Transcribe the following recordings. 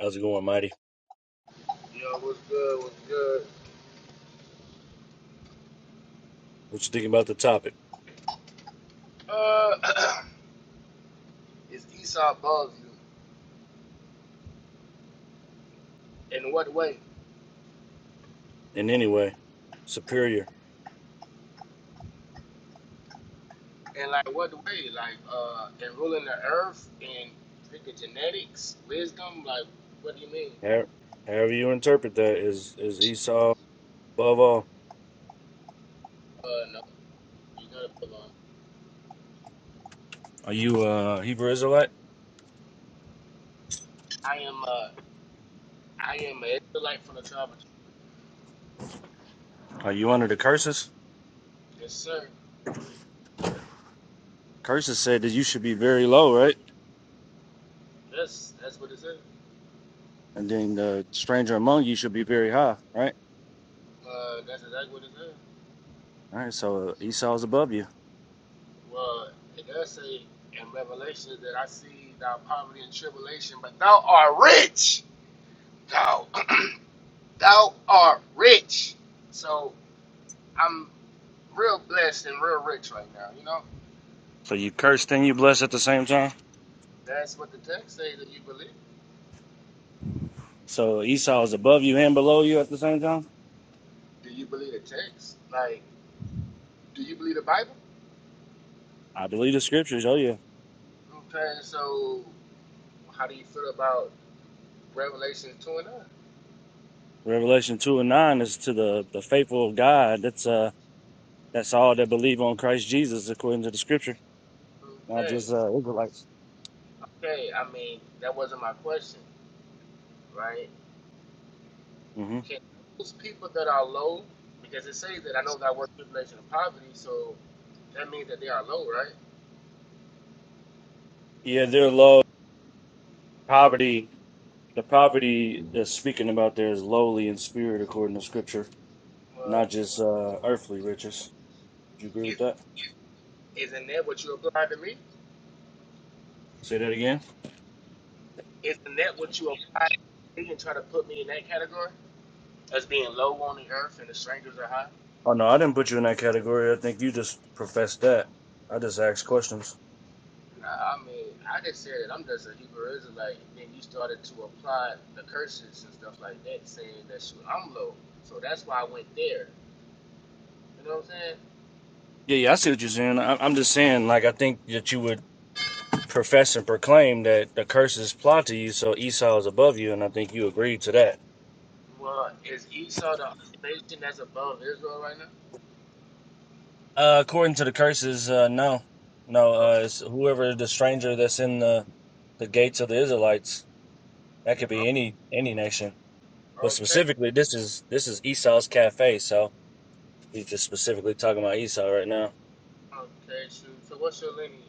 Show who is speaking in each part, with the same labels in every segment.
Speaker 1: How's it going, Mighty?
Speaker 2: Yo, what's good? What's good?
Speaker 1: What you thinking about the topic?
Speaker 2: Uh, is Esau above you? In what way?
Speaker 1: And anyway, superior.
Speaker 2: And like what way? Like uh, in ruling the earth and freaking genetics, wisdom. Like what do you mean?
Speaker 1: How- However you interpret that is is Esau above all.
Speaker 2: Uh, no, you gotta belong.
Speaker 1: Are you a Hebrew Israelite?
Speaker 2: I am uh, I am an Israelite from the tribe of. Judah.
Speaker 1: Are you under the curses?
Speaker 2: Yes, sir.
Speaker 1: Curses said that you should be very low, right?
Speaker 2: Yes, that's what it says.
Speaker 1: And then the stranger among you should be very high, right?
Speaker 2: Uh, that's exactly what it says.
Speaker 1: All right, so Esau's above you.
Speaker 2: Well, it does say in Revelation that I see thou poverty and tribulation, but thou art rich. Thou. Thou art rich. So I'm real blessed and real rich right now, you know?
Speaker 1: So you cursed and you blessed at the same time.
Speaker 2: That's what the text say that you believe.
Speaker 1: So Esau is above you and below you at the same time.
Speaker 2: Do you believe the text? Like, do you believe the Bible?
Speaker 1: I believe the scriptures. Oh yeah,
Speaker 2: Okay, so how do you feel about Revelation 2 and 9?
Speaker 1: Revelation two and nine is to the the faithful of God. That's uh That's all that believe on Christ Jesus, according to the scripture. Not
Speaker 2: Okay,
Speaker 1: just uh, Israelites.
Speaker 2: okay, I mean, that wasn't my question, right?
Speaker 1: hmm
Speaker 2: Can those people that are low, because it says that I know that word tribulation of poverty, so that means that they are low, right?
Speaker 1: Yeah, they're low. Poverty, the poverty that's speaking about there is lowly in spirit, according to scripture,
Speaker 2: But
Speaker 1: not just uh, earthly riches. Would you agree with
Speaker 2: is,
Speaker 1: that?
Speaker 2: isn't that what you applied to me?
Speaker 1: Say that again.
Speaker 2: Isn't that what you apply to me and try to put me in that category? As being low on the earth and the strangers are high?
Speaker 1: Oh, no, I didn't put you in that category. I think you just professed that. I just asked questions.
Speaker 2: Nah, I mean, I just said that I'm just a Hebrew Israelite. and Then you started to apply the curses and stuff like that, saying that shoot, I'm low. So that's why I went there. You know what I'm saying?
Speaker 1: Yeah, yeah, I see what you're saying. I, I'm just saying, like, I think that you would profess and proclaim that the curse is applied to you, so Esau is above you, and I think you agreed to that.
Speaker 2: Well, is Esau the only nation that's above Israel right now?
Speaker 1: Uh, according to the curses, uh, no, no.
Speaker 2: Oh,
Speaker 1: Uh, it's whoever the stranger that's in the the gates of the Israelites. That could be any any nation,
Speaker 2: oh,
Speaker 1: but
Speaker 2: okay.
Speaker 1: specifically, this is this is Esau's cafe. So he's just specifically talking about Esau right now.
Speaker 2: Okay, shoot. So what's your lineage,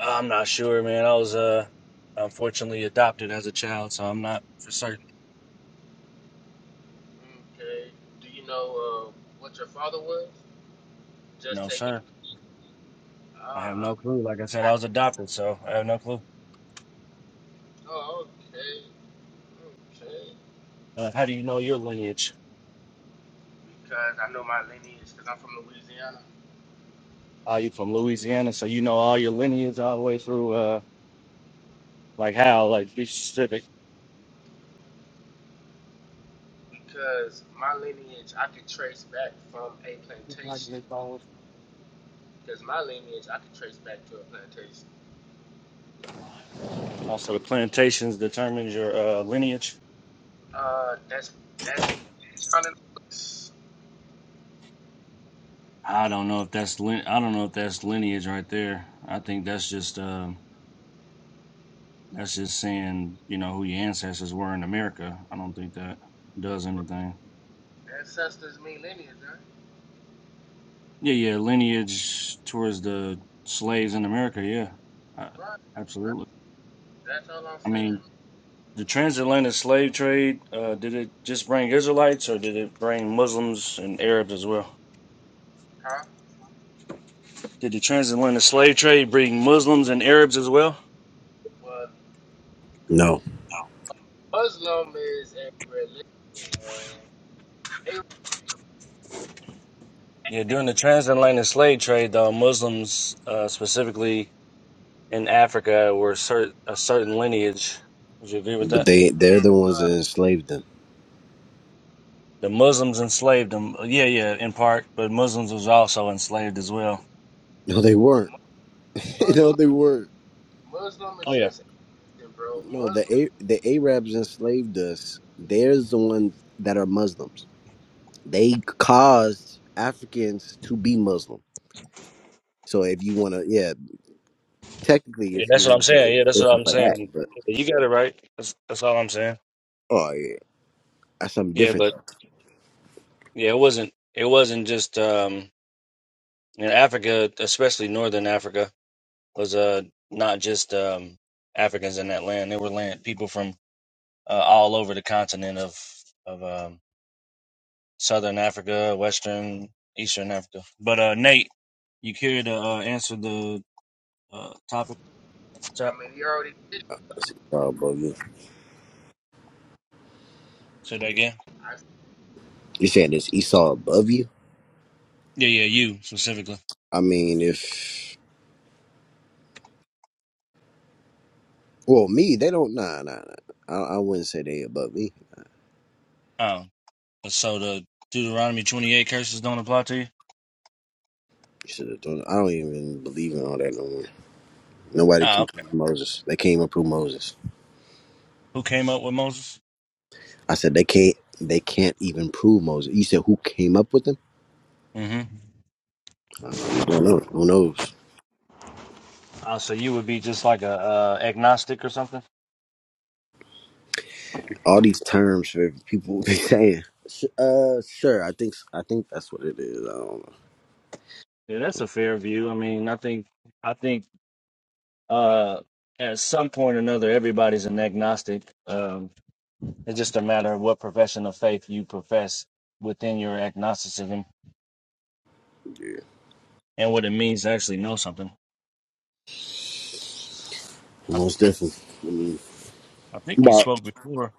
Speaker 1: I'm not sure, man. I was uh unfortunately adopted as a child, so I'm not for certain.
Speaker 2: man? Okay. Do you know uh, what your father was?
Speaker 1: No,
Speaker 2: Just taking.
Speaker 1: sir. I have
Speaker 2: Uh,
Speaker 1: no
Speaker 2: okay.
Speaker 1: clue. Like I said, I was adopted, so I have no clue.
Speaker 2: Oh, okay. Okay.
Speaker 1: Uh, how do you know your lineage?
Speaker 2: Because I know my lineage, because I'm from Louisiana.
Speaker 1: Are you from Louisiana? So you know all your lineage all the way through. uh, Like how? Like be specific.
Speaker 2: Because my lineage, I could trace back from a
Speaker 1: Like
Speaker 2: plantation.
Speaker 1: they call
Speaker 2: Because my lineage, I could trace back to a plantation.
Speaker 1: Also, the plantations determines your uh, lineage.
Speaker 2: Uh, that's that's what
Speaker 1: I don't know if that's lin- I don't know if that's lineage right there. I think that's just uh that's just saying you know who your ancestors were in America. I don't think that does anything.
Speaker 2: ancestors mean lineage, right?
Speaker 1: Yeah, yeah, lineage towards the slaves in America. Yeah, uh,
Speaker 2: Right. Right.
Speaker 1: absolutely.
Speaker 2: That's all I'm
Speaker 1: I mean,
Speaker 2: saying.
Speaker 1: the transatlantic slave trade uh, did it just bring Israelites or did it bring Muslims and Arabs as well?
Speaker 2: Huh?
Speaker 1: Did the transatlantic slave trade bring Muslims and Arabs as well?
Speaker 2: Well,
Speaker 3: No,
Speaker 2: Muslim is a religion. A,
Speaker 1: Yeah, during the transatlantic slave trade, the Muslims, uh, specifically in Africa, were cer- a certain lineage. Would you agree with
Speaker 3: but
Speaker 1: that?
Speaker 3: they they're the ones that
Speaker 2: uh,
Speaker 3: enslaved them.
Speaker 1: The Muslims enslaved them. Yeah, yeah, in part, but Muslims was also enslaved as well.
Speaker 3: No, they weren't. no,
Speaker 2: Muslim,
Speaker 3: they weren't.
Speaker 2: Muslim
Speaker 1: Oh
Speaker 2: is
Speaker 1: yeah,
Speaker 2: just, a religion, bro.
Speaker 3: No, the
Speaker 2: Muslim.
Speaker 3: A- the Arabs enslaved us. There's the ones that are Muslims. They caused Africans to be Muslim. So if you want to, yeah, technically,
Speaker 1: yeah,
Speaker 3: if you
Speaker 1: that's what
Speaker 3: want
Speaker 1: I'm
Speaker 3: to say it,
Speaker 1: saying. Yeah, that's
Speaker 3: it's
Speaker 1: what I'm
Speaker 3: something like that.
Speaker 1: saying.
Speaker 3: But
Speaker 1: You got it right. That's that's all I'm saying.
Speaker 3: oh yeah, that's something
Speaker 1: Yeah,
Speaker 3: different.
Speaker 1: but yeah, it wasn't it wasn't just um in Africa, especially northern Africa. was uh not just um Africans in that land. There were land people from uh, all over the continent of of um, southern Africa, western, eastern Africa. But uh, Nate, you care to uh, answer the uh, topic at the
Speaker 2: I
Speaker 1: top?
Speaker 2: mean, he already did.
Speaker 3: Uh, bro, you
Speaker 1: Say that again.
Speaker 2: I
Speaker 3: you saying it's Esau above you?
Speaker 1: Yeah, yeah, you specifically.
Speaker 3: I mean, if well, me, they don't. Nah, nah, nah. I, I wouldn't say they above me.
Speaker 1: Oh, so the Deuteronomy twenty eight curses don't apply to you.
Speaker 3: Should have done. I don't even believe in all that no more. Nobody
Speaker 1: Oh,
Speaker 3: can
Speaker 1: okay.
Speaker 3: prove Moses. They can't even prove Moses.
Speaker 1: Who came up with Moses?
Speaker 3: I said they can't. They can't even prove Moses. You said who came up with them?
Speaker 1: Mm-hmm.
Speaker 3: Um, I don't know. Who knows?
Speaker 1: Uh, so you would be just like a uh, agnostic or something?
Speaker 3: All these terms for people be saying. Sh- Uh, sure. I think. I think that's what it is. I don't know.
Speaker 1: Yeah, that's a fair view. I mean, I think I think Uh, at some point or another, everybody's an agnostic. Um, it's just a matter of what profession of faith you profess within your agnosticism and what it means to actually know something. I,
Speaker 3: Most definitely.
Speaker 1: I think we
Speaker 3: But
Speaker 1: spoke before.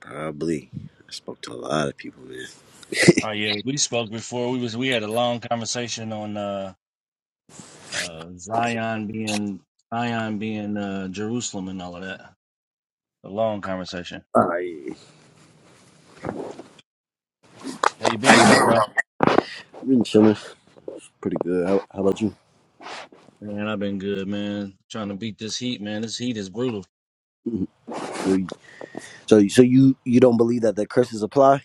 Speaker 3: probably. I spoke to a lot of people, man.
Speaker 1: Oh yeah, we spoke before. We was we had a long conversation on uh, uh, Zion being Zion being uh, Jerusalem and all of that. A long conversation.
Speaker 3: I
Speaker 1: How you been though, bro?
Speaker 3: been chilling, pretty good. How, how about you?
Speaker 1: Man, I've been good, man. Trying to beat this heat, man. This heat is brutal.
Speaker 3: Mhm. So, you- so you so you you don't believe that the curses apply?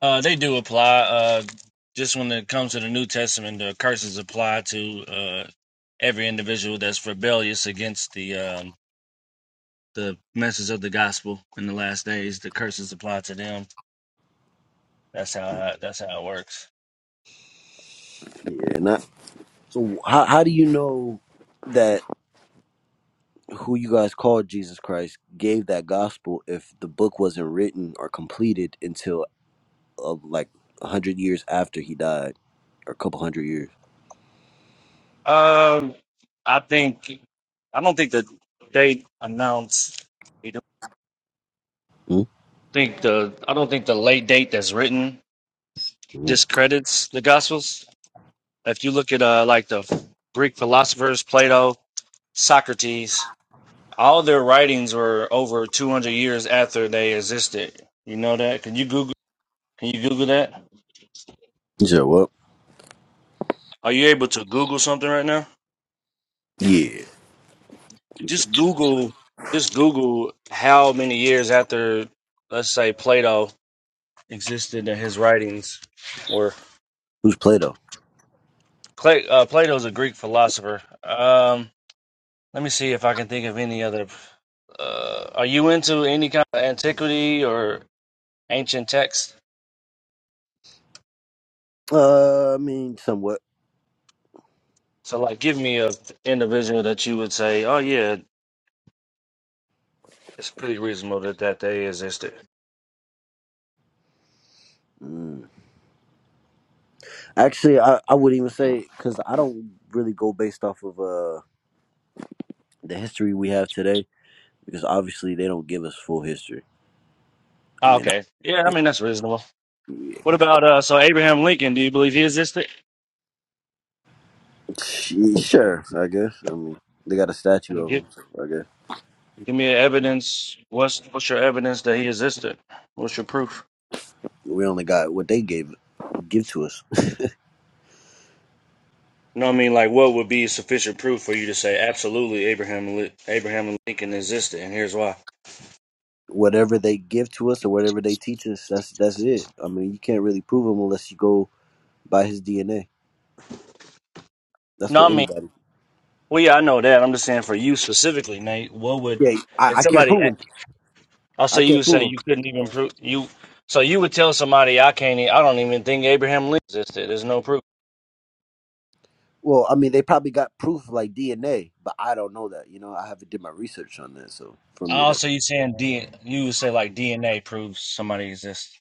Speaker 1: Uh, they do apply. Uh, just when it comes to the New Testament, the curses apply to uh, every individual that's rebellious against the um, the message of the gospel in the last days. The curses apply to them. That's how that's how it works.
Speaker 3: Yeah, not. So, how how do you know that? who you guys called Jesus Christ gave that gospel if the book wasn't written or completed until uh, like a hundred years after he died or a couple hundred years.
Speaker 1: Um, I think I don't think the date announced. I don't
Speaker 3: Mm-hmm.
Speaker 1: think the I don't think the late date that's written
Speaker 3: You
Speaker 1: discredits the Gospels. If you look at uh like the Greek philosophers, Plato, Socrates. all their writings were over 200 years after they existed. You know that? Can you Google? Can you Google that?
Speaker 3: said what?
Speaker 1: Are you able to Google something right now?
Speaker 3: Yeah. You said-
Speaker 1: Just Google. Just Google how many years after, let's say, Plato existed and his writings were.
Speaker 3: Who's Plato?
Speaker 1: Cla- uh, Plato's a Greek philosopher. Um, let me see if I can think of any other. Uh, are you into any kind of antiquity or ancient text?
Speaker 3: Uh, I mean, somewhat.
Speaker 1: So, like, give me a individual that you would say, "Oh yeah, It's pretty reasonable that that they existed.
Speaker 3: Mm. Actually, I, I would not even say because I don't really go based off of uh the history we have today because obviously they don't give us full history. I
Speaker 1: Oh,
Speaker 3: mean,
Speaker 1: okay. Yeah, I
Speaker 3: that's
Speaker 1: mean that's reasonable.
Speaker 3: it.
Speaker 1: What about uh so Abraham Lincoln, do you believe he existed?
Speaker 3: Yeah. Sure, I guess. I mean, they got a statue
Speaker 1: And
Speaker 3: of
Speaker 1: Give,
Speaker 3: him. so I guess.
Speaker 1: give me evidence. What's what's your evidence that he existed? What's your proof?
Speaker 3: We only got what they gave give to us.
Speaker 1: You know what I mean? Like what would be sufficient proof for you to say absolutely Abraham Li- Abraham Lincoln existed and here's why.
Speaker 3: Whatever they give to us or whatever they teach us, that's that's it. I mean, you can't really prove him unless you go by his DNA. That's
Speaker 1: No,
Speaker 3: what
Speaker 1: I mean
Speaker 3: anybody.
Speaker 1: well yeah, I know that. I'm just saying for you specifically, Nate, what would
Speaker 3: Yeah,
Speaker 1: if
Speaker 3: I, I can't
Speaker 1: somebody
Speaker 3: prove him.
Speaker 1: I'll
Speaker 3: I
Speaker 1: say you
Speaker 3: can't
Speaker 1: would say
Speaker 3: prove him.
Speaker 1: you couldn't even prove you so you would tell somebody I can't e- I don't even think Abraham Lincoln existed. There's no proof.
Speaker 3: Well, I mean, they probably got proof like DNA, but I don't know that. You know, I haven't did my research on that, so for me
Speaker 1: Oh,
Speaker 3: to
Speaker 1: so you saying D? You would say like DNA proves somebody exists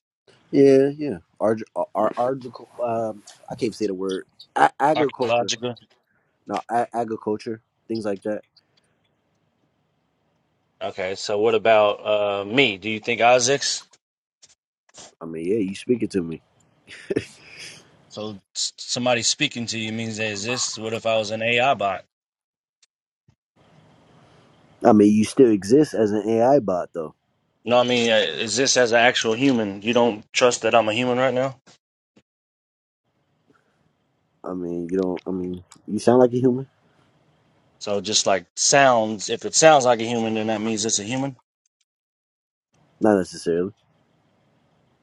Speaker 3: yeah, yeah, Arg- uh, ar- argical. Um, I can't say the word a- agriculture.
Speaker 1: archaeological?
Speaker 3: No, a- agriculture, things like that.
Speaker 1: Okay, so what about uh me? Do you think I exist?
Speaker 3: I mean, yeah, you speak it to me.
Speaker 1: So s- somebody speaking to you means they exist. What if I was an AI bot?
Speaker 3: I mean, you still exist as an AI bot, though.
Speaker 1: No, I mean uh, exist as an actual human. You don't trust that I'm a human right now.
Speaker 3: I mean, you don't. I mean, you sound like a human.
Speaker 1: So just like sounds, if it sounds like a human, then that means it's a human.
Speaker 3: Not necessarily.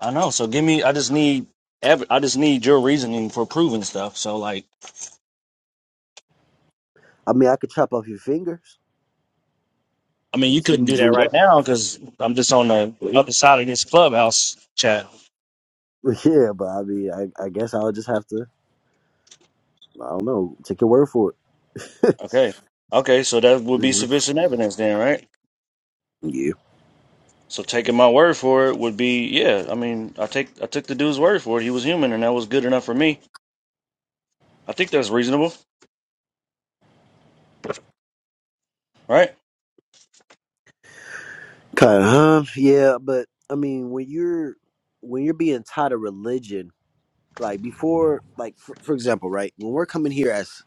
Speaker 1: I know. So give me. I just need. ev- I just need your reasoning for proving stuff. So like.
Speaker 3: I mean, I could chop off your fingers
Speaker 1: I mean,
Speaker 3: and
Speaker 1: you
Speaker 3: see
Speaker 1: couldn't
Speaker 3: you
Speaker 1: do that
Speaker 3: bleed
Speaker 1: right
Speaker 3: up.
Speaker 1: now because I'm just on the other side of this clubhouse chat.
Speaker 3: Yeah, but I mean, I, I guess I'll just have to. I don't know. Take your word for it.
Speaker 1: Okay. Okay, so that would be
Speaker 3: hmm
Speaker 1: sufficient evidence then, right?
Speaker 3: Yeah.
Speaker 1: So taking my word for it would be, yeah, I mean, I take I took the dude's word for it. He was human and that was good enough for me. I think that's reasonable, right?
Speaker 3: Kind of. Huh? Yeah, but I mean, when you're when you're being taught a religion, like before, like for, for example, right? When we're coming here as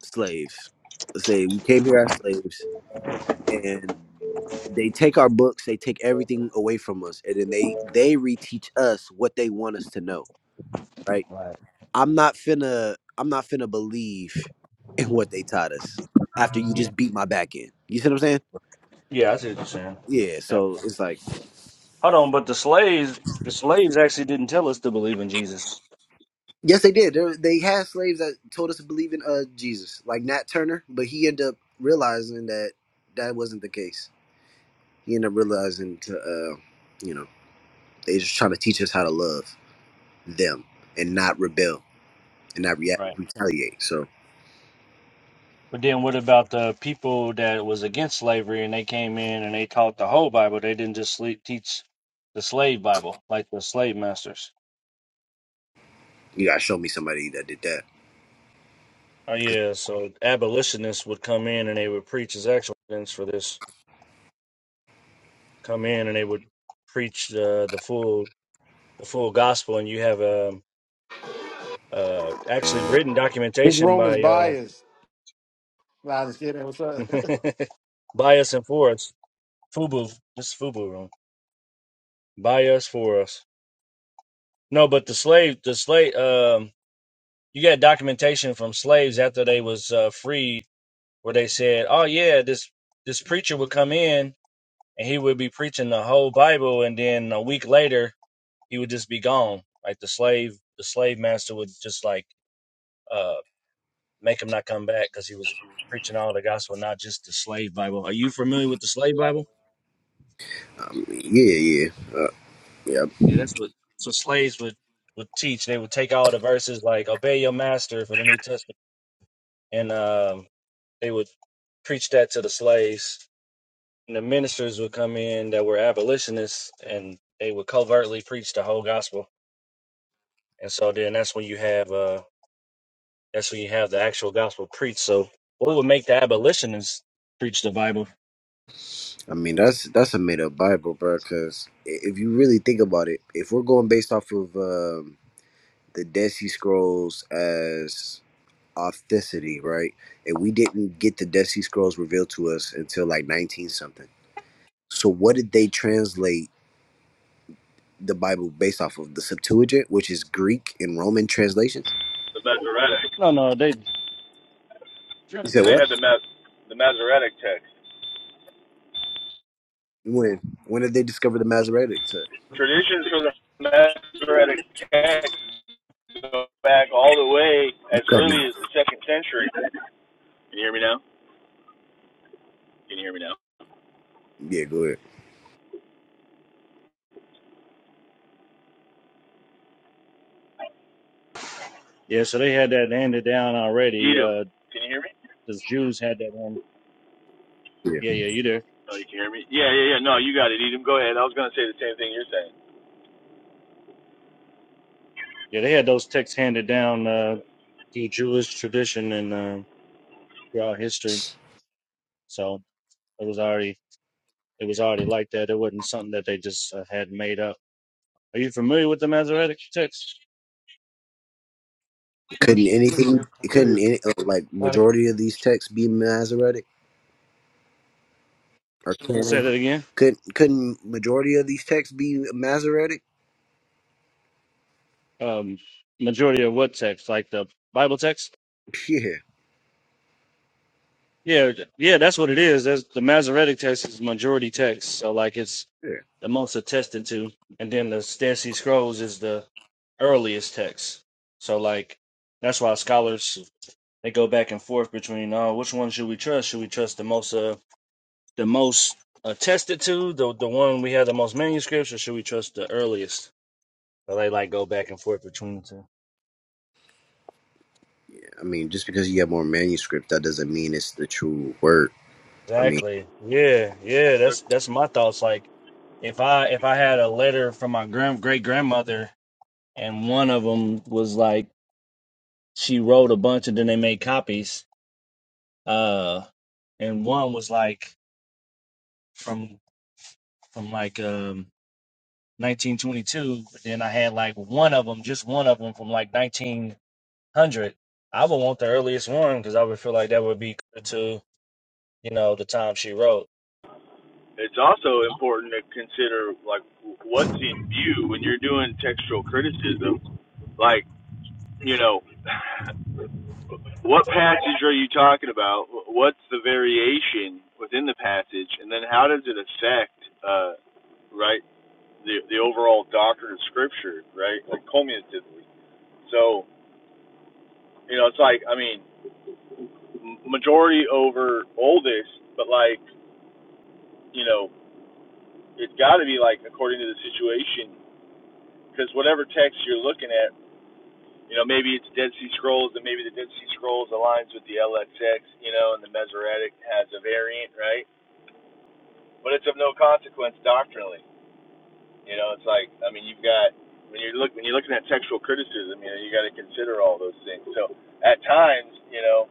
Speaker 3: slaves, let's say we came here as slaves. they take our books they take everything away from us and then they they reteach us what they want us to know right
Speaker 1: Right.
Speaker 3: i'm not finna i'm not finna believe in what they taught us after you
Speaker 1: Yeah.
Speaker 3: just beat my back in you see what i'm saying
Speaker 1: Yeah, I see what you're saying. Yeah.
Speaker 3: yeah
Speaker 1: Yeah.
Speaker 3: so it's like
Speaker 1: Hold on, but the slaves the slaves actually didn't tell us to believe in Jesus.
Speaker 3: yes they did there, they had slaves that told us to believe in uh jesus like nat turner but he ended up realizing that that wasn't the case he ended up realizing to uh you know they just trying to teach us how to love them and not rebel and not react retaliate so
Speaker 1: But then what about the people that was against slavery and they came in and they taught the whole Bible? They didn't just sle teach the slave Bible like the slave masters.
Speaker 3: You gotta show me somebody that did that.
Speaker 1: Oh
Speaker 3: Cause
Speaker 1: yeah, so abolitionists would come in and they would preach as actual evidence for this. Come in and they would preach uh, the full the full gospel, and you have um uh, actually written
Speaker 4: This
Speaker 1: documentation
Speaker 4: room is
Speaker 1: by uh,
Speaker 4: biased. Nah, just kidding. What's up?
Speaker 1: by us and for us. Fubu, this is Fubu room. By us for us. No, but the slave, the slave. um. you got documentation from slaves after they was uh, freed where they said oh yeah this this preacher would come in and he would be preaching the whole bible and then a week later he would just be gone like the slave the slave master would just like uh make him not come back because he was preaching all the gospel not just the slave bible are you familiar with the slave bible
Speaker 3: um, yeah, yeah, uh, yeah.
Speaker 1: yeah that's what so slaves would would teach they would take all the verses like obey your master for the new testament and um they would preach that to the slaves the ministers would come in that were abolitionists and they would covertly preach the whole gospel. And so then that's when you have uh that's when you have the actual gospel preached. So what would make the abolitionists preach the Bible?
Speaker 3: I mean, that's that's a made up Bible, bro. Cause i- if you really think about it, if we're going based off of um, the Dead Sea Scrolls as authenticity, right? And we didn't get the Dead Sea Scrolls revealed to us until like nineteen something. So what did they translate the Bible based off of? The Septuagint, which is Greek and Roman translations.
Speaker 5: the Masoretic.
Speaker 1: No, no, they
Speaker 3: You said
Speaker 5: They
Speaker 3: what?
Speaker 5: had the Mas- the Masoretic text.
Speaker 3: When? When did they discover the Masoretic?
Speaker 5: Traditions for the Masoretic text go back all the way
Speaker 3: You
Speaker 5: as
Speaker 3: cutting
Speaker 5: early
Speaker 3: out?
Speaker 5: as the second century. Can you hear me now? Can you hear me now?
Speaker 3: Yeah, go ahead.
Speaker 1: Yeah, so they had that handed down already.
Speaker 5: Edom.
Speaker 1: Uh
Speaker 5: Can you hear me?
Speaker 1: the Jews had that hand
Speaker 3: Yeah.
Speaker 1: yeah, yeah, you there.
Speaker 5: Oh, you can hear me? Yeah, yeah, yeah. No, you got it, Edom. Go ahead. I was going to say the same thing you're saying.
Speaker 1: Yeah, they had those texts handed down uh through Jewish tradition and uh, throughout history. So it was already it was already like that. It wasn't something that they just uh, had made up. Are you familiar with the Masoretic text?
Speaker 3: Couldn't anything?
Speaker 1: Yeah, I feel
Speaker 3: Couldn't
Speaker 1: you.
Speaker 3: any uh, like
Speaker 1: Like,
Speaker 3: majority of these texts be Masoretic? Or
Speaker 1: Say
Speaker 3: can
Speaker 1: that again.
Speaker 3: could couldn't majority of these texts be Masoretic?
Speaker 1: Um, majority of what text? Like the Bible text?
Speaker 3: Yeah,
Speaker 1: Yeah, yeah, that's what it is. That's, the Masoretic text is majority text, so like it's
Speaker 3: yeah.
Speaker 1: the most attested to, and then the Dead Sea Scrolls is the earliest text. So like that's why scholars they go back and forth between oh which one should we trust? Should we trust the most uh the most attested to the the one we have the most manuscripts, or should we trust the earliest? But they like go back and forth between the two.
Speaker 3: I mean, just because you have more manuscript, that doesn't mean it's the true word. I mean,
Speaker 1: Exactly. Yeah, yeah. That's that's my thoughts. Like if I if I had a letter from my grand great grandmother and one of them was like she wrote a bunch and then they made copies. Uh, and one was like from from like um 1922. but Then I had like one of them, just one of them from like 1900. I would want the earliest one because I would feel like that would be closer to you know the time she wrote.
Speaker 5: It's also
Speaker 1: Yeah,
Speaker 5: important to consider like what's in view when you're doing textual criticism. Like, you know, What passage are you talking about? What's the variation within the passage, and then how does it affect, uh, right, the the overall doctrine of Scripture, right, like cumulatively? So you know, it's like I mean, m- majority over oldest, but like you know, it's got to be like according to the situation, because whatever text you're looking at, you know, maybe it's Dead Sea Scrolls, and maybe the Dead Sea Scrolls aligns with the LXX, you know, and the Masoretic has a variant, right? but it's of no consequence doctrinally. You know, it's like I mean, you've got when you are look when you're looking at textual criticism, you know, you got to consider all those things. So at times, you know,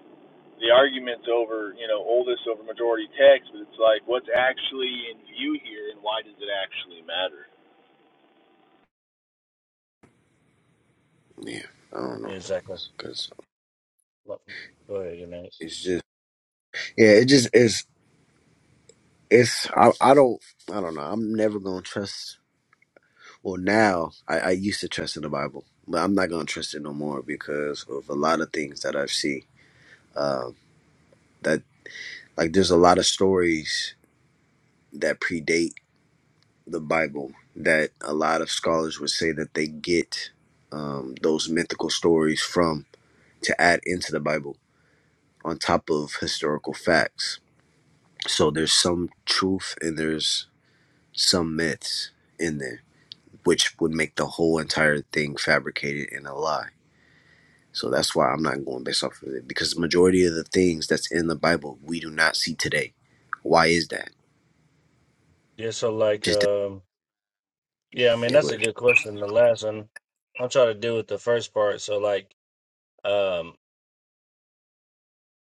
Speaker 5: the arguments over you know oldest over majority text, but it's like what's actually in view here, and why does it actually matter?
Speaker 3: yeah, I don't know,
Speaker 1: exactly.
Speaker 3: cause
Speaker 1: Look, Go ahead, Janae.
Speaker 3: it's just yeah, it just is. It's I, I don't I don't know. I'm never gonna trust. Well, now I, I used to trust in the Bible, but I'm not gonna trust it no more because of a lot of things that I've seen. Um, that Like there's a lot of stories that predate the Bible that a lot of scholars would say that they get um, those mythical stories from to add into the Bible on top of historical facts. So there's some truth and there's some myths in there, which would make the whole entire thing fabricated in a lie. So that's why I'm not going based off of it because the majority of the things that's in the Bible we do not see today. Why is that?
Speaker 1: Yeah, so like,
Speaker 3: Just
Speaker 1: um, yeah, I mean
Speaker 3: yeah, go ahead.
Speaker 1: that's a good question. The last one, I'm trying to deal with the first part. So like, um,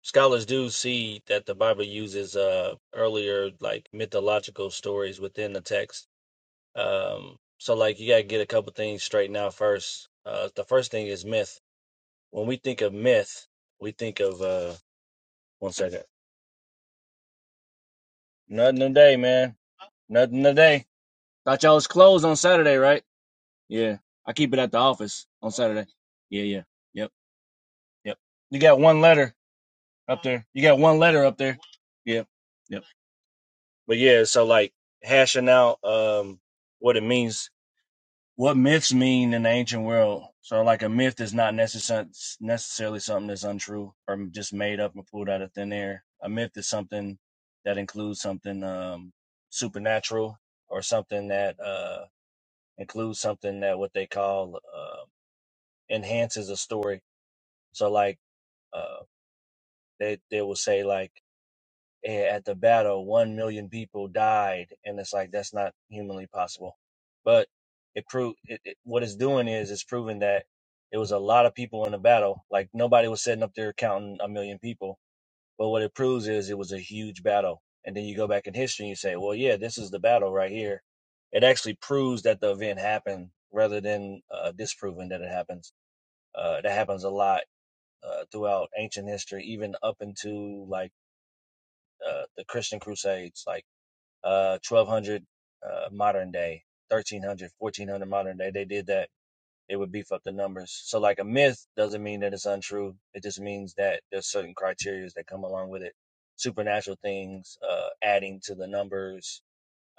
Speaker 1: scholars do see that the Bible uses uh earlier like mythological stories within the text. Um, so like you gotta get a couple things straightened out first. Uh, the first thing is myth. When we think of myth, we think of uh, one second. Nothing today, man. Nothing today. Thought y'all was closed on Saturday, right? Yeah. I keep it at the office on Saturday. Yeah, yeah. Yep. Yep. You got one letter up there. You got one letter up there. Yep. Yep. But yeah, so like hashing out um what it means what myths mean in the ancient world. So like a myth is not necessarily necessarily something that's untrue or just made up and pulled out of thin air. A myth is something that includes something um supernatural or something that uh includes something that what they call uh enhances a story So like uh they they will say like eh, at the battle one million people died and it's like that's not humanly possible. But it proved it, it, what it's doing is it's proving that it was a lot of people in the battle. Like nobody was sitting up there counting a million people. But what it proves is it was a huge battle. And then you go back in history and you say, well, yeah, this is the battle right here. It actually proves that the event happened rather than uh, disproving that it happens. Uh, that happens a lot uh, throughout ancient history, even up into like uh, the Christian Crusades, like uh, 1200 uh, modern day, 1300, 1400, modern day. They did that. It would beef up the numbers. So, like a myth doesn't mean that it's untrue. It just means that there's certain criteria that come along with it. Supernatural things, uh, adding to the numbers,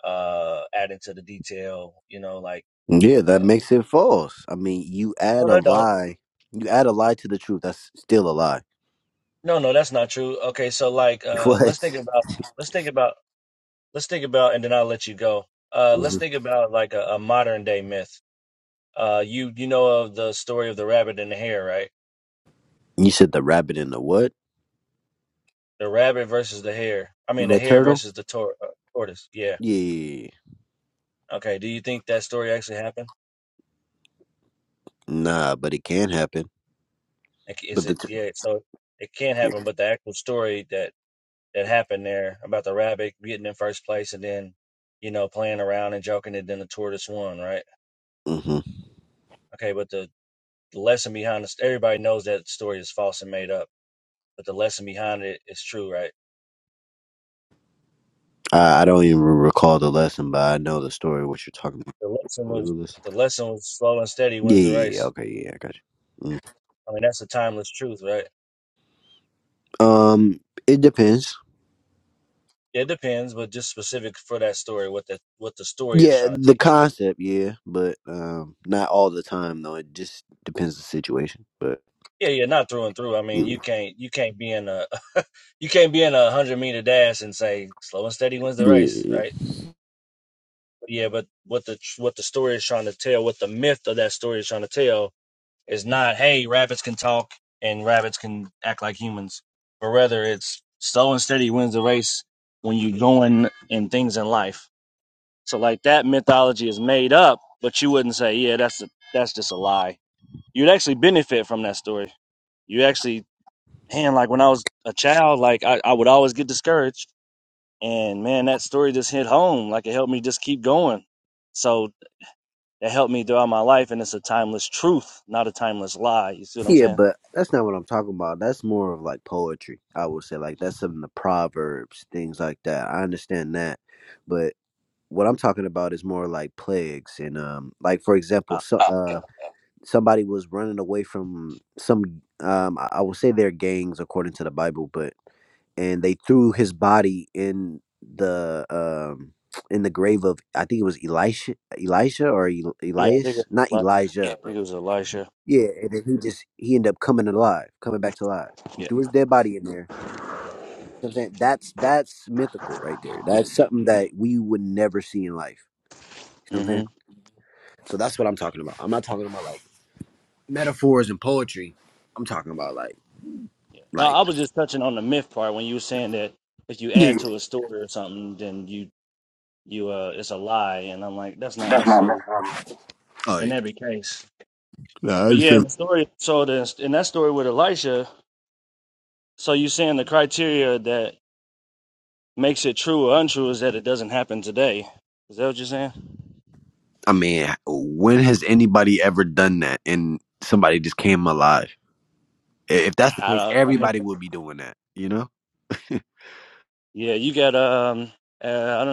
Speaker 1: uh, adding to the detail. You know, like
Speaker 3: Yeah, that
Speaker 1: uh,
Speaker 3: makes it false. I mean, you
Speaker 1: no,
Speaker 3: add a
Speaker 1: no, don't.
Speaker 3: lie. You add a lie to the truth. That's still a lie.
Speaker 1: No, no, that's not true. Okay, so like, uh,
Speaker 3: What?
Speaker 1: let's think about let's think about let's think about and then I'll let you go. Uh let's
Speaker 3: hmm
Speaker 1: think about like a, a modern day myth. Uh you you know of the story of the rabbit and the hare, right?
Speaker 3: You said the rabbit and the what?
Speaker 1: The rabbit versus the hare. I mean the
Speaker 3: The
Speaker 1: hare
Speaker 3: turtle?
Speaker 1: versus the tor- uh, tortoise. Yeah.
Speaker 3: Yeah.
Speaker 1: Okay, do you think that story actually happened?
Speaker 3: Nah, but it can happen.
Speaker 1: Like, Is
Speaker 3: But the.
Speaker 1: it
Speaker 3: Tur-
Speaker 1: yeah, so it can happen, but the actual story that that happened there about the rabbit getting in first place and then you know playing around and joking and then the tortoise won, right?
Speaker 3: hmm
Speaker 1: Okay, but the, the lesson behind this everybody knows that story is false and made up, but the lesson behind it is true, right?
Speaker 3: I, I don't even recall the lesson, but I know the story. What you're talking about?
Speaker 1: The lesson
Speaker 3: What was the
Speaker 1: was
Speaker 3: lesson?
Speaker 1: the lesson was slow and steady
Speaker 3: Yeah,
Speaker 1: wins
Speaker 3: yeah,
Speaker 1: the
Speaker 3: yeah. yeah,
Speaker 1: race.
Speaker 3: Okay, yeah, I got you.
Speaker 1: I mean, that's a timeless truth, right?
Speaker 3: Mm. Um, it depends.
Speaker 1: Yeah, It depends, but just specific for that story, what the what the story is
Speaker 3: Yeah,
Speaker 1: trying to
Speaker 3: the
Speaker 1: teach.
Speaker 3: concept, yeah, but um, not all the time though. It just depends the situation. But
Speaker 1: Yeah, yeah, not through and through. I mean, you
Speaker 3: yeah,
Speaker 1: can't you can't be in a you can't be in a hundred meter dash and say slow and steady wins the race,
Speaker 3: yeah,
Speaker 1: right? But yeah, but what the what the story is trying to tell, what the myth of that story is trying to tell, It's not, hey, rabbits can talk and rabbits can act like humans, but rather it's slow and steady wins the race when you're going in things in life. So like that mythology is made up, but you wouldn't say, yeah, that's a, that's just a lie. You'd actually benefit from that story. You actually, man, like when I was a child, like I, I would always get discouraged, and man, that story just hit home. Like it helped me just keep going. So it helped me throughout my life, and it's a timeless truth, not a timeless lie. You see what I'm
Speaker 3: Yeah,
Speaker 1: saying?
Speaker 3: but that's not what I'm talking about. That's more of like poetry, I would say. Like that's some of the proverbs, things like that. I understand that. But what I'm talking about is more like plagues and um like for example,
Speaker 1: Ah,
Speaker 3: so
Speaker 1: okay, okay, okay.
Speaker 3: uh somebody was running away from some um I, I will say they're gangs according to the Bible, but and they threw his body in the um in the grave of I think it was Elisha Elisha or El-
Speaker 1: Yeah, I think
Speaker 3: Elias,
Speaker 1: it
Speaker 3: not
Speaker 1: was Elisha.
Speaker 3: Elijah,
Speaker 1: I think it was Elisha.
Speaker 3: yeah, and then he just he ended up coming alive, coming back to life. He
Speaker 1: Yeah.
Speaker 3: threw his dead body in there. You know what I'm saying that's that's mythical right there. That's something that we would never see in life. You know what I'm
Speaker 1: hmm
Speaker 3: saying? So that's what I'm talking about. I'm not talking about like metaphors and poetry. I'm talking about like
Speaker 1: Yeah. No,
Speaker 3: like
Speaker 1: I was just touching on the myth part when you were saying that if you
Speaker 3: yeah.
Speaker 1: add to a story or something, then you you uh it's a lie, and I'm like that's not necessarily in
Speaker 3: Like,
Speaker 1: every case.
Speaker 3: Nah, I
Speaker 1: But
Speaker 3: just
Speaker 1: yeah, in the story, so the, in that story with Elisha, so you saying the criteria that makes it true or untrue is that it doesn't happen today. Is that what you're saying?
Speaker 3: I mean, when has anybody ever done that and somebody just came alive? I- If that's the
Speaker 1: I
Speaker 3: case,
Speaker 1: don't. I mean,
Speaker 3: everybody would be doing that. You know.
Speaker 1: yeah, you got um. Uh, I don't.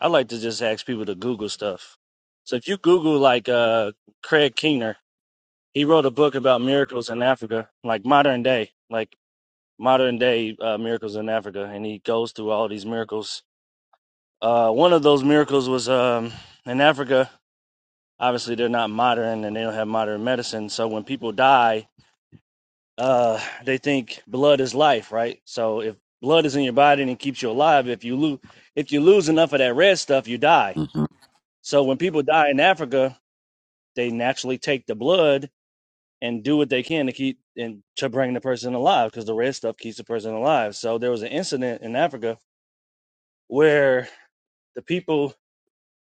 Speaker 1: I like to just ask people to Google stuff. So if you Google like uh Craig Keener, he wrote a book about miracles in Africa, like modern day, like modern day uh, miracles in Africa, and he goes through all these miracles. Uh, one of those miracles was um in Africa. Obviously, they're not modern and they don't have modern medicine. So when people die, uh, they think blood is life, right? So if blood is in your body and it keeps you alive, if you lose if you lose enough of that red stuff, you die.
Speaker 3: hmm
Speaker 1: So when people die in Africa, they naturally take the blood and do what they can to keep and to bring the person alive because the red stuff keeps the person alive. So there was an incident in Africa where the people,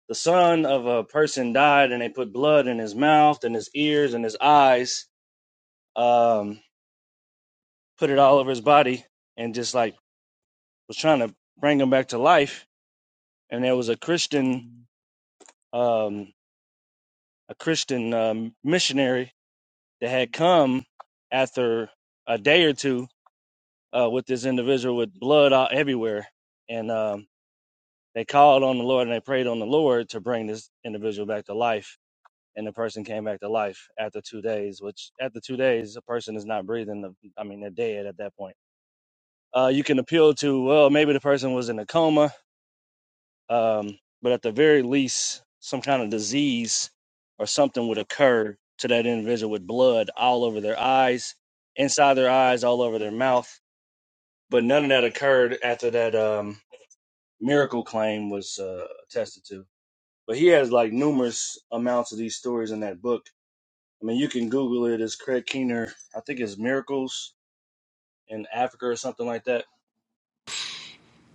Speaker 1: the son of a person died and they put blood in his mouth and his ears and his eyes, um, put it all over his body and just like was trying to bring him back to life. And there was a Christian, um, a Christian um, missionary that had come after a day or two uh, with this individual with blood all, everywhere. And um, they called on the Lord and they prayed on the Lord to bring this individual back to life. And the person came back to life after two days, which after two days, a person is not breathing. The, I mean, they're dead at that point. Uh, you can appeal to, well, maybe the person was in a coma, um, but at the very least, some kind of disease or something would occur to that individual with blood all over their eyes, inside their eyes, all over their mouth. But none of that occurred after that. Um, Miracle Claim was uh, attested to. But he has like numerous amounts of these stories in that book. I mean, you can Google it as Craig Keener. I think it's Miracles in Africa or something like that.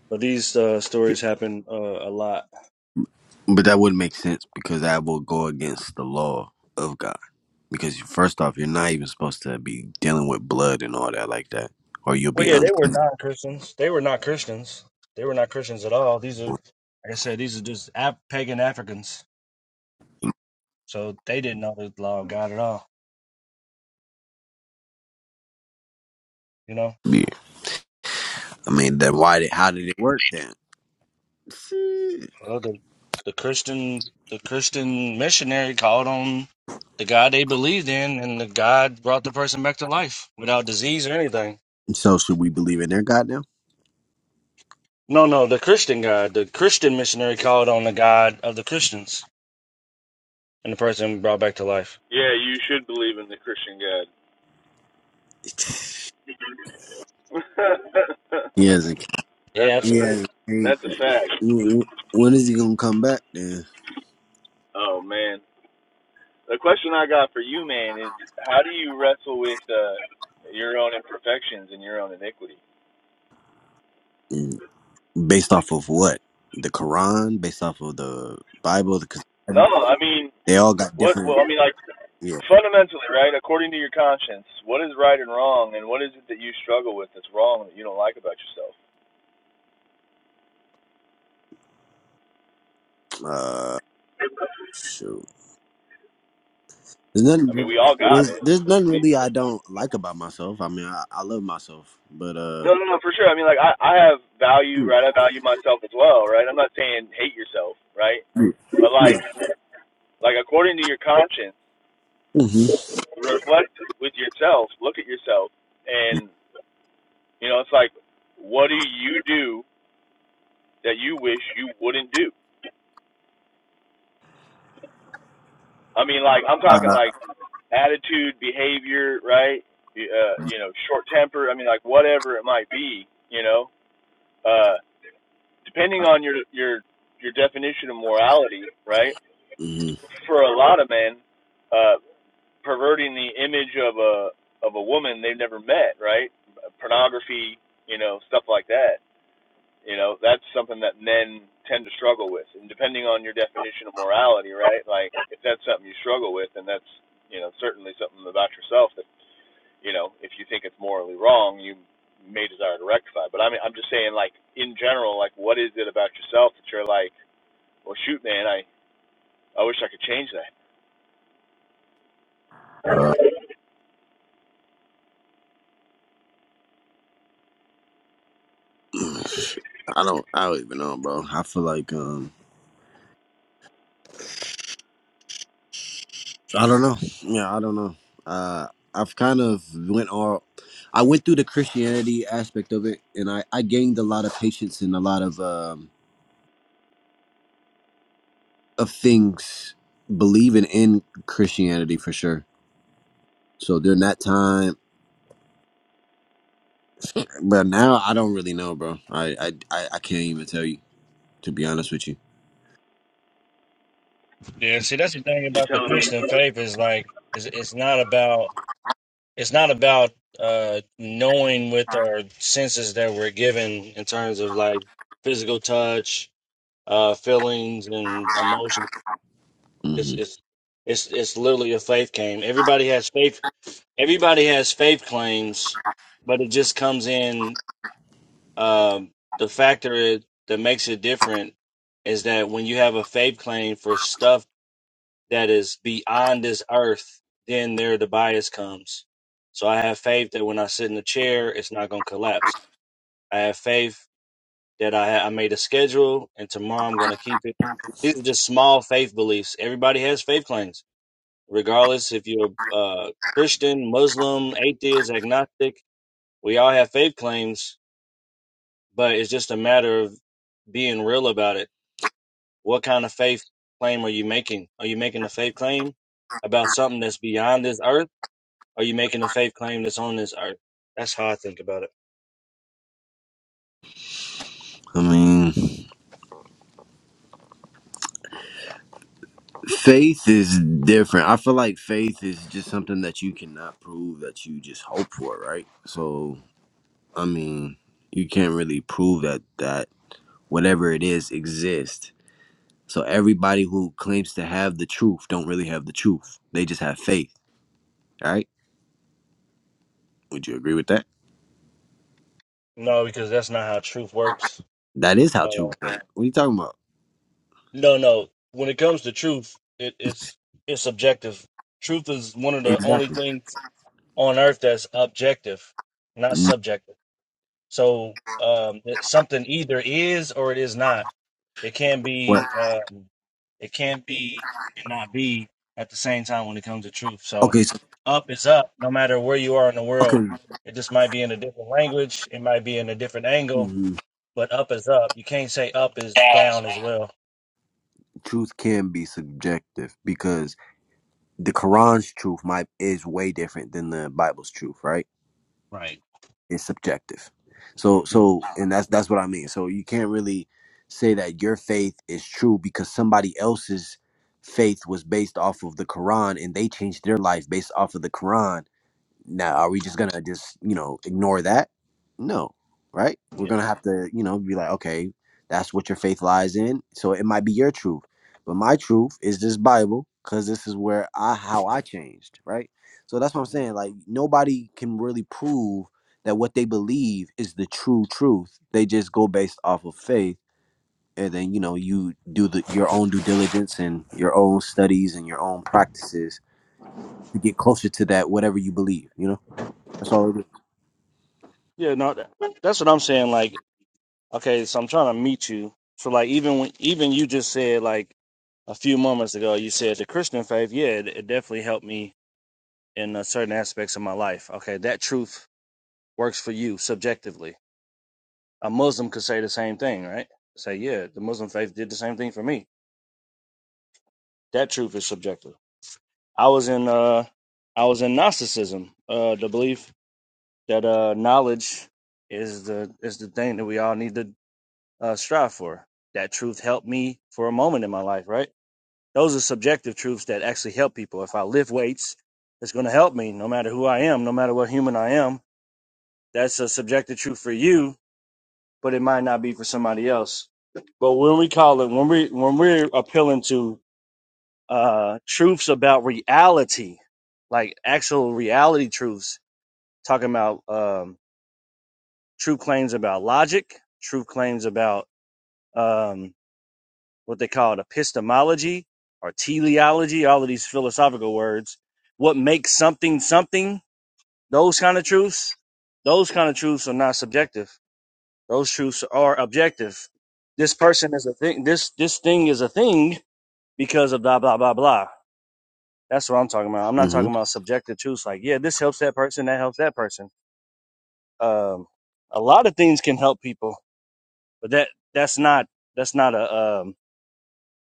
Speaker 1: But these uh, stories happen uh, a lot.
Speaker 3: But that wouldn't make sense because that would go against the law of God. because first off, you're not even supposed to be dealing with blood and all that like that, or you'll
Speaker 1: Well,
Speaker 3: be
Speaker 1: yeah, they
Speaker 3: unclean.
Speaker 1: were not Christians. They were not Christians. They were not Christians at all. These are, like I said, these are just Af- pagan Africans. So they didn't know the law of God at all. You know.
Speaker 3: I mean, then why did how did it work then? Shit.
Speaker 1: Well, the the Christian the Christian missionary called on the God they believed in, and the God brought the person back to life without disease or anything.
Speaker 3: So should we believe in their God now?
Speaker 1: No, no, the Christian God, the Christian missionary called on the God of the Christians, and the person brought back to life.
Speaker 5: Yeah, you should believe in the Christian God.
Speaker 3: He hasn't.
Speaker 1: Yeah,
Speaker 5: that's a,
Speaker 3: He
Speaker 1: absolutely.
Speaker 3: hasn't. came
Speaker 5: that's a
Speaker 3: back.
Speaker 5: fact.
Speaker 3: Wh- wh- When is he gonna come back then?
Speaker 5: Oh man. The question I got for you, man, is how do you wrestle with uh, your own imperfections and your own iniquity?
Speaker 3: Mm, Based off of what? The Quran? Based off of the Bible? Because
Speaker 5: No, I mean,
Speaker 3: they all got
Speaker 5: what?
Speaker 3: different.
Speaker 5: Well, I mean, like
Speaker 3: Yeah.
Speaker 5: fundamentally, right? According to your conscience, what is right and wrong, and what is it that you struggle with that's wrong that you don't like about yourself?
Speaker 3: Uh, shoot. There's nothing.
Speaker 5: I mean,
Speaker 3: really-
Speaker 5: we all got
Speaker 3: There's,
Speaker 5: it.
Speaker 3: there's nothing really I don't like about myself. I mean, I, I love myself, but uh,
Speaker 5: No, no, no, for sure. I mean, like I, I have value,
Speaker 3: Mm,
Speaker 5: right? I value myself as well, right? I'm not saying hate yourself, right?
Speaker 3: mm,
Speaker 5: But like,
Speaker 3: mm.
Speaker 5: like according to your conscience,
Speaker 3: Mhm.
Speaker 5: reflect with yourself, look at yourself, and You know, it's like, what do you do that you wish you wouldn't do? I mean, like, I'm talking
Speaker 3: uh,
Speaker 5: like attitude, behavior, right? Uh, you know, short temper. I mean, like whatever it might be. You know, uh, depending on your your your definition of morality, right?
Speaker 3: mhm.
Speaker 5: For a lot of men, uh, perverting the image of a of a woman they've never met, right? Pornography, you know, stuff like that. You know, that's something that men tend to struggle with. And depending on your definition of morality, right? Like if that's something you struggle with then that's, you know, certainly something about yourself that, you know, if you think it's morally wrong, you may desire to rectify. But I mean I'm just saying like in general, like what is it about yourself that you're like, Well shoot man, I, I wish I could change that.
Speaker 3: uh, I don't. I don't even know, bro. I feel like um, I don't know. Yeah, I don't know. Uh, I've kind of went all. I went through the Christianity aspect of it, and I I gained a lot of patience and a lot of um of things believing in Christianity for sure. So during that time. But now I don't really know, bro. I I I, I can't even tell you to be honest with you.
Speaker 1: Yeah, see, that's the thing
Speaker 5: You
Speaker 1: about the
Speaker 5: tell me
Speaker 1: Christian faith is like it's, it's not about it's not about uh knowing with our senses that we're given in terms of like physical touch uh, feelings and emotions. It's
Speaker 3: hmm
Speaker 1: it's it's it's literally a faith game. Everybody has faith. Everybody has faith claims, but it just comes in. Um, the factor is, that makes it different is that when you have a faith claim for stuff that is beyond this earth, then there the bias comes. So I have faith that when I sit in the chair, it's not going to collapse. I have faith that I I made a schedule, and tomorrow I'm going to keep it. These are just small faith beliefs. Everybody has faith claims, regardless if you're uh, Christian, Muslim, atheist, agnostic. We all have faith claims, but it's just a matter of being real about it. What kind of faith claim are you making? Are you making a faith claim about something that's beyond this earth? Are you making a faith claim that's on this earth? That's how I think about it.
Speaker 3: I mean, faith is different. I feel like faith is just something that you cannot prove that you just hope for, right? So I mean, you can't really prove that that whatever it is exists. So everybody who claims to have the truth don't really have the truth. They just have faith, right? Would you agree with that?
Speaker 1: No, because that's not how truth works.
Speaker 3: That is how truth. Works. What are you talking about?
Speaker 1: No, no. When it comes to truth, it, it's it's subjective. Truth is one of the only
Speaker 3: Exactly.
Speaker 1: things on earth that's objective, not subjective. So um, it's something either is or it is not. It can
Speaker 3: What?
Speaker 1: be uh, it can be and not be at the same time when it comes to truth. So
Speaker 3: Okay, so
Speaker 1: up is up, no matter where you are in the world.
Speaker 3: okay.
Speaker 1: It just might be in a different language. It might be in a different angle,
Speaker 3: Mhm.
Speaker 1: but up is up. You can't say up is down as well.
Speaker 3: Truth can be subjective because the Quran's truth might is way different than the Bible's truth, right?
Speaker 1: Right.
Speaker 3: It's subjective. So
Speaker 1: Mhm.
Speaker 3: so and that's that's what I mean. So you can't really say that your faith is true because somebody else's faith was based off of the Quran and they changed their life based off of the Quran Now, are we just gonna just you know ignore that? No, right? We're gonna have to you know be like, okay, that's what your faith lies in. So it might be your truth, but my truth is this Bible because this is where I how I changed, right? So that's what I'm
Speaker 1: hmm
Speaker 3: saying. Like nobody can really prove that what they believe is the true truth. They just go based off of faith, and then you know you do the your own due diligence and your own studies and your own practices to get closer to that whatever you believe. You know, that's all.
Speaker 1: Yeah, no, that, that's what I'm saying. Like, okay, so I'm trying to meet you. So, like, even when, even you just said like a few moments ago, you said the Christian faith. Yeah, it, it definitely helped me in uh, certain aspects of my life. Okay, that truth works for you subjectively. A Muslim could say the same thing, right? Say, yeah, the Muslim faith did the same thing for me. That truth is subjective. I was in, uh, I was in Gnosticism, uh, the belief that uh, knowledge is the is the thing that we all need to uh, strive for. That truth helped me for a moment in my life, right? Those are subjective truths that actually help people. If I lift weights, it's going to help me no matter who I am, no matter what human I am. That's a subjective truth for you, but it might not be for somebody else. But when we call it, when we when we're appealing to uh, truths about reality, like actual reality truths, talking about um, true claims about logic, true claims about um, what they call it, epistemology or teleology, all of these philosophical words. What makes something something, those kind of truths, those kind of truths are not subjective. Those truths are objective. This person is a thing. This this thing is a thing because of blah blah blah blah. That's what I'm talking about. I'm not
Speaker 3: hmm
Speaker 1: talking about subjective truths like, yeah, this helps that person, that helps that person. Um, a lot of things can help people, but that that's not that's not a um,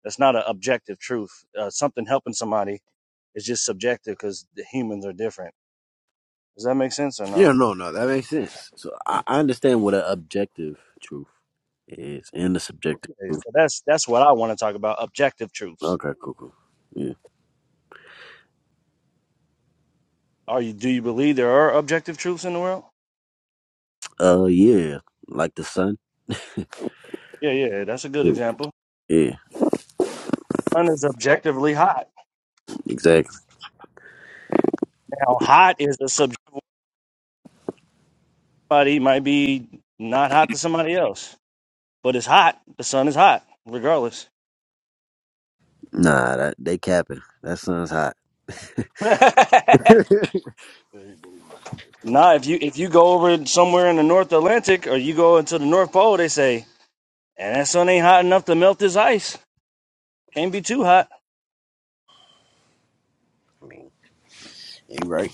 Speaker 1: That's not an objective truth. Uh, something helping somebody is just subjective because the humans are different. Does that make sense or no?
Speaker 3: Yeah, no, no, that makes sense. So I, I understand what an objective truth is and the subjective
Speaker 1: Okay,
Speaker 3: truth.
Speaker 1: so that's that's what I want to talk about. Objective truths.
Speaker 3: Okay, cool, cool. Yeah.
Speaker 1: Are you? Do you believe there are objective truths in the world?
Speaker 3: Uh, yeah, like the sun.
Speaker 1: Yeah, yeah. That's a good example.
Speaker 3: Yeah,
Speaker 1: Sun is objectively hot.
Speaker 3: exactly.
Speaker 1: Now, hot is a subjective. Somebody might be not hot to somebody else, but it's hot. The sun is hot, regardless.
Speaker 3: Nah, that they capping. That sun's hot.
Speaker 1: nah,
Speaker 3: I
Speaker 1: if you if you go over somewhere in the North Atlantic or you go into the North Pole, they say and that sun ain't hot enough to melt this ice. Can't be too hot.
Speaker 3: mean, you're right.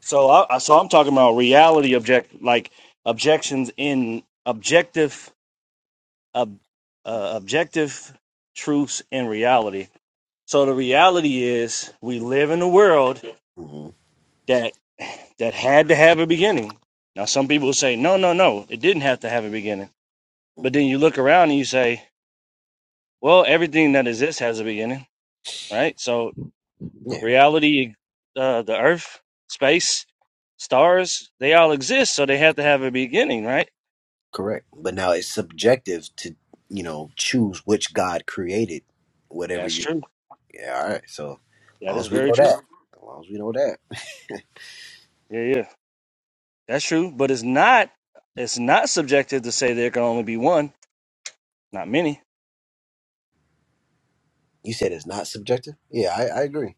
Speaker 1: So I so I'm talking about reality object like objections in objective ob, uh, objective truths in reality. So the reality is we live in a world
Speaker 3: hmm
Speaker 1: that that had to have a beginning. Now some people will say no no no it didn't have to have a beginning. But then you look around and you say well everything that exists has a beginning, right? So
Speaker 3: Yeah,
Speaker 1: reality, uh, the earth, space, stars, they all exist, so they have to have a beginning, right?
Speaker 3: correct. But now it's subjective to, you know, choose which God created whatever
Speaker 1: That's
Speaker 3: you.
Speaker 1: true.
Speaker 3: Yeah, all right. So, as
Speaker 1: That
Speaker 3: long
Speaker 1: is
Speaker 3: as we
Speaker 1: very
Speaker 3: know
Speaker 1: true.
Speaker 3: that, as long as we know that,
Speaker 1: Yeah, yeah. That's true. But it's not it's not subjective to say there can only be one, not many.
Speaker 3: you said it's not subjective. Yeah, I, I agree.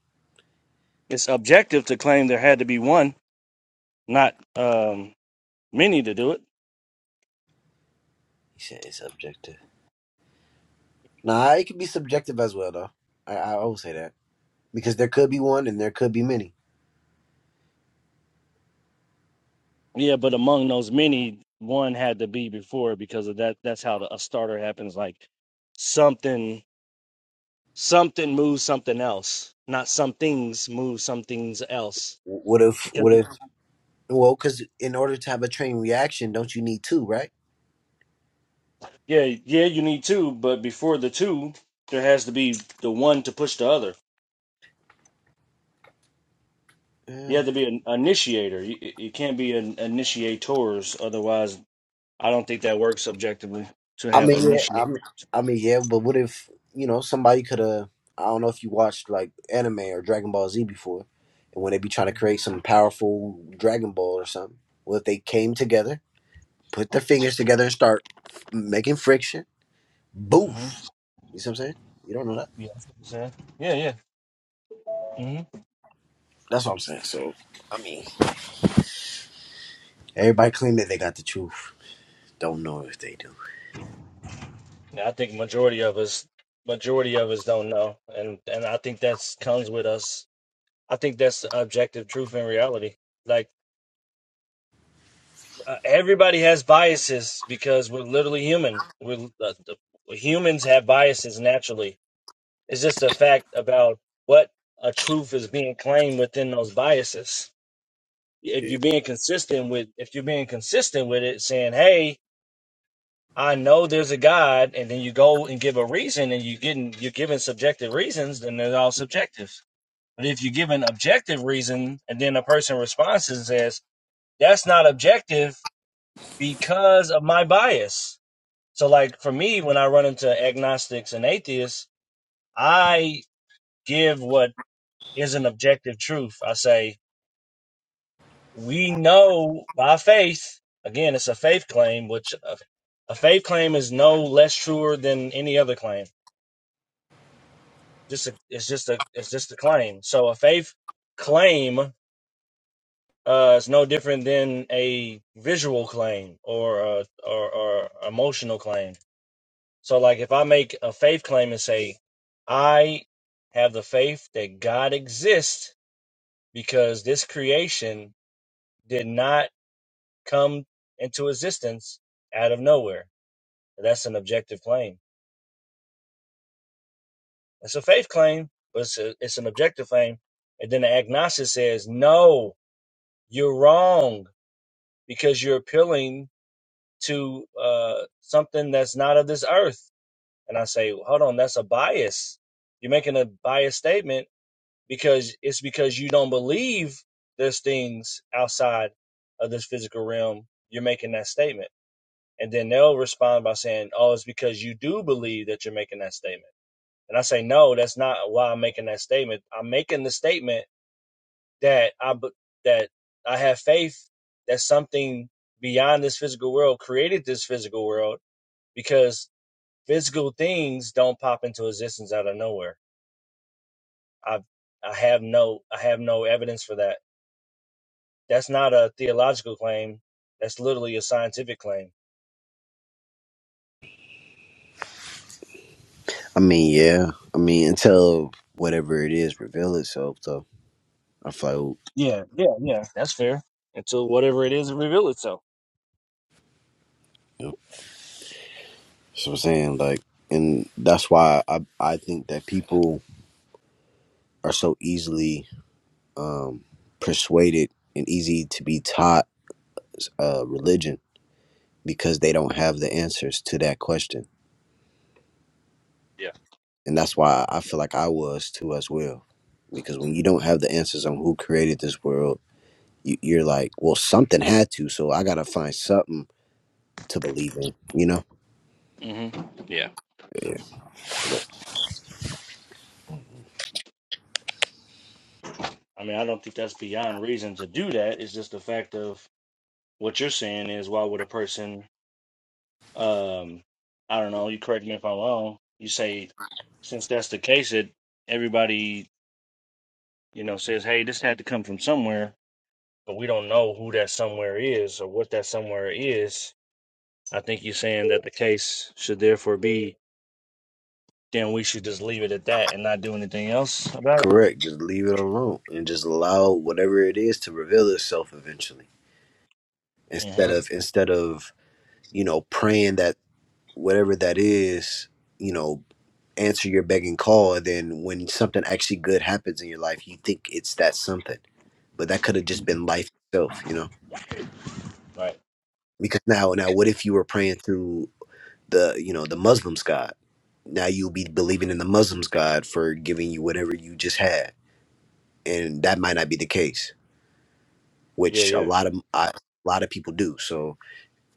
Speaker 1: It's objective to claim there had to be one, not um many to do it.
Speaker 3: You said it's subjective. Nah, it could be subjective as well, though. I I always say that because there could be one and there could be many.
Speaker 1: Yeah, but among those many, one had to be before because of that that's how the, a starter happens like something something moves something else, not some things move some things else.
Speaker 3: W- What if?
Speaker 1: Because
Speaker 3: What if? Well, because in order to have a train reaction, don't you need two, right?
Speaker 1: yeah, yeah, you need two, but before the two, there has to be the one to push the other. You
Speaker 3: Uh,
Speaker 1: have to be an initiator. You, you can't be an initiators, otherwise, I don't think that works objectively to
Speaker 3: I
Speaker 1: have
Speaker 3: mean, yeah. I
Speaker 1: initiate.
Speaker 3: mean, I mean, yeah. But what if you know somebody could have? I don't know if you watched like anime or Dragon Ball Z before, and when they be trying to create some powerful Dragon Ball or something, what if they came together, put their fingers together, and start making friction?
Speaker 1: hmm
Speaker 3: Boof. You see what I'm saying? You don't know that.
Speaker 1: Yeah, that's what I'm saying. yeah, yeah. hmm
Speaker 3: That's what I'm saying. So, I mean, everybody claim that they got the truth. Don't know if they do.
Speaker 1: I think majority of us, majority of us don't know, and and I think that's comes with us. I think that's the objective truth and reality. Like uh, everybody has biases because we're literally human. We're uh, humans have biases naturally. It's just a fact about what a truth is being claimed within those biases. If
Speaker 3: Yeah.
Speaker 1: you're being consistent with, if you're being consistent with it, saying, "Hey, I know there's a God," and then you go and give a reason, and you getting you're giving subjective reasons, then they're all subjective. But if you give an objective reason, and then a person responds and says, "That's not objective because of my bias." So, like for me, when I run into agnostics and atheists, I give what is an objective truth. I say, we know by faith, again, it's a faith claim, which uh, a faith claim is no less truer than any other claim. Just a, it's just a it's just a claim. So a faith claim uh, is no different than a visual claim or a, or, or emotional claim So, like, if I make a faith claim and say, I have the faith that God exists because this creation did not come into existence out of nowhere. That's an objective claim. It's a faith claim, but it's, a, it's an objective claim. And then the agnostic says, no, you're wrong because you're appealing to uh, something that's not of this earth. And I say, hold on, that's a bias. You're making a biased statement because it's because you don't believe there's things outside of this physical realm. You're making that statement, and then they'll respond by saying, "Oh, it's because you do believe that you're making that statement." And I say, "No, that's not why I'm making that statement. I'm making the statement that I that I have faith that something beyond this physical world created this physical world because physical things don't pop into existence out of nowhere. I've I have no I have no evidence for that That's not a theological claim. That's literally a scientific claim.
Speaker 3: I mean, yeah. I mean, until whatever it is reveal itself, though. I feel like, oh,
Speaker 1: Yeah, yeah, yeah. That's fair. Until whatever it is, it reveal itself.
Speaker 3: you know, that's what I'm saying. Like, and that's why I I think that people are so easily um, persuaded and easy to be taught uh, religion because they don't have the answers to that question.
Speaker 1: Yeah.
Speaker 3: And that's why I feel like I was too as well. Because when you don't have the answers on who created this world you, you're like, well, something had to, so I gotta find something to believe in, you know?
Speaker 1: hmm Yeah. I mean, I don't think that's beyond reason to do that. It's just the fact of what you're saying is why would a person, um, I don't know, you correct me if I'm wrong, you say, since that's the case, that everybody, you know, says, hey, this had to come from somewhere, but we don't know who that somewhere is or what that somewhere is. I think you're saying that the case should therefore be then we should just leave it at that and not do anything else about it.
Speaker 3: Correct. Just leave it alone and just allow whatever it is to reveal itself eventually. Instead
Speaker 1: Mm-hmm.
Speaker 3: of instead of you know praying that whatever that is, you know, answer your begging call, and then when something actually good happens in your life, you think it's that something, but that could have just been
Speaker 1: Mm-hmm.
Speaker 3: life itself, you know?
Speaker 1: Right.
Speaker 3: Because now, now, what if you were praying through? the you know the Muslim's God. Now you'll be believing in the Muslim's God for giving you whatever you just had, and that might not be the case,
Speaker 1: Yeah.
Speaker 3: which a
Speaker 1: Yeah.
Speaker 3: lot of I, a lot of people do. So,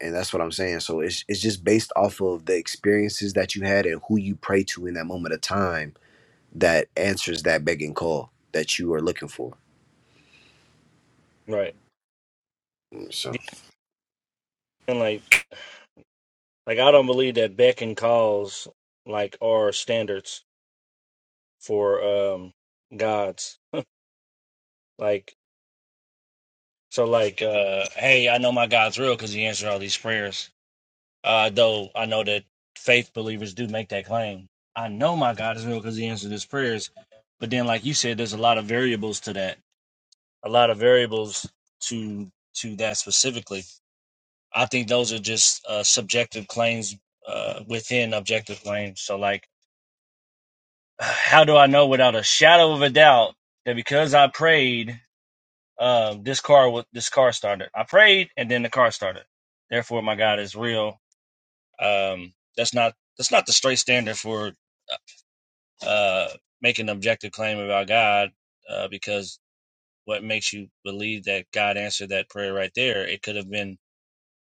Speaker 3: and that's what I'm saying. So it's it's just based off of the experiences that you had and who you pray to in that moment of time that answers that begging call that you are looking for.
Speaker 1: Right.
Speaker 3: So.
Speaker 1: Yeah, and like, like I don't believe that beck and calls like are standards for um gods. Like so, like uh, hey, I know my God's real because he answered all these prayers. Uh, though I know that faith believers do make that claim. I know my God is real because he answered his prayers. But then, like you said, there's a lot of variables to that a lot of variables to to that specifically. I think those are just uh, subjective claims uh, within objective claims. So, like, how do I know without a shadow of a doubt that because I prayed, uh, this car wa- this car started? I prayed, and then the car started. Therefore, my God is real. Um, that's not that's not the straight standard for uh, make an objective claim about God uh, because what makes you believe that God answered that prayer right there? It could have been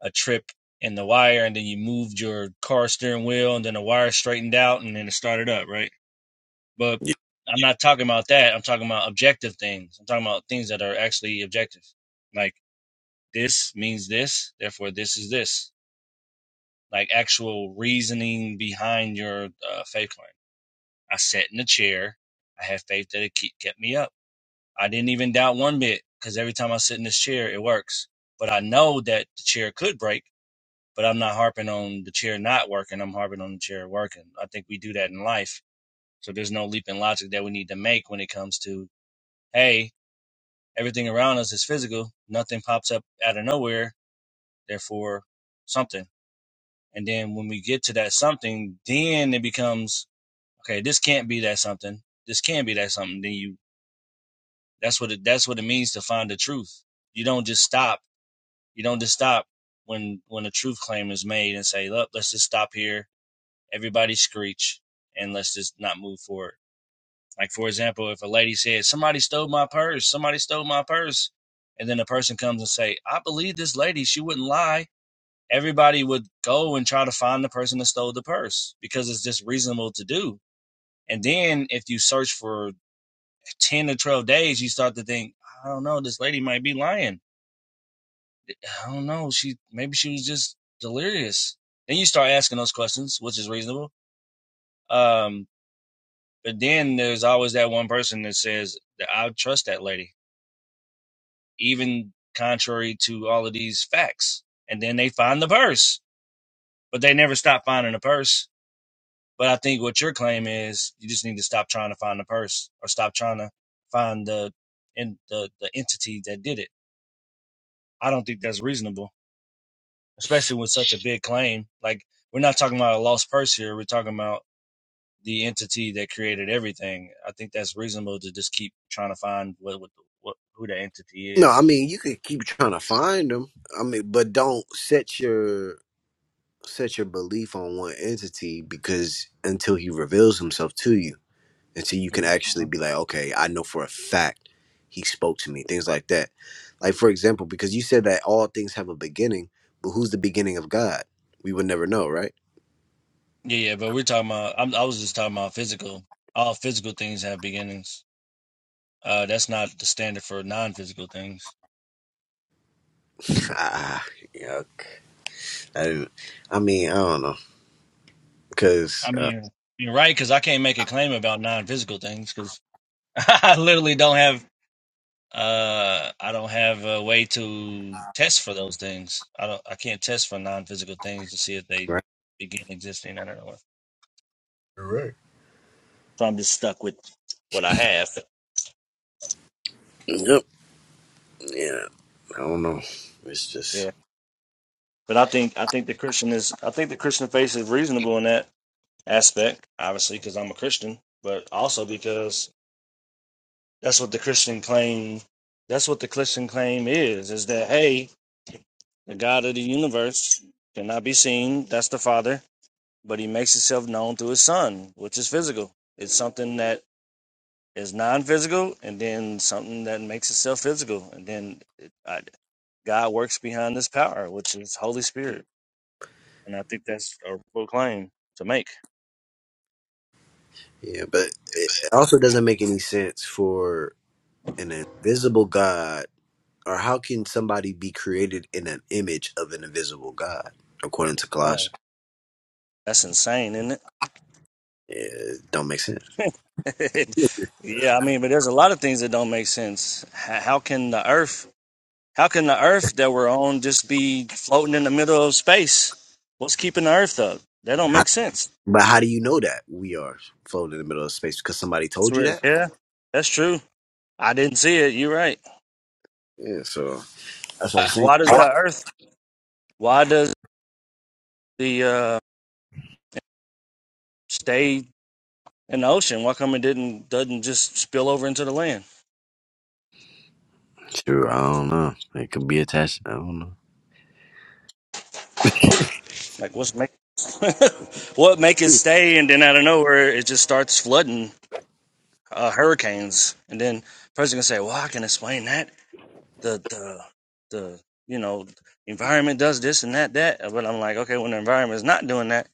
Speaker 1: a trip in the wire and then you moved your car steering wheel and then the wire straightened out and then it started up, right? But
Speaker 3: yeah.
Speaker 1: I'm not talking about that. I'm talking about objective things. I'm talking about things that are actually objective. Like this means this, therefore this is this. Like actual reasoning behind your uh, faith claim. I sat in the chair. I had faith that it kept me up. I didn't even doubt one bit because every time I sit in this chair, it works. But I know that the chair could break but I'm not harping on the chair not working. I'm harping on the chair working. I think we do that in life. So there's no leap in logic that we need to make when it comes to, hey, everything around us is physical. Nothing pops up out of nowhere. Therefore, something. And then when we get to that something, then it becomes, okay, this can't be that something. This can be that something. Then you, that's what it, that's what it means to find the truth. You don't just stop. You don't just stop when, when a truth claim is made and say, look, let's just stop here everybody screech and let's just not move forward. Like for example, if a lady says, "Somebody stole my purse," "Somebody stole my purse," and then a person comes and say, "I believe this lady; she wouldn't lie." Everybody would go and try to find the person that stole the purse because it's just reasonable to do. And then if you search for ten to twelve days, you start to think, "I don't know, this lady might be lying. I don't know, she maybe she was just delirious." Then you start asking those questions, which is reasonable. Um, But then there's always that one person that says that I trust that lady, even contrary to all of these facts. And then they find the purse, but they never stop finding the purse. But I think what your claim is, you just need to stop trying to find the purse or stop trying to find the in the, the entity that did it. I don't think that's reasonable, especially with such a big claim. Like we're not talking about a lost purse here. We're talking about the entity that created everything. I think that's reasonable to just keep trying to find what what, what who the entity
Speaker 3: No, I
Speaker 1: is.
Speaker 3: mean you could keep trying to find them. I mean, but don't set your set your belief on one entity because until he reveals himself to you, until you
Speaker 1: hmm
Speaker 3: can actually be like, okay, I know for a fact he spoke to me, things like that. Like, for example, because you said that all things have a beginning, but who's the beginning of God? We would never know, right?
Speaker 1: Yeah, yeah, but we're talking about. I'm, I was just talking about physical. All physical things have beginnings. Uh, that's not the standard for non-physical things.
Speaker 3: Ah, yeah. I, didn't, I mean, I don't know. Because,
Speaker 1: I
Speaker 3: uh,
Speaker 1: mean, you're right because I can't make a claim about non-physical things because I literally don't have. Uh, I don't have a way to test for those things. I don't. I can't test for non-physical things to see if they
Speaker 3: right?
Speaker 1: begin existing. I don't know.
Speaker 3: Correct.
Speaker 1: So I'm just stuck with. what I have.
Speaker 3: Yep. Yeah. I don't know. It's just,
Speaker 1: Yeah, but I think I think the Christian is I think the Christian faith is reasonable in that aspect, obviously because I'm a Christian, but also because that's what the Christian claim that's what the Christian claim is is that hey, the God of the universe cannot be seen, that's the Father, but He makes Himself known through His Son, which is physical. It's something that is non-physical, and then something that makes itself physical, and then it, I, God works behind this power, which is Holy Spirit. And I think that's a real claim to make.
Speaker 3: yeah. But it it also doesn't make any sense for an invisible God or how can somebody be created in an image of an invisible God, according to
Speaker 1: No,
Speaker 3: Colossians?
Speaker 1: that's insane, isn't
Speaker 3: It don't make sense.
Speaker 1: it? yeah, I mean, but there's a lot of things that don't make sense. H- How can the Earth, how can the Earth that we're on just be floating in the middle of space? What's keeping the Earth up? That don't
Speaker 3: How,
Speaker 1: make sense.
Speaker 3: but how do you know that we are floating in the middle of space? Because somebody
Speaker 1: It's
Speaker 3: told you
Speaker 1: weird.
Speaker 3: that?
Speaker 1: Yeah, that's true. I didn't see it. You're right.
Speaker 3: Yeah, so that's what I'm
Speaker 1: Uh,
Speaker 3: saying.
Speaker 1: Why does the Earth? Why does the uh, stay in the ocean? Why come it didn't doesn't just spill over into the land?
Speaker 3: True, I don't know. It could be attached. I don't know.
Speaker 1: Like, what's making what make it stay, and then out of nowhere it just starts flooding uh, hurricanes, and then person can say, "Well, I can explain that the the the you know environment does this and that that," but I'm like, okay, when the environment is not doing that,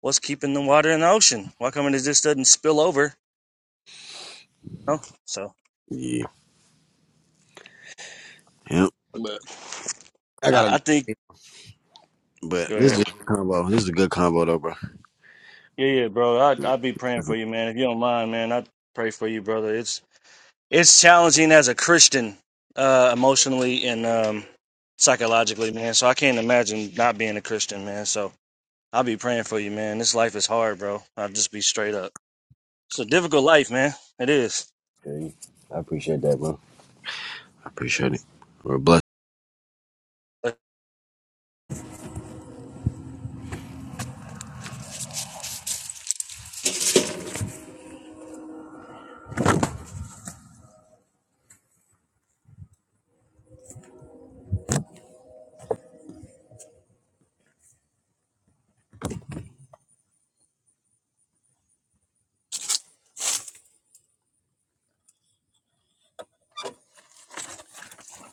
Speaker 1: what's keeping the water in the ocean? Why come it just doesn't spill over? No, so
Speaker 3: yeah. Yep. I
Speaker 1: I,
Speaker 3: gotta
Speaker 1: I think.
Speaker 3: go. But
Speaker 1: Go
Speaker 3: this is
Speaker 1: ahead.
Speaker 3: a good combo. This is a good combo, though, bro.
Speaker 1: Yeah, yeah, bro. I I be praying for you, man. If you don't mind, man, I pray for you, brother. It's it's challenging as a Christian, uh, emotionally and um, psychologically, man. So I can't imagine not being a Christian, man. So I'll be praying for you, man. This life is hard, bro. I'll just be straight up. It's a difficult life, man. It is.
Speaker 3: Okay. I appreciate that, bro. I appreciate it. We're blessed.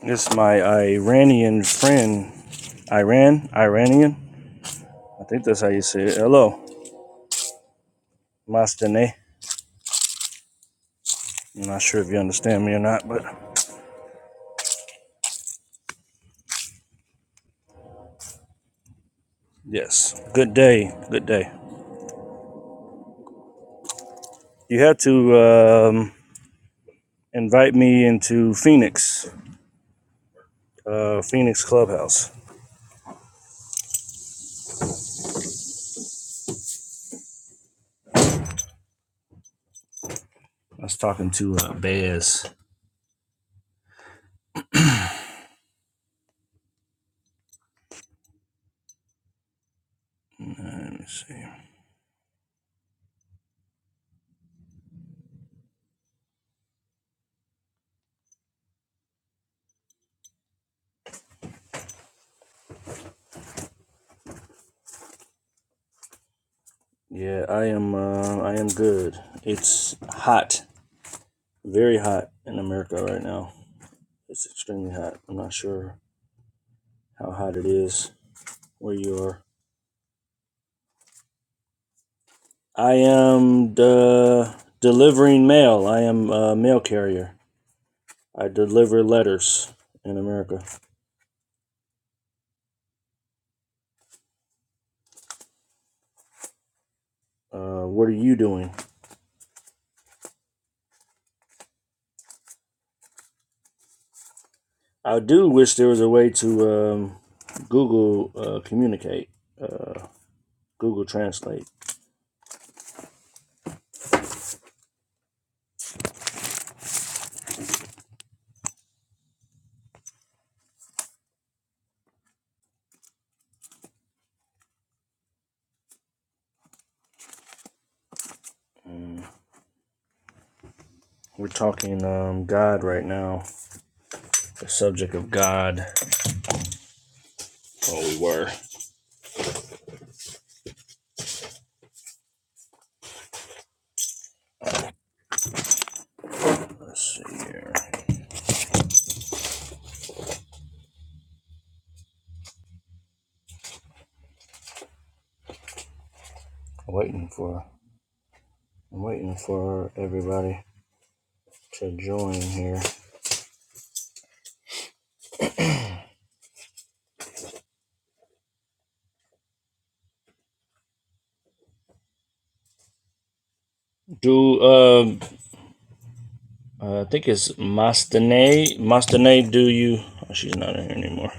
Speaker 1: This is my Iranian friend, Iran, Iranian. I think that's how you say it. Hello, Mastane. I'm not sure if you understand me or not, but yes. Good day. Good day. You had to um, invite me into Phoenix uh, Phoenix Clubhouse. I was talking to uh, Baz. Uh, Let me see. Yeah, I am. Uh, I am good. It's hot, very hot in America right now. It's extremely hot. I'm not sure how hot it is where you are. I am de- delivering mail. I am a mail carrier. I deliver letters in America. Uh, what are you doing? I do wish there was a way to um, Google uh, communicate. Uh, Google Translate. We're talking um, God right now. The subject of God. Oh, we were. Let's see here. I'm waiting for. I'm waiting for everybody to join here. Do um, uh, I think it's Mastane? Mastane, do you? Oh, she's not in here anymore.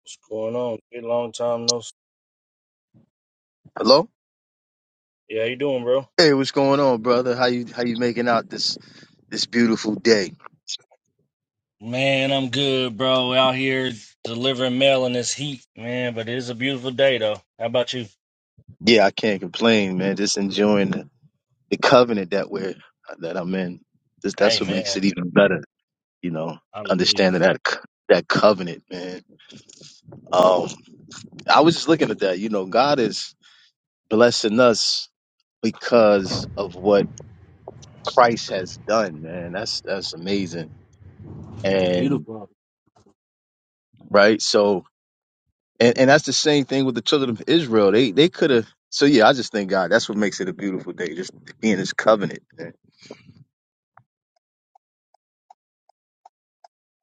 Speaker 1: What's going on? Been a long time no. s-
Speaker 6: Hello.
Speaker 1: Yeah, how you doing, bro?
Speaker 6: Hey, what's going on, brother? How you how you making out this this beautiful day?
Speaker 1: Man, I'm good, bro. Out here delivering mail in this heat, man. But it is a beautiful day, though. How about you?
Speaker 6: Yeah, I can't complain, man. Just enjoying the, the covenant that we're that I'm in. Just, that's what
Speaker 1: Amen.
Speaker 6: makes it even better, you know.
Speaker 1: Hallelujah.
Speaker 6: Understanding that c- that covenant, man. Um, I was just looking at that. You know, God is blessing us because of what Christ has done, man. That's that's amazing. And
Speaker 1: Beautiful.
Speaker 6: right, so And and that's the same thing with the children of Israel. They they could have. So yeah, I just thank God. That's what makes it a beautiful day. Just being His covenant. man.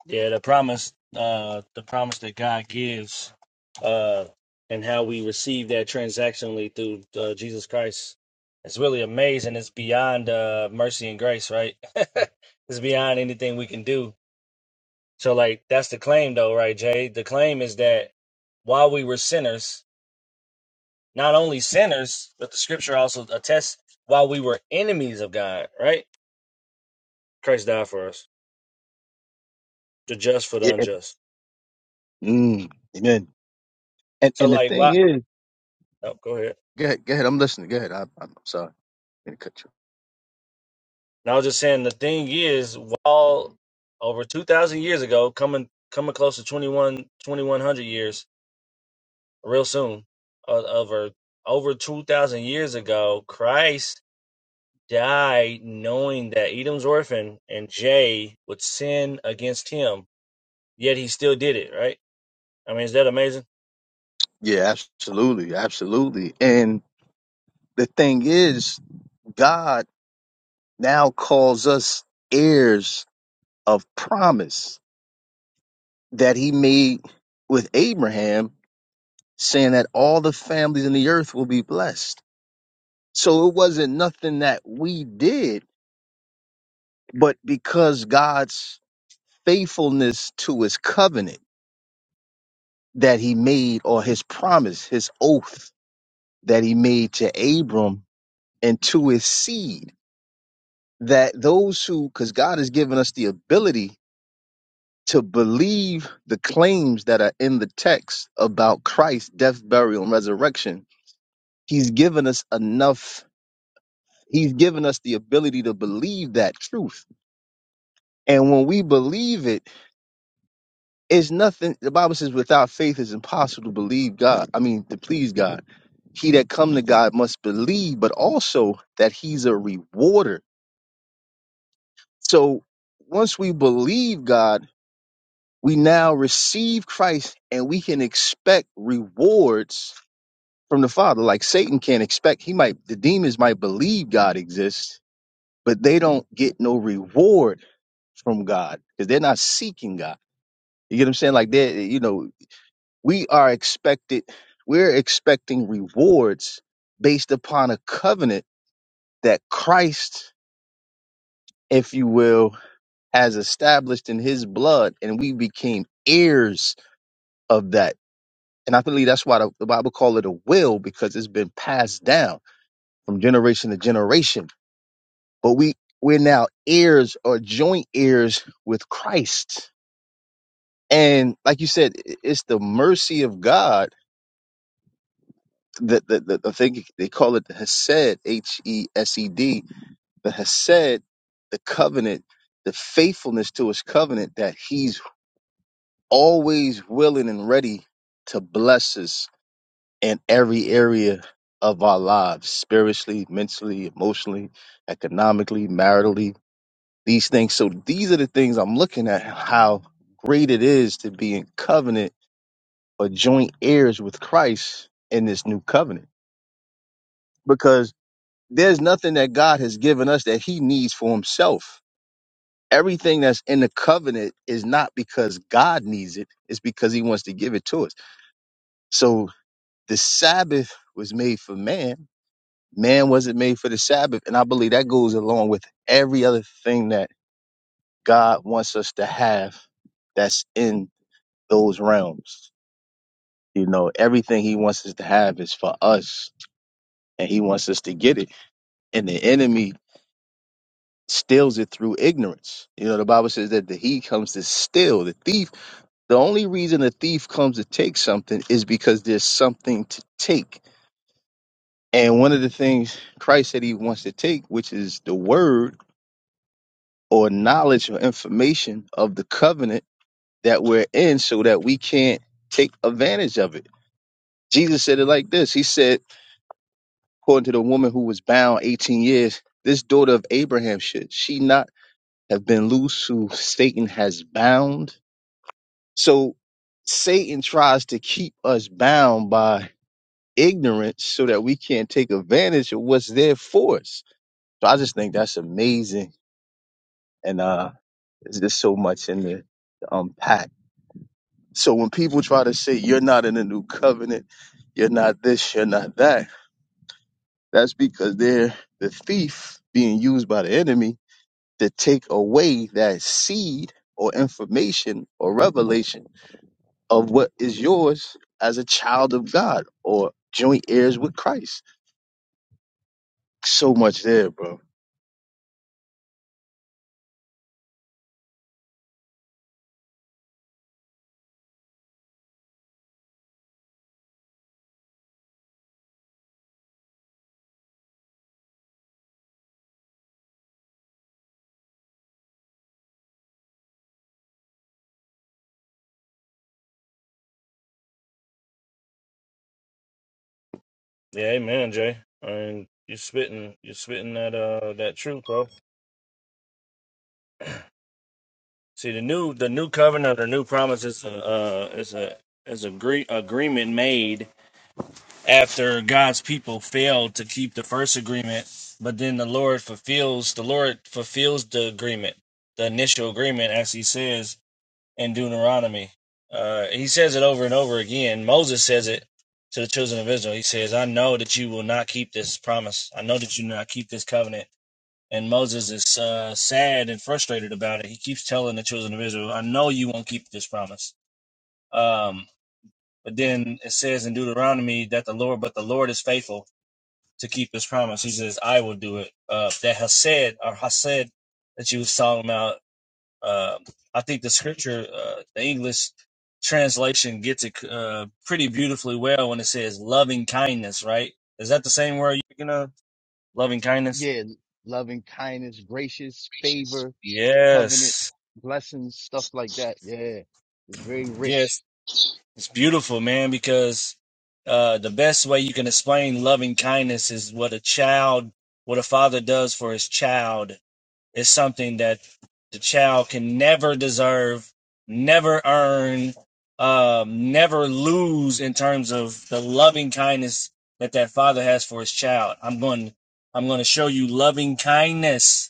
Speaker 1: Yeah, the promise, uh, the promise that God gives, uh, and how we receive that transactionally through uh, Jesus Christ. It's really amazing. It's beyond uh, mercy and grace, right? it's beyond anything we can do. So, like, that's the claim, though, right, Jay? The claim is that while we were sinners, not only sinners, but the scripture also attests while we were enemies of God, right? Christ died for us, the just for the
Speaker 6: Yeah.
Speaker 1: unjust.
Speaker 6: Mm, amen. And
Speaker 1: So
Speaker 6: and the
Speaker 1: like
Speaker 6: thing
Speaker 1: what?
Speaker 6: is,
Speaker 1: Oh, go ahead.
Speaker 6: go ahead. Go ahead. I'm listening. Go ahead. I, I'm I'm sorry. I didn't cut you.
Speaker 1: And I was just saying the thing is, while over two thousand years ago, coming coming close to 21 2100 years, real soon, uh, over over two thousand years ago, Christ died knowing that Edom's orphan and Jay would sin against him. Yet he still did it, right? I mean, is that amazing?
Speaker 6: Yeah, absolutely, absolutely. And the thing is, God now calls us heirs of promise that he made with Abraham, saying that all the families in the earth will be blessed. So it wasn't nothing that we did, but because God's faithfulness to his covenant that he made or his promise, his oath that he made to Abram and to his seed, that those who, because God has given us the ability to believe the claims that are in the text about Christ's death, burial, and resurrection He's given us enough. He's given us the ability to believe that truth. And when we believe it, it's nothing. The Bible says, without faith, it's impossible to believe God. I mean, to please God. He that come to God must believe, but also that he's a rewarder. So once we believe God, we now receive Christ and we can expect rewards from the Father. Like Satan can't expect, he might, the demons might believe God exists but they don't get no reward from God because they're not seeking God. You get what I'm saying? Like they, you know, we are expected, we're expecting rewards based upon a covenant that Christ, if you will, has established in His blood, and we became heirs of that. And I believe that's why the, the Bible call it a will because it's been passed down from generation to generation. But we we're now heirs or joint heirs with Christ And like you said, i- it's the mercy of God that the, the, the thing they call it the Hesed, H E S E D, the Hesed, the covenant, the faithfulness to his covenant that he's always willing and ready to bless us in every area of our lives, spiritually, mentally, emotionally, economically, maritally, these things. So these are the things I'm looking at how great it is to be in covenant are joint heirs with Christ in this new covenant because there's nothing that God has given us that he needs for himself. Everything that's in the covenant is not because God needs it, it's because he wants to give it to us. So the Sabbath was made for man, man wasn't made for the Sabbath. And I believe that goes along with every other thing that God wants us to have that's in those realms. You know, everything he wants us to have is for us and he wants us to get it. and the enemy steals it through ignorance. You know, the Bible says that the he comes to steal. The thief, the only reason a thief comes to take something is because there's something to take. And one of the things Christ said he wants to take, which is the word or knowledge or information of the covenant that we're in so that we can't take advantage of it. Jesus said it like this. He said, according to the woman who was bound 18 years, this daughter of Abraham should she not have been loose, who Satan has bound. So Satan tries to keep us bound by ignorance so that we can't take advantage of what's there for us. So I just think that's amazing. And uh there's just so much in there to unpack. So when people try to say you're not in the new covenant, you're not this, you're not that, that's because they're the thief being used by the enemy to take away that seed or information or revelation of what is yours as a child of God or joint heirs with Christ. So much there, bro.
Speaker 1: Yeah, amen, Jay. I mean, you're spitting, you're spitting that uh that truth, bro. See, the new the new covenant or new promise is a uh, is a is a agree, agreement made after God's people failed to keep the first agreement, but then the Lord fulfills the Lord fulfills the agreement, the initial agreement, as He says in Deuteronomy. Uh, he says it over and over again. Moses says it to the children of Israel. He says, "I know that you will not keep this promise. I know that you will not keep this covenant." And Moses is uh, sad and frustrated about it. He keeps telling the children of Israel, I know you won't keep this promise. Um, but then it says in Deuteronomy that the Lord, but the Lord is faithful to keep his promise. He says, I will do it. Uh, that Hased or Hased that you was talking about, uh, I think the scripture, uh, the English translation gets it uh, pretty beautifully well when it says loving kindness, right? Is that the same word you're going to? Loving kindness?
Speaker 6: Yeah, loving kindness, gracious,
Speaker 1: Yes.
Speaker 6: favor, covenant,
Speaker 1: Yes.
Speaker 6: blessings, stuff like that. Yeah. It's very
Speaker 1: Yes.
Speaker 6: rich.
Speaker 1: It's beautiful, man, because uh, the best way you can explain loving kindness is what a child, what a father does for his child is something that the child can never deserve, never earn, um, never lose in terms of the loving kindness that that father has for his child. I'm going, I'm going to show you loving kindness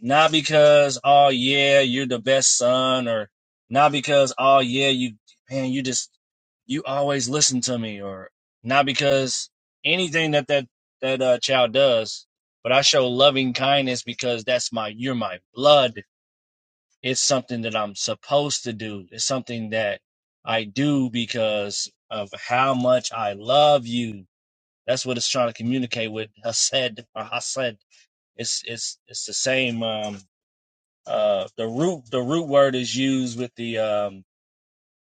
Speaker 1: not because, oh yeah, you're the best son, or not because, oh yeah, you, man, you just, you always listen to me, or not because anything that that, that uh, child does, but I show loving kindness because that's my, you're my blood. It's something that I'm supposed to do. It's something that I do because of how much I love you. That's what it's trying to communicate with Hased or Hased. It's, it's, it's the same, um, uh, the root the root word is used with the um,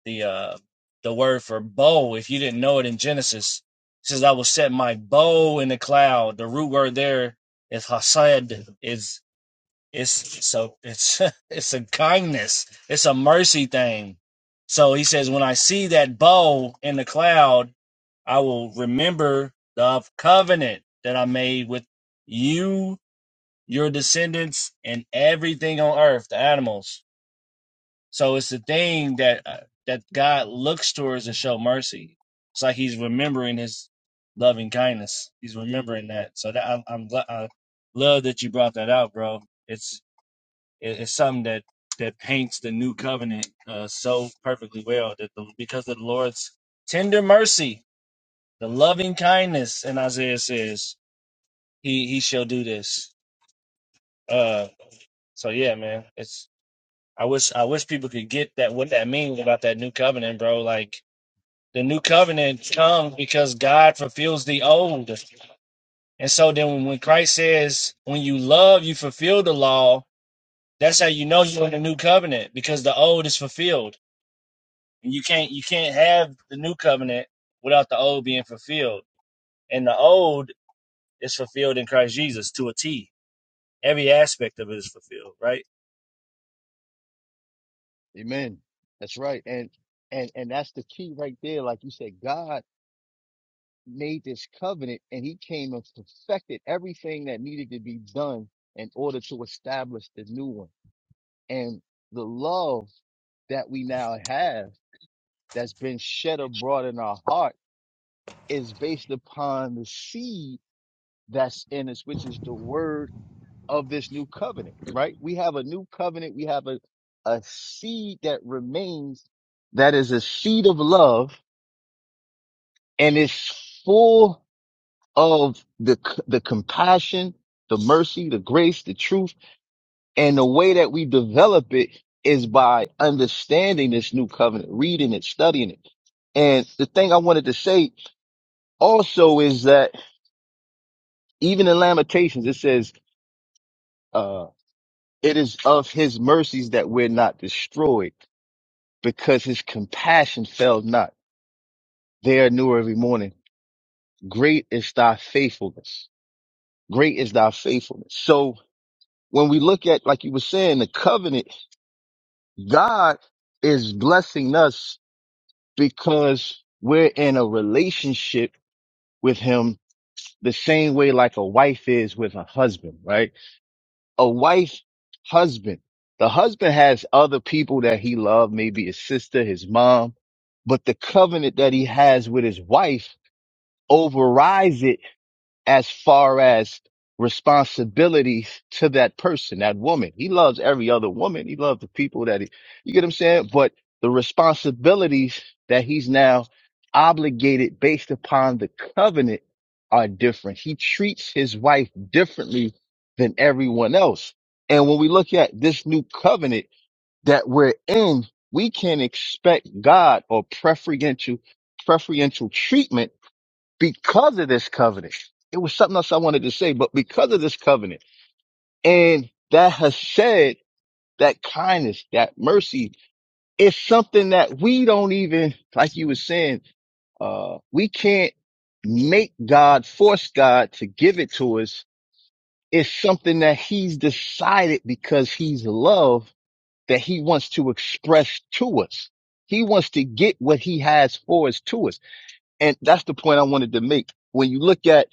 Speaker 1: the uh, the word for bow. If you didn't know it in Genesis, it says I will set my bow in the cloud. The root word there is hased. Is it's so it's it's a kindness. It's a mercy thing. So he says, when I see that bow in the cloud, I will remember the covenant that I made with you, your descendants, and everything on earth, the animals so it's the thing that uh, that God looks towards to show mercy. It's like He's remembering His loving kindness. He's remembering that. So that I'm, I'm gl- I love that you brought that out, bro. It's it, it's something that that paints the new covenant uh, so perfectly well that the, because of the Lord's tender mercy, the loving kindness, and Isaiah says He He shall do this. Uh, so yeah, man, it's. I wish I wish people could get that what that means about that new covenant, bro. Like The new covenant comes because God fulfills the old. And so then when Christ says, when you love, you fulfill the law, that's how you know you're in the new covenant because the old is fulfilled. And you can't you can't have the new covenant without the old being fulfilled. And the old is fulfilled in Christ Jesus to a T. Every aspect of it is fulfilled, right?
Speaker 6: Amen. That's right. And and and that's the key right there. Like you said, God made this covenant and he came and perfected everything that needed to be done in order to establish the new one. And the love that we now have. that's been shed abroad in our heart is based upon the seed that's in us, which is the word of this new covenant, right? We have a new covenant. We have a, a seed that remains that is a seed of love and it's full of the, c- the compassion, the mercy, the grace, the truth. And the way that we develop it is by understanding this new covenant, reading it, studying it. And the thing I wanted to say also is that even in Lamentations, it says, uh, it is of his mercies that we're not destroyed because his compassion failed not. They are new every morning. Great is thy faithfulness. Great is thy faithfulness. So when we look at, like you were saying, the covenant, God is blessing us because we're in a relationship with him the same way like a wife is with a husband, right? a wife's husband. The husband has other people that he loved, maybe his sister, his mom, but the covenant that he has with his wife overrides it as far as responsibilities to that person, that woman. He loves every other woman. He loves the people that he, you get what I'm saying? But the responsibilities that he's now obligated based upon the covenant are different. He treats his wife differently than everyone else. And when we look at this new covenant that we're in, we can expect God or preferential, preferential treatment because of this covenant. It was something else I wanted to say, but because of this covenant and that has said that kindness, that mercy is something that we don't even, like you were saying, uh, we can't make God, force God to give it to us. It's something that he's decided because he's love that he wants to express to us. He wants to get what he has for us to us. And that's the point I wanted to make. When you look at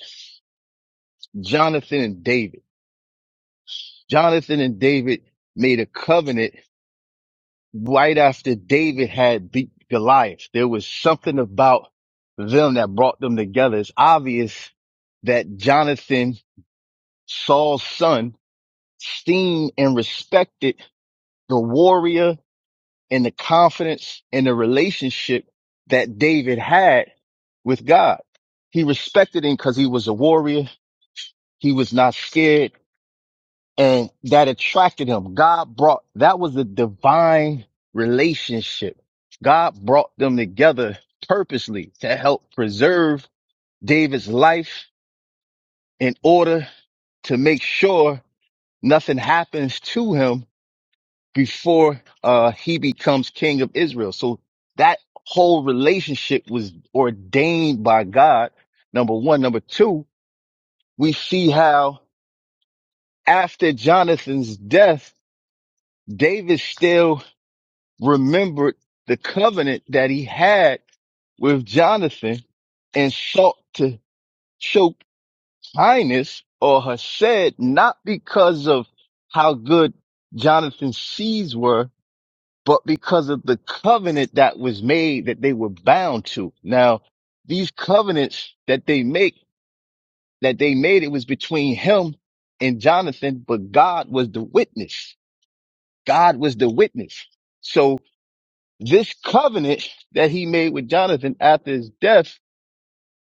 Speaker 6: Jonathan and David. Jonathan and David made a covenant right after David had beat Goliath. There was something about them that brought them together. It's obvious that Jonathan, Saul's son, esteemed and respected the warrior and the confidence and the relationship that David had with God. He respected him because he was a warrior. He was not scared and that attracted him. God brought, that was a divine relationship. God brought them together purposely to help preserve David's life in order to make sure nothing happens to him before uh, he becomes king of Israel. So that whole relationship was ordained by God. Number one. Number two, we see how after Jonathan's death, David still remembered the covenant that he had with Jonathan and sought to show kindness or her said not because of how good Jonathan's seeds were, but because of the covenant that was made that they were bound to. Now, these covenants that they make, that they made, it was between him and Jonathan, but God was the witness. God was the witness. So. This covenant that he made with Jonathan after his death,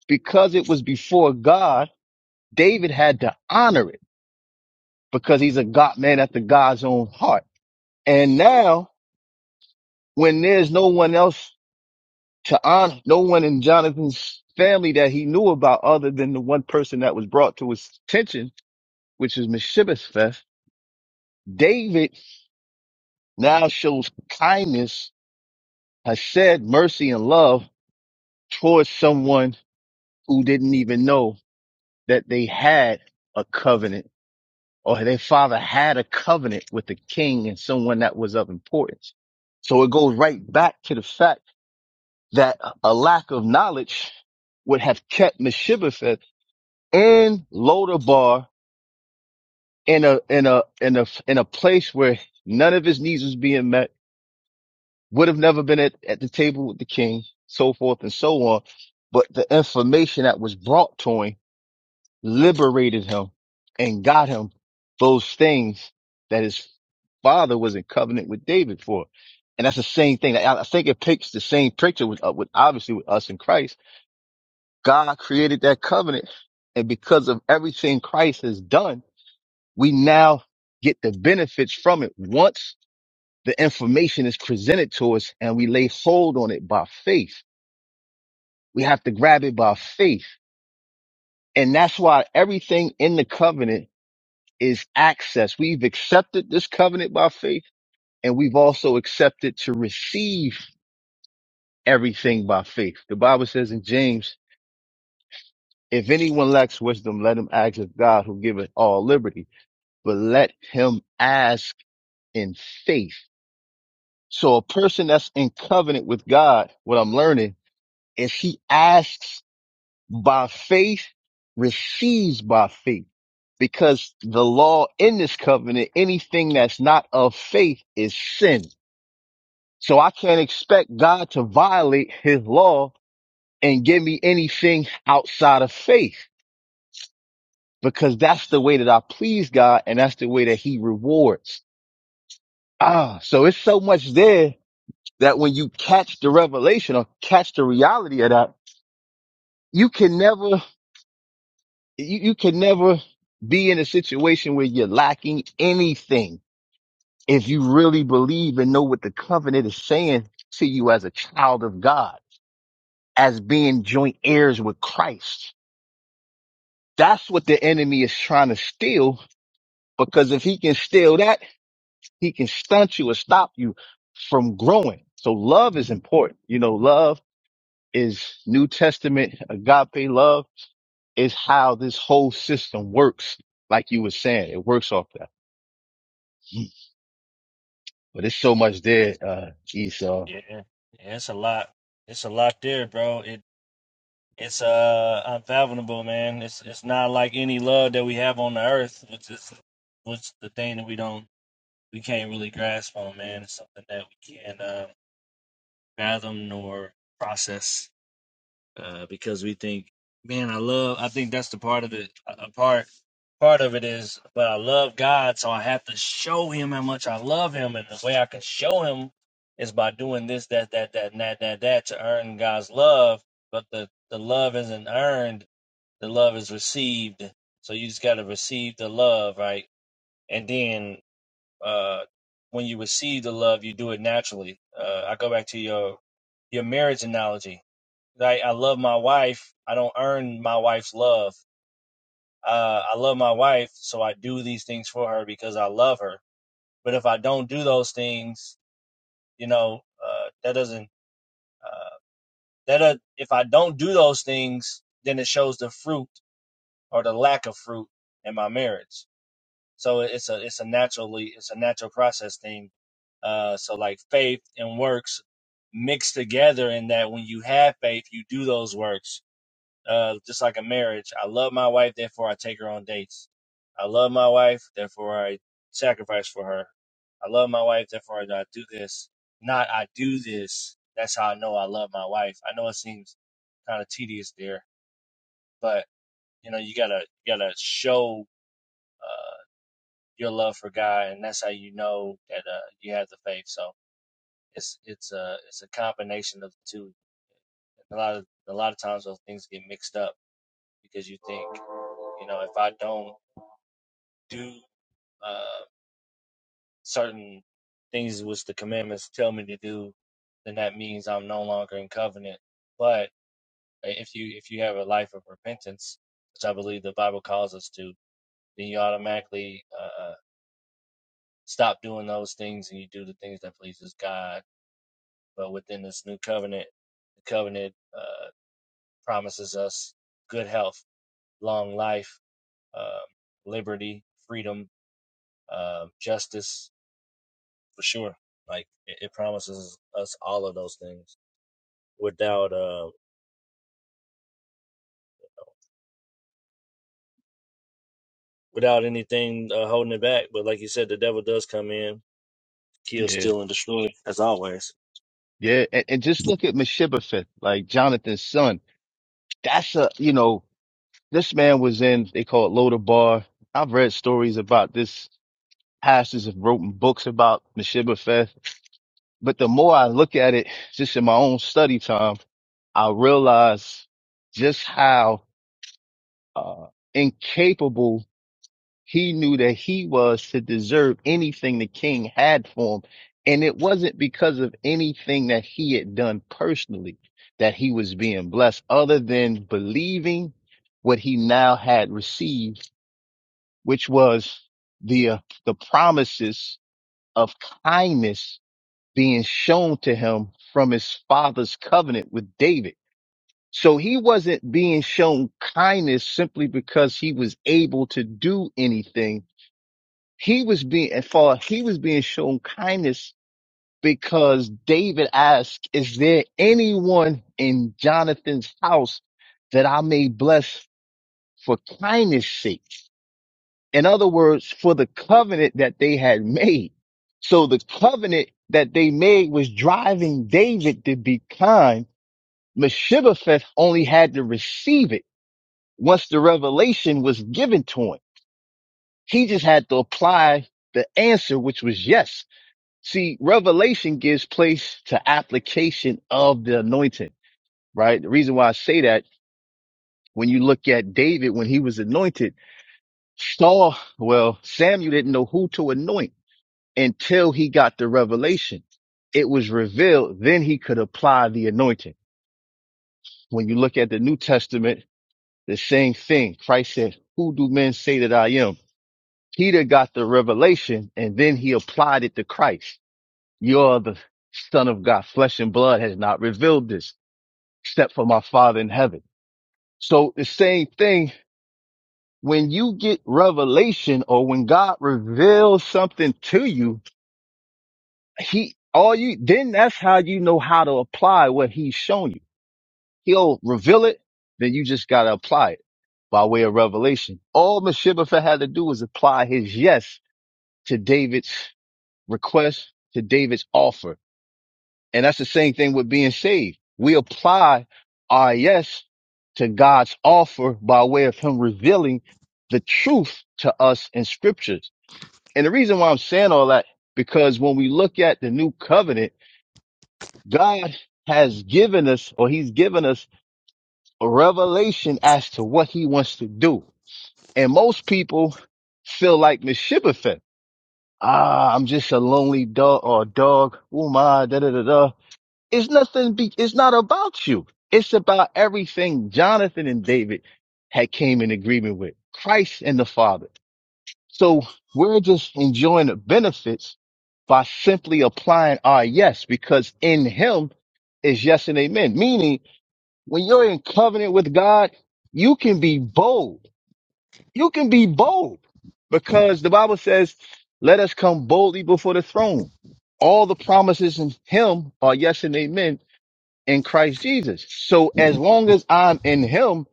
Speaker 6: because it was before God, David had to honor it because he's a God man after God's own heart. And now when there's no one else to honor, no one in Jonathan's family that he knew about other than the one person that was brought to his attention, which is Mephibosheth, David now shows kindness, has said mercy and love towards someone who didn't even know that they had a covenant or their father had a covenant with the king and someone that was of importance. So it goes right back to the fact that a lack of knowledge would have kept Mephibosheth in Lodabar in a, in a, in a, in a place where none of his needs was being met, would have never been at, at the table with the king, so forth and so on. But the information that was brought to him liberated him and got him those things that his father was in covenant with David for. And that's the same thing. I, I think it picks the same picture with, uh, with obviously with us in Christ. God created that covenant. And because of everything Christ has done, we now get the benefits from it once the information is presented to us and we lay hold on it by faith. We have to grab it by faith. And that's why everything in the covenant is access. We've accepted this covenant by faith and we've also accepted to receive everything by faith. The Bible says in James, if anyone lacks wisdom, let him ask of God who giveth all liberty, but let him ask in faith. So a person that's in covenant with God, what I'm learning is he asks by faith, receives by faith because the law in this covenant, anything that's not of faith is sin. So I can't expect God to violate his law and give me anything outside of faith because that's the way that I please God and that's the way that he rewards. Ah, so it's so much there that when you catch the revelation or catch the reality of that, you can never, you, you can never be in a situation where you're lacking anything. If you really believe and know what the covenant is saying to you as a child of God, as being joint heirs with Christ. That's what the enemy is trying to steal because if he can steal that, he can stunt you or stop you from growing. So love is important. You know, love is New Testament agape love is how this whole system works. Like you were saying, it works off that. But it's so much there, uh, Esau.
Speaker 1: Yeah. Yeah, it's a lot. It's a lot there, bro. It it's uh unfathomable, man. It's it's not like any love that we have on the earth, which is which the thing that we don't we can't really grasp on, man. It's something that we can't uh, fathom nor process uh, because we think, man, I love. I think that's the part of it. A part part of it is, but I love God, so I have to show Him how much I love Him, and the way I can show Him is by doing this, that, that, that, and that, that, that to earn God's love. But the the love isn't earned the love is received. So you just got to receive the love, right? And then uh, when you receive the love, you do it naturally. Uh, I go back to your your marriage analogy. Like I love my wife. I don't earn my wife's love. Uh, I love my wife, so I do these things for her because I love her. But if I don't do those things, you know, uh, that doesn't. Uh, that uh, if I don't do those things, then it shows the fruit or the lack of fruit in my marriage. So it's a it's a naturally it's a natural process thing. Uh, so like faith and works mixed together in that when you have faith, you do those works. Uh, just like a marriage, I love my wife, therefore I take her on dates. I love my wife, therefore I sacrifice for her. I love my wife, therefore I do this. Not I do this. That's how I know I love my wife. I know it seems kind of tedious there, but you know you gotta you gotta show. uh, your love for God, and that's how you know that uh, you have the faith. So it's it's a it's a combination of the two. A lot of a lot of times those things get mixed up because you think you know if I don't do uh, certain things which the commandments tell me to do, then that means I'm no longer in covenant. But uh, if you if you have a life of repentance, which I believe the Bible calls us to, then you automatically uh, stop doing those things and you do the things that pleases God But within this new covenant, the covenant uh, promises us good health, long life, um, liberty, freedom, uh, justice for sure. Like it, it promises us all of those things without uh, without anything uh, holding it back. But like you said, the devil does come in, kill,
Speaker 6: Yeah.
Speaker 1: steal, and destroy, as always.
Speaker 6: Yeah. And, and just look at Meshibbetheth, like Jonathan's son. That's a, you know, this man was in, they call it Lodabar. I've read stories about this pastors have written books about Meshibbah Fest. But the more I look at it, just in my own study time, I realize just how uh, incapable he knew that he was to deserve anything the king had for him. And it wasn't because of anything that he had done personally that he was being blessed, other than believing what he now had received, which was the uh, the promises of kindness being shown to him from his father's covenant with David. So he wasn't being shown kindness simply because he was able to do anything. He was being, and for he was being shown kindness because David asked, is there anyone in Jonathan's house that I may bless for kindness sake? In other words, for the covenant that they had made. So the covenant that they made was driving David to be kind. Meshibbetheth only had to receive it once the revelation was given to him. He just had to apply the answer, which was yes. See, revelation gives place to application of the anointing, right? The reason why I say that when you look at David, when he was anointed, Saul, well, Samuel didn't know who to anoint. until he got the revelation. It was revealed. Then he could apply the anointing. When you look at the New Testament, the same thing. Christ said, who do men say that I am? Peter got the revelation and then he applied it to Christ. You're the son of God. Flesh and blood has not revealed this except for my father in heaven. So the same thing when you get revelation or when God reveals something to you, He all you then that's how you know how to apply what he's shown you. He'll reveal it, then you just gotta apply it by way of revelation. All Meshibbethah had to do was apply his yes to David's request, to David's offer. And that's the same thing with being saved. We apply our yes to God's offer by way of him revealing the truth to us in scriptures. And the reason why I'm saying all that, because when we look at the new covenant, God has given us, or He's given us a revelation as to what He wants to do. And most people feel like Mephibosheth. Ah, I'm just a lonely dog or a dog. Oh my, da da da da. It's nothing. Be, it's not about you. It's about everything Jonathan and David had came in agreement with Christ and the Father. So we're just enjoying the benefits by simply applying our yes, because in Him is yes and amen. Meaning when you're in covenant with God, you can be bold. You can be bold because the Bible says, let us come boldly before the throne. All the promises in him are yes and amen in Christ Jesus. So as long as I'm in him,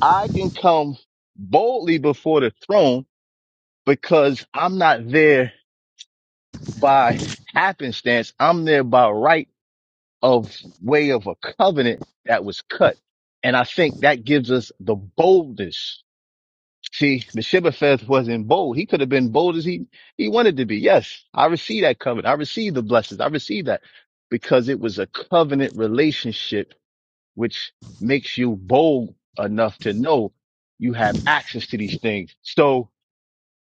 Speaker 6: I can come boldly before the throne because I'm not there by happenstance. I'm there by right of way of a covenant that was cut. And I think that gives us the boldness. See, the Mephibosheth wasn't bold. He could have been bold as he, he wanted to be. Yes, I receive that covenant. I receive the blessings. I receive that because it was a covenant relationship, which makes you bold enough to know you have access to these things. So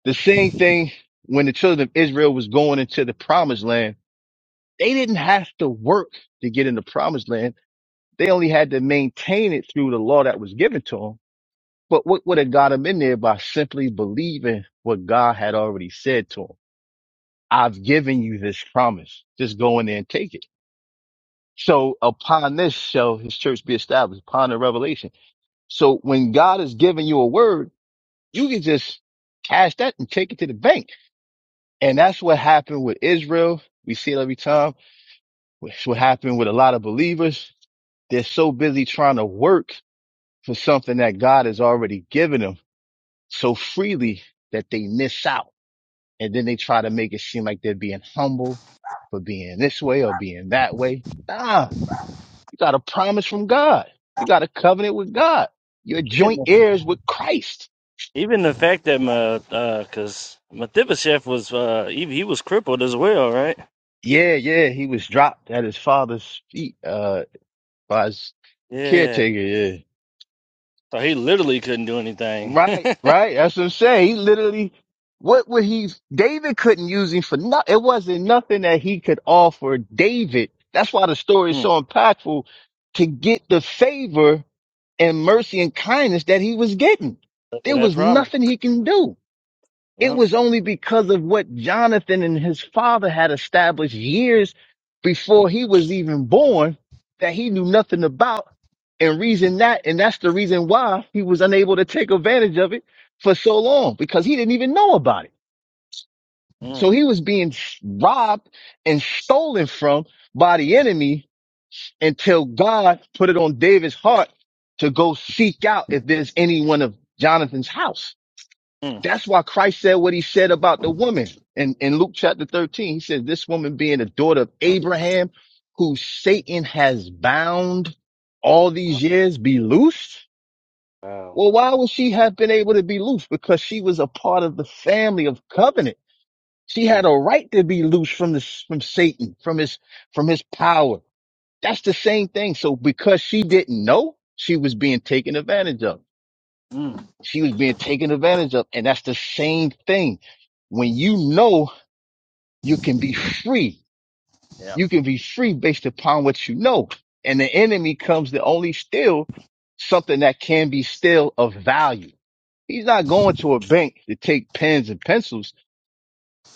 Speaker 6: the same thing when the children of Israel was going into the promised land, they didn't have to work to get in the promised land they only had to maintain it through the law that was given to them. But what would have got them in there by simply believing what God had already said to them? I've given you this promise. Just go in there and take it. So upon this shall his church be established upon the revelation. So when God is giving you a word, you can just cash that and take it to the bank. And that's what happened with Israel. We see it every time. It's what happened with a lot of believers. They're so busy trying to work for something that God has already given them so freely that they miss out. And then they try to make it seem like they're being humble for being this way or being that way. Nah, you got a promise from God. You got a covenant with God. You're
Speaker 1: Even
Speaker 6: joint
Speaker 1: the,
Speaker 6: heirs with Christ.
Speaker 1: even the fact that my because uh, Mephibosheth was uh, he, he was crippled as well, right?
Speaker 6: Yeah, yeah, he was dropped at his father's feet, uh, by his
Speaker 1: Yeah,
Speaker 6: caretaker. Yeah.
Speaker 1: So he literally couldn't do anything.
Speaker 6: Right, right. That's what I'm saying. He literally, what would he, David couldn't use him for nothing. It wasn't nothing that he could offer David. That's why the story is
Speaker 1: Mm.
Speaker 6: so impactful to get the favor and mercy and kindness that he was getting. There
Speaker 1: that
Speaker 6: was
Speaker 1: promise.
Speaker 6: nothing he can do. It
Speaker 1: Yep.
Speaker 6: was only because of what Jonathan and his father had established years before he was even born that he knew nothing about and reason that. And that's the reason why he was unable to take advantage of it for so long because he didn't even know about it. So
Speaker 1: Mm.
Speaker 6: he was being s- robbed and stolen from by the enemy until God put it on David's heart to go seek out if there's anyone of Jonathan's house.
Speaker 1: Mm.
Speaker 6: That's why Christ said what he said about the woman in, in Luke chapter 13. He says, this woman being a daughter of Abraham, who Satan has bound all
Speaker 1: Oh,
Speaker 6: these years, be loosed.
Speaker 1: Wow.
Speaker 6: Well, why would she have been able to be loosed? Because she was a part of the family of covenant. She had
Speaker 1: Mm.
Speaker 6: a right to be loosed from this, from Satan, from his, from his power. That's the same thing. So because she didn't know, she was being taken advantage of.
Speaker 1: Mm.
Speaker 6: She was being taken advantage of. And that's the same thing. When you know you can be free,
Speaker 1: Yeah.
Speaker 6: you can be free based upon what you know. And the enemy comes to only steal something that can be still of value. He's not going to a bank to take pens and pencils.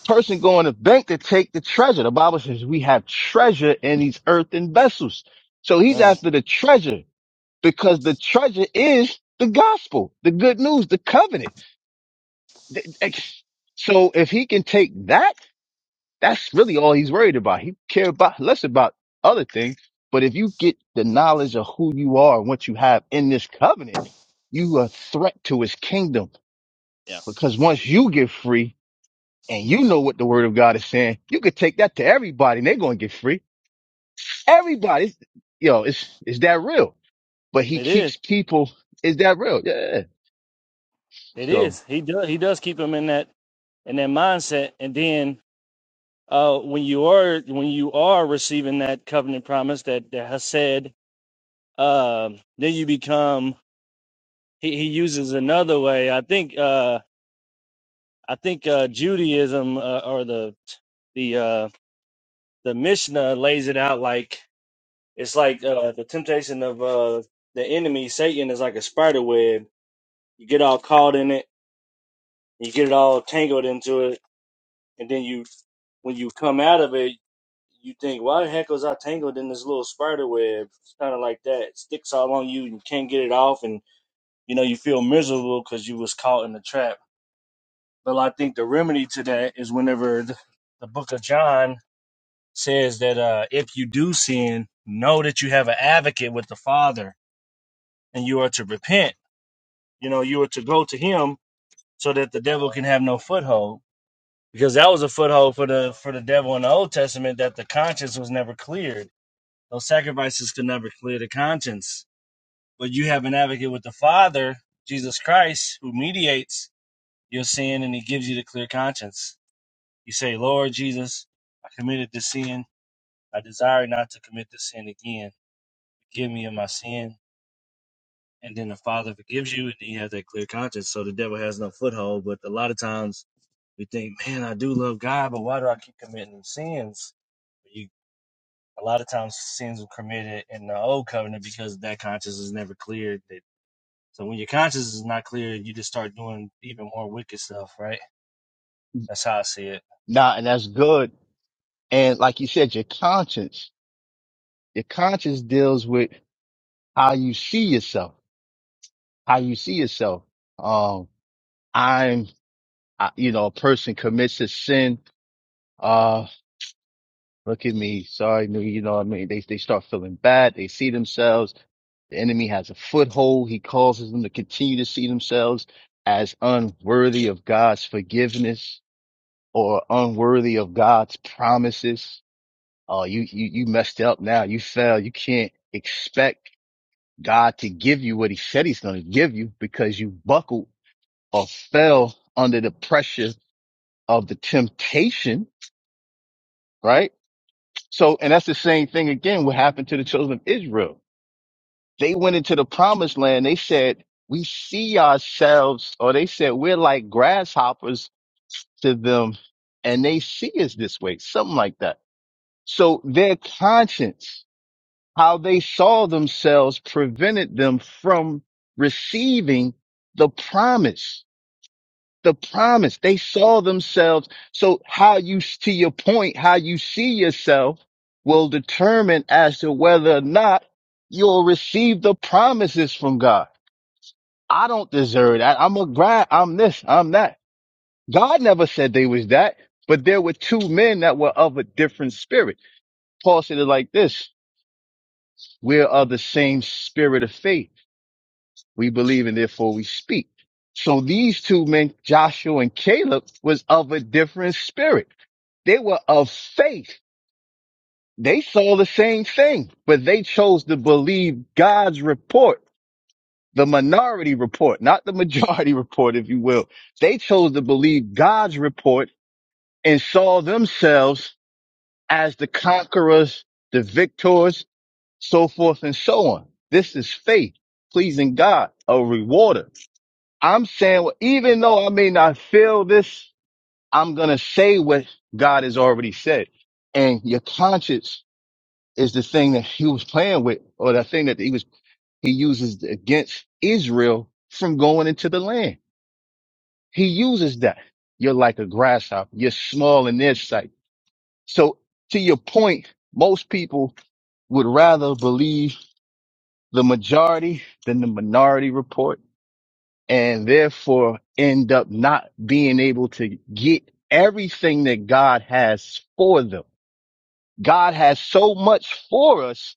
Speaker 6: Person going to bank to take the treasure. The Bible says we have treasure in these earthen vessels. So he's
Speaker 1: Yeah.
Speaker 6: after the treasure because the treasure is the gospel, the good news, the covenant. Th- ex- So if he can take that, that's really all he's worried about. He care about less about other things. But if you get the knowledge of who you are and what you have in this covenant, you are a threat to his kingdom.
Speaker 1: Yeah.
Speaker 6: Because once you get free and you know what the word of God is saying, you could take that to everybody and they're going to get free. Everybody, you know, is, is that real? But he
Speaker 1: It is.
Speaker 6: keeps people, is that real? Yeah.
Speaker 1: It
Speaker 6: So,
Speaker 1: is. He does. He does keep him in that in that mindset. And then uh, when you are when you are receiving that covenant promise that that has said, um, then you become. He, he uses another way. I think. Uh, I think uh, Judaism uh, or the the uh, the Mishnah lays it out like. It's like uh, the temptation of uh, the enemy, Satan, is like a spider web. You get all caught in it, you get it all tangled into it, and then you, when you come out of it, you think, why the heck was I tangled in this little spider web? It's kind of like that. It sticks all on you and you can't get it off. And, you know, you feel miserable because you was caught in the trap. But I think the remedy to that is whenever th- the book of John says that uh, if you do sin, know that you have an advocate with the Father and you are to repent You know, you were to go to him so that the devil can have no foothold. Because that was a foothold for the for the devil in the Old Testament that the conscience was never cleared. Those sacrifices could never clear the conscience. But you have an advocate with the Father, Jesus Christ, who mediates your sin and he gives you the clear conscience. You say, Lord Jesus, I committed this sin. I desire not to commit this sin again. Forgive me of my sin and then the father forgives you and then you have that clear conscience so the devil has no foothold but a lot of times We think, man, I do love God, but why do I keep committing these sins? You, a lot of times sins were committed in the old covenant because that conscience is never cleared. That- So when your conscience is not clear, you just start doing even more wicked stuff, right? That's how I see it.
Speaker 6: nah, and that's good. And like you said, your conscience. Your conscience deals with how you see yourself, how you see yourself. Um, I'm, I, you know, a person commits a sin. Uh, look at me. Sorry. no, You know what I mean? They, they start feeling bad. They see themselves. The enemy has a foothold. He causes them to continue to see themselves as unworthy of God's forgiveness or unworthy of God's promises. Oh, you, you, you messed up now. You fell. You can't expect God to give you what he said he's going to give you because you buckled or fell under the pressure of the temptation, right? So, and that's the same thing again, what happened to the children of Israel. They went into the promised land. They said, we see ourselves, or they said, we're like grasshoppers to them and they see us this way, something like that. So their conscience, how they saw themselves prevented them from receiving the promise the promise. They saw themselves. So how you, to your point, how you see yourself will determine as to whether or not you'll receive the promises from God. I don't deserve that. I'm a grind. I'm this. I'm that. God never said they was that, but there were two men that were of a different spirit. Paul said it like this. We're of the same spirit of faith. We believe and therefore we speak. So these two men, Joshua and Caleb, was of a different spirit They were of faith. They saw the same thing, but they chose to believe God's report, the minority report, not the majority report, if you will. They chose to believe God's report and saw themselves as the conquerors, the victors, so forth and so on. This is faith, pleasing God, a rewarder. I'm saying, well, even though I may not feel this, I'm going to say what God has already said. And your conscience is the thing that he was playing with or the thing that he was, he uses against Israel from going into the land. He uses that. You're like a grasshopper. You're small in their sight. So to your point, most people would rather believe the majority than the minority report and therefore end up not being able to get everything that God has for them. God has so much for us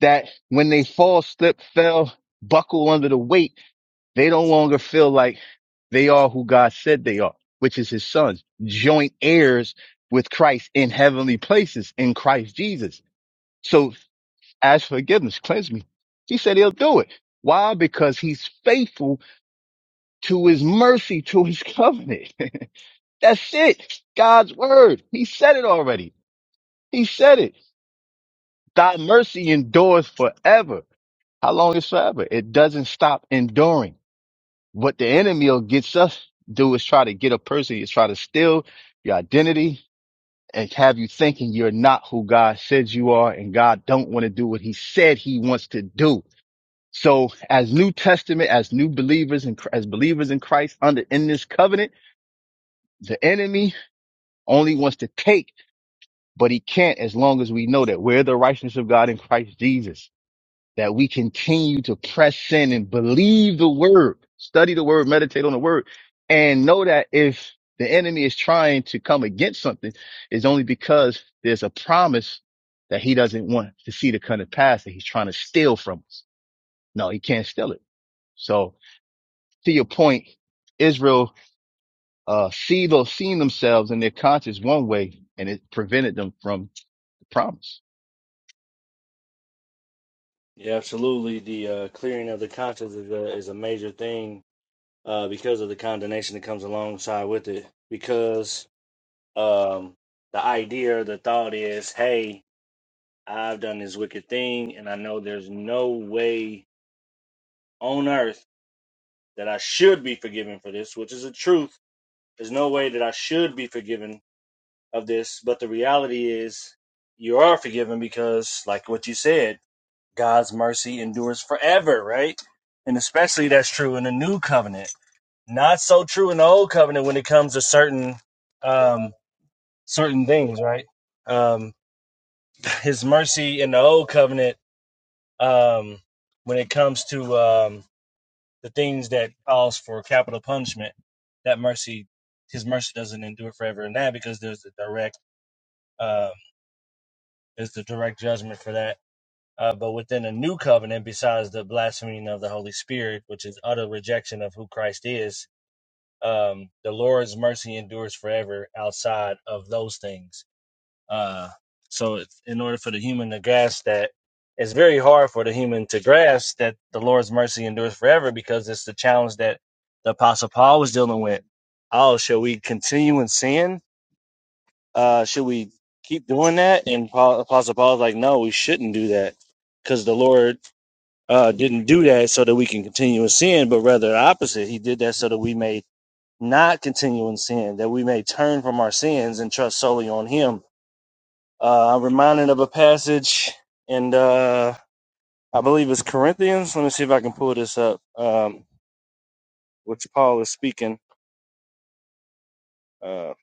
Speaker 6: that when they fall, slip, fell, buckle under the weight, they no longer feel like they are who God said they are, which is his sons, joint heirs with Christ in heavenly places in Christ Jesus. So as forgiveness, cleanse me. He said he'll do it. Why? Because he's faithful to his mercy, to his covenant. That's it. God's word. He said it already. He said it. Thy mercy endures forever. How long is forever? It doesn't stop enduring. What the enemy will gets us do is try to get a person, is try to steal your identity and have you thinking you're not who God says you are and God don't want to do what he said he wants to do. So as New Testament, as new believers and as believers in Christ under in this covenant, the enemy only wants to take, but he can't as long as we know that we're the righteousness of God in Christ Jesus. that we continue to press in and believe the word, study the word, meditate on the word, and know that if the enemy is trying to come against something, it's only because there's a promise that he doesn't want to see to come to pass that he's trying to steal from us. No, he can't steal it. So to your point, Israel, uh, see those, seeing themselves in their conscience one way and it prevented them from the promise.
Speaker 1: Yeah, absolutely. The uh, clearing of the conscience is a, is a major thing uh, because of the condemnation that comes alongside with it. Because um, the idea or the thought is, hey, I've done this wicked thing, and I know there's no way on earth that I should be forgiven for this, which is a truth. There's no way that I should be forgiven of this, but the reality is you are forgiven because, like what you said, God's mercy endures forever, right? And especially that's true in the new covenant. Not so true in the old covenant when it comes to certain um certain things, right? Um his mercy in the old covenant um when it comes to um the things that calls for capital punishment, that mercy, his mercy doesn't endure forever in that because there's the direct, uh, there's the direct judgment for that. Uh, but within a new covenant, besides the blaspheming of the Holy Spirit, which is utter rejection of who Christ is, um, the Lord's mercy endures forever outside of those things uh, so, it's- in order for the human to grasp that, it's very hard for the human to grasp that the Lord's mercy endures forever because it's the challenge that the Apostle Paul was dealing with. Oh, shall we continue in sin? Uh, should we keep doing that? And Paul, Apostle Paul's like, no, we shouldn't do that because the Lord uh, didn't do that so that we can continue in sin, but rather the opposite. He did that so that we may not continue in sin, that we may turn from our sins and trust solely on Him uh, I'm reminded of a passage, and uh, I believe it's Corinthians. Let me see if I can pull this up, um, which Paul is speaking. Uh,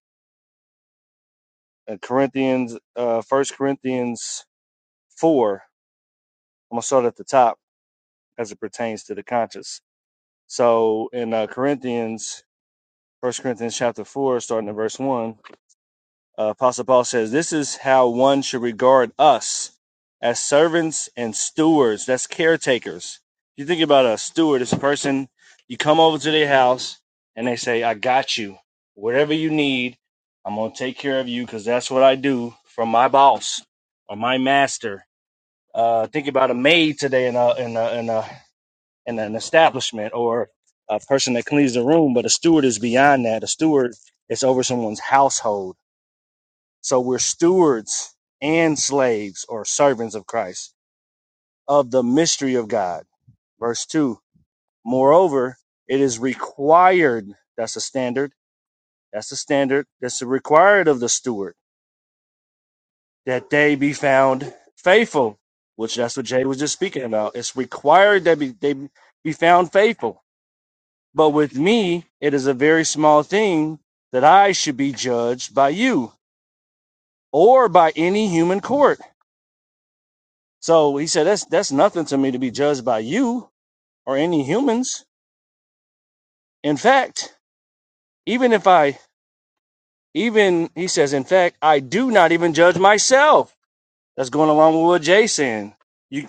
Speaker 1: in Corinthians, uh, 1 Corinthians 4. I'm going to start at the top as it pertains to the conscience. So in uh, Corinthians, First Corinthians chapter 4, starting at verse 1. Uh, Apostle Paul says, This is how one should regard us as servants and stewards. That's caretakers. You think about a steward, it's a person, you come over to their house and they say, I got you. Whatever you need, I'm going to take care of you because that's what I do from my boss or my master. Uh, think about a maid today in, a, in, a, in, a, in an establishment or a person that cleans the room, but a steward is beyond that. A steward is over someone's household so we're stewards and slaves or servants of Christ of the mystery of God. Verse 2 Moreover, it is required, that's a standard, that's a standard, that's required of the steward that they be found faithful, which that's what Jay was just speaking about. It's required that be, they be found faithful. But with me, it is a very small thing that I should be judged by you or by any human court. So he said, That's that's nothing to me to be judged by you or any humans. In fact, even if I even he says, in fact, I do not even judge myself. That's going along with what Jay's saying. You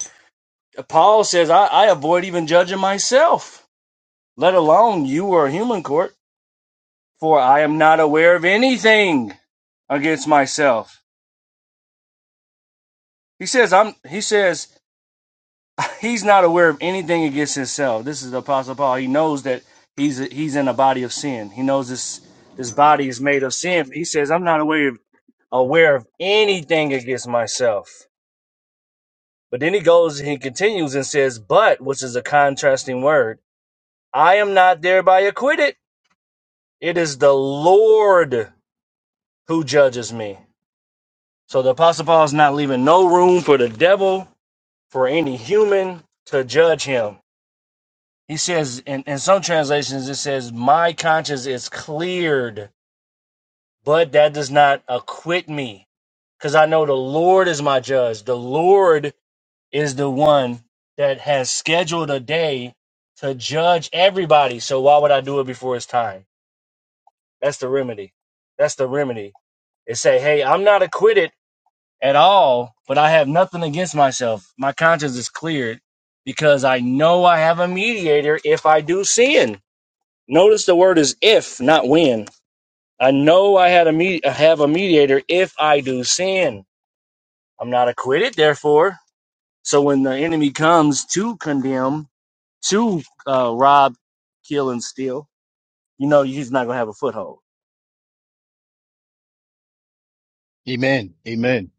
Speaker 1: Paul says, I, I avoid even judging myself, let alone you or a human court, for I am not aware of anything against myself. He says, I'm he says He's not aware of anything against himself. This is the Apostle Paul. He knows that he's he's in a body of sin. He knows this this body is made of sin. He says, "I'm not aware of, aware of anything against myself." But then he goes and he continues and says, "But," which is a contrasting word, "I am not thereby acquitted. It is the Lord who judges me." So the Apostle Paul is not leaving no room for the devil, for any human to judge him He says, in, in some translations, it says, My conscience is cleared, but that does not acquit me. Because I know the Lord is my judge. The Lord is the one that has scheduled a day to judge everybody. So why would I do it before it's time? That's the remedy. That's the remedy. It say, Hey, I'm not acquitted at all, but I have nothing against myself. My conscience is cleared because I know I have a mediator if I do sin. Notice the word is if, not when. I know I had a me- I have a mediator if I do sin. I'm not acquitted, therefore. So when the enemy comes to condemn, to uh, rob, kill, and steal, you know he's not gonna have a foothold.
Speaker 6: Amen. Amen.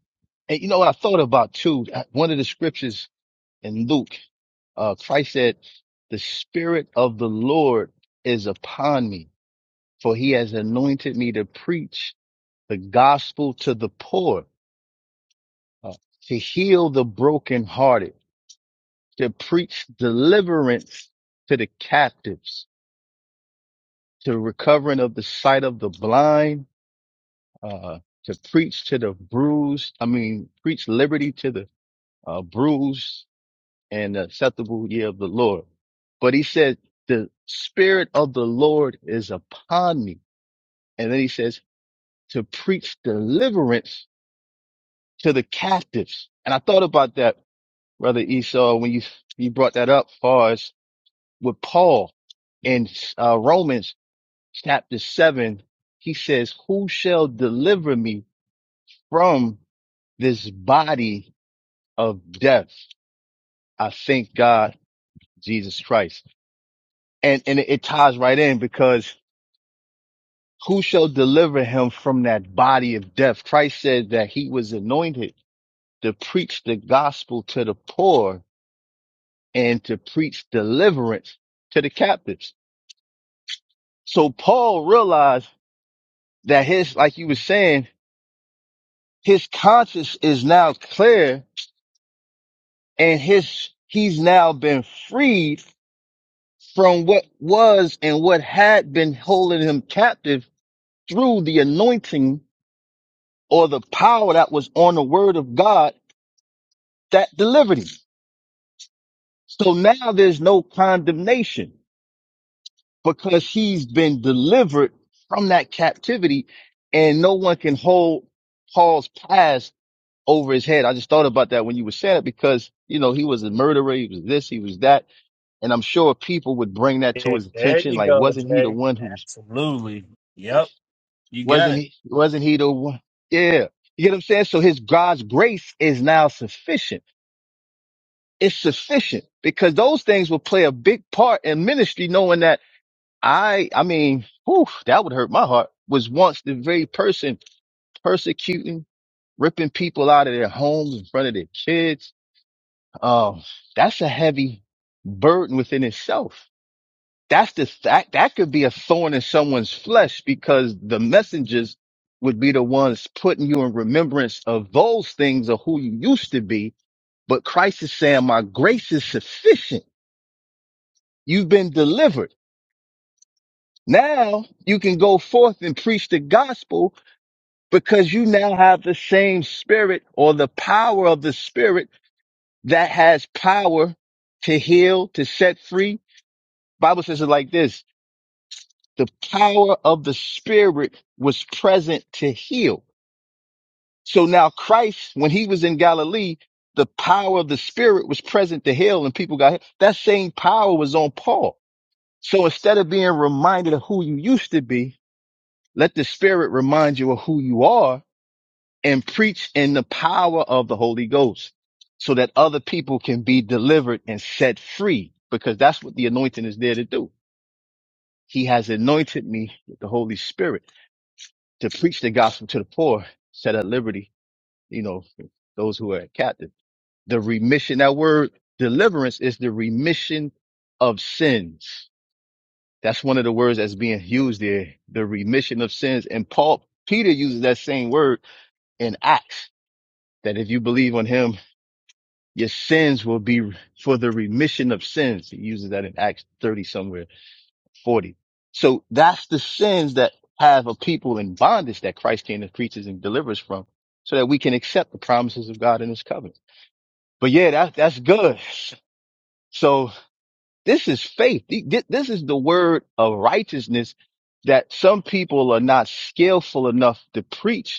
Speaker 6: And you know what I thought about too? Uh, One of the scriptures in Luke Uh, Christ said, the spirit of the Lord is upon me, for he has anointed me to preach the gospel to the poor, uh, to heal the brokenhearted, to preach deliverance to the captives, to recovering of the sight of the blind, uh, to preach to the bruised. I mean, preach liberty to the uh, bruised and the acceptable year of the Lord. But he said, the spirit of the Lord is upon me. And then he says, to preach deliverance to the captives. And I thought about that, brother Esau, when you, you brought that up far as with Paul in uh, Romans chapter seven, he says, who shall deliver me from this body of death? I thank God, Jesus Christ. And, and it ties right in because who shall deliver him from that body of death? Christ said that he was anointed to preach the gospel to the poor and to preach deliverance to the captives. So Paul realized that his, like you were saying, his conscience is now clear and his, he's now been freed from what was and what had been holding him captive through the anointing or the power that was on the word of God that delivered him. So now there's no condemnation because he's been delivered from that captivity and no one can hold Paul's past over his head. I just thought about that when you were saying it because, you know, he was a murderer. He was this, he was that. And I'm sure people would bring that to
Speaker 1: Yeah,
Speaker 6: his
Speaker 1: there
Speaker 6: attention.
Speaker 1: you
Speaker 6: Like,
Speaker 1: go,
Speaker 6: wasn't he the
Speaker 1: Jay.
Speaker 6: one who was,
Speaker 1: Absolutely. Yep, you got
Speaker 6: wasn't
Speaker 1: it.
Speaker 6: he, wasn't he the one? Yeah. You get what I'm saying? So his God's grace is now sufficient. It's sufficient because those things will play a big part in ministry, knowing that I, I mean, whew, that would hurt my heart, was once the very person persecuting, ripping people out of their homes in front of their kids. Um, that's a heavy burden within itself. That's the, that, that could be a thorn in someone's flesh because the messengers would be the ones putting you in remembrance of those things of who you used to be. But Christ is saying, my grace is sufficient. You've been delivered. Now you can go forth and preach the gospel because you now have the same spirit or the power of the spirit that has power to heal, to set free. Bible says it like this. The power of the spirit was present to heal. So now Christ, when he was in Galilee, the power of the spirit was present to heal and people got healed. That same power was on Paul. So instead of being reminded of who you used to be, let the spirit remind you of who you are and preach in the power of the Holy Ghost so that other people can be delivered and set free because that's what the anointing is there to do. He has anointed me with the Holy Spirit to preach the gospel to the poor, set at liberty, you know, those who are captive. The remission, that word deliverance is the remission of sins. That's one of the words that's being used there, the remission of sins. And Paul, Peter uses that same word in Acts, that if you believe on him your sins will be for the remission of sins. He uses that in Acts 30 somewhere, 40. So that's the sins that have a people in bondage that Christ came and preaches and delivers from so that we can accept the promises of God in his covenant. But yeah, that, that's good. So this is faith. This is the word of righteousness that some people are not skillful enough to preach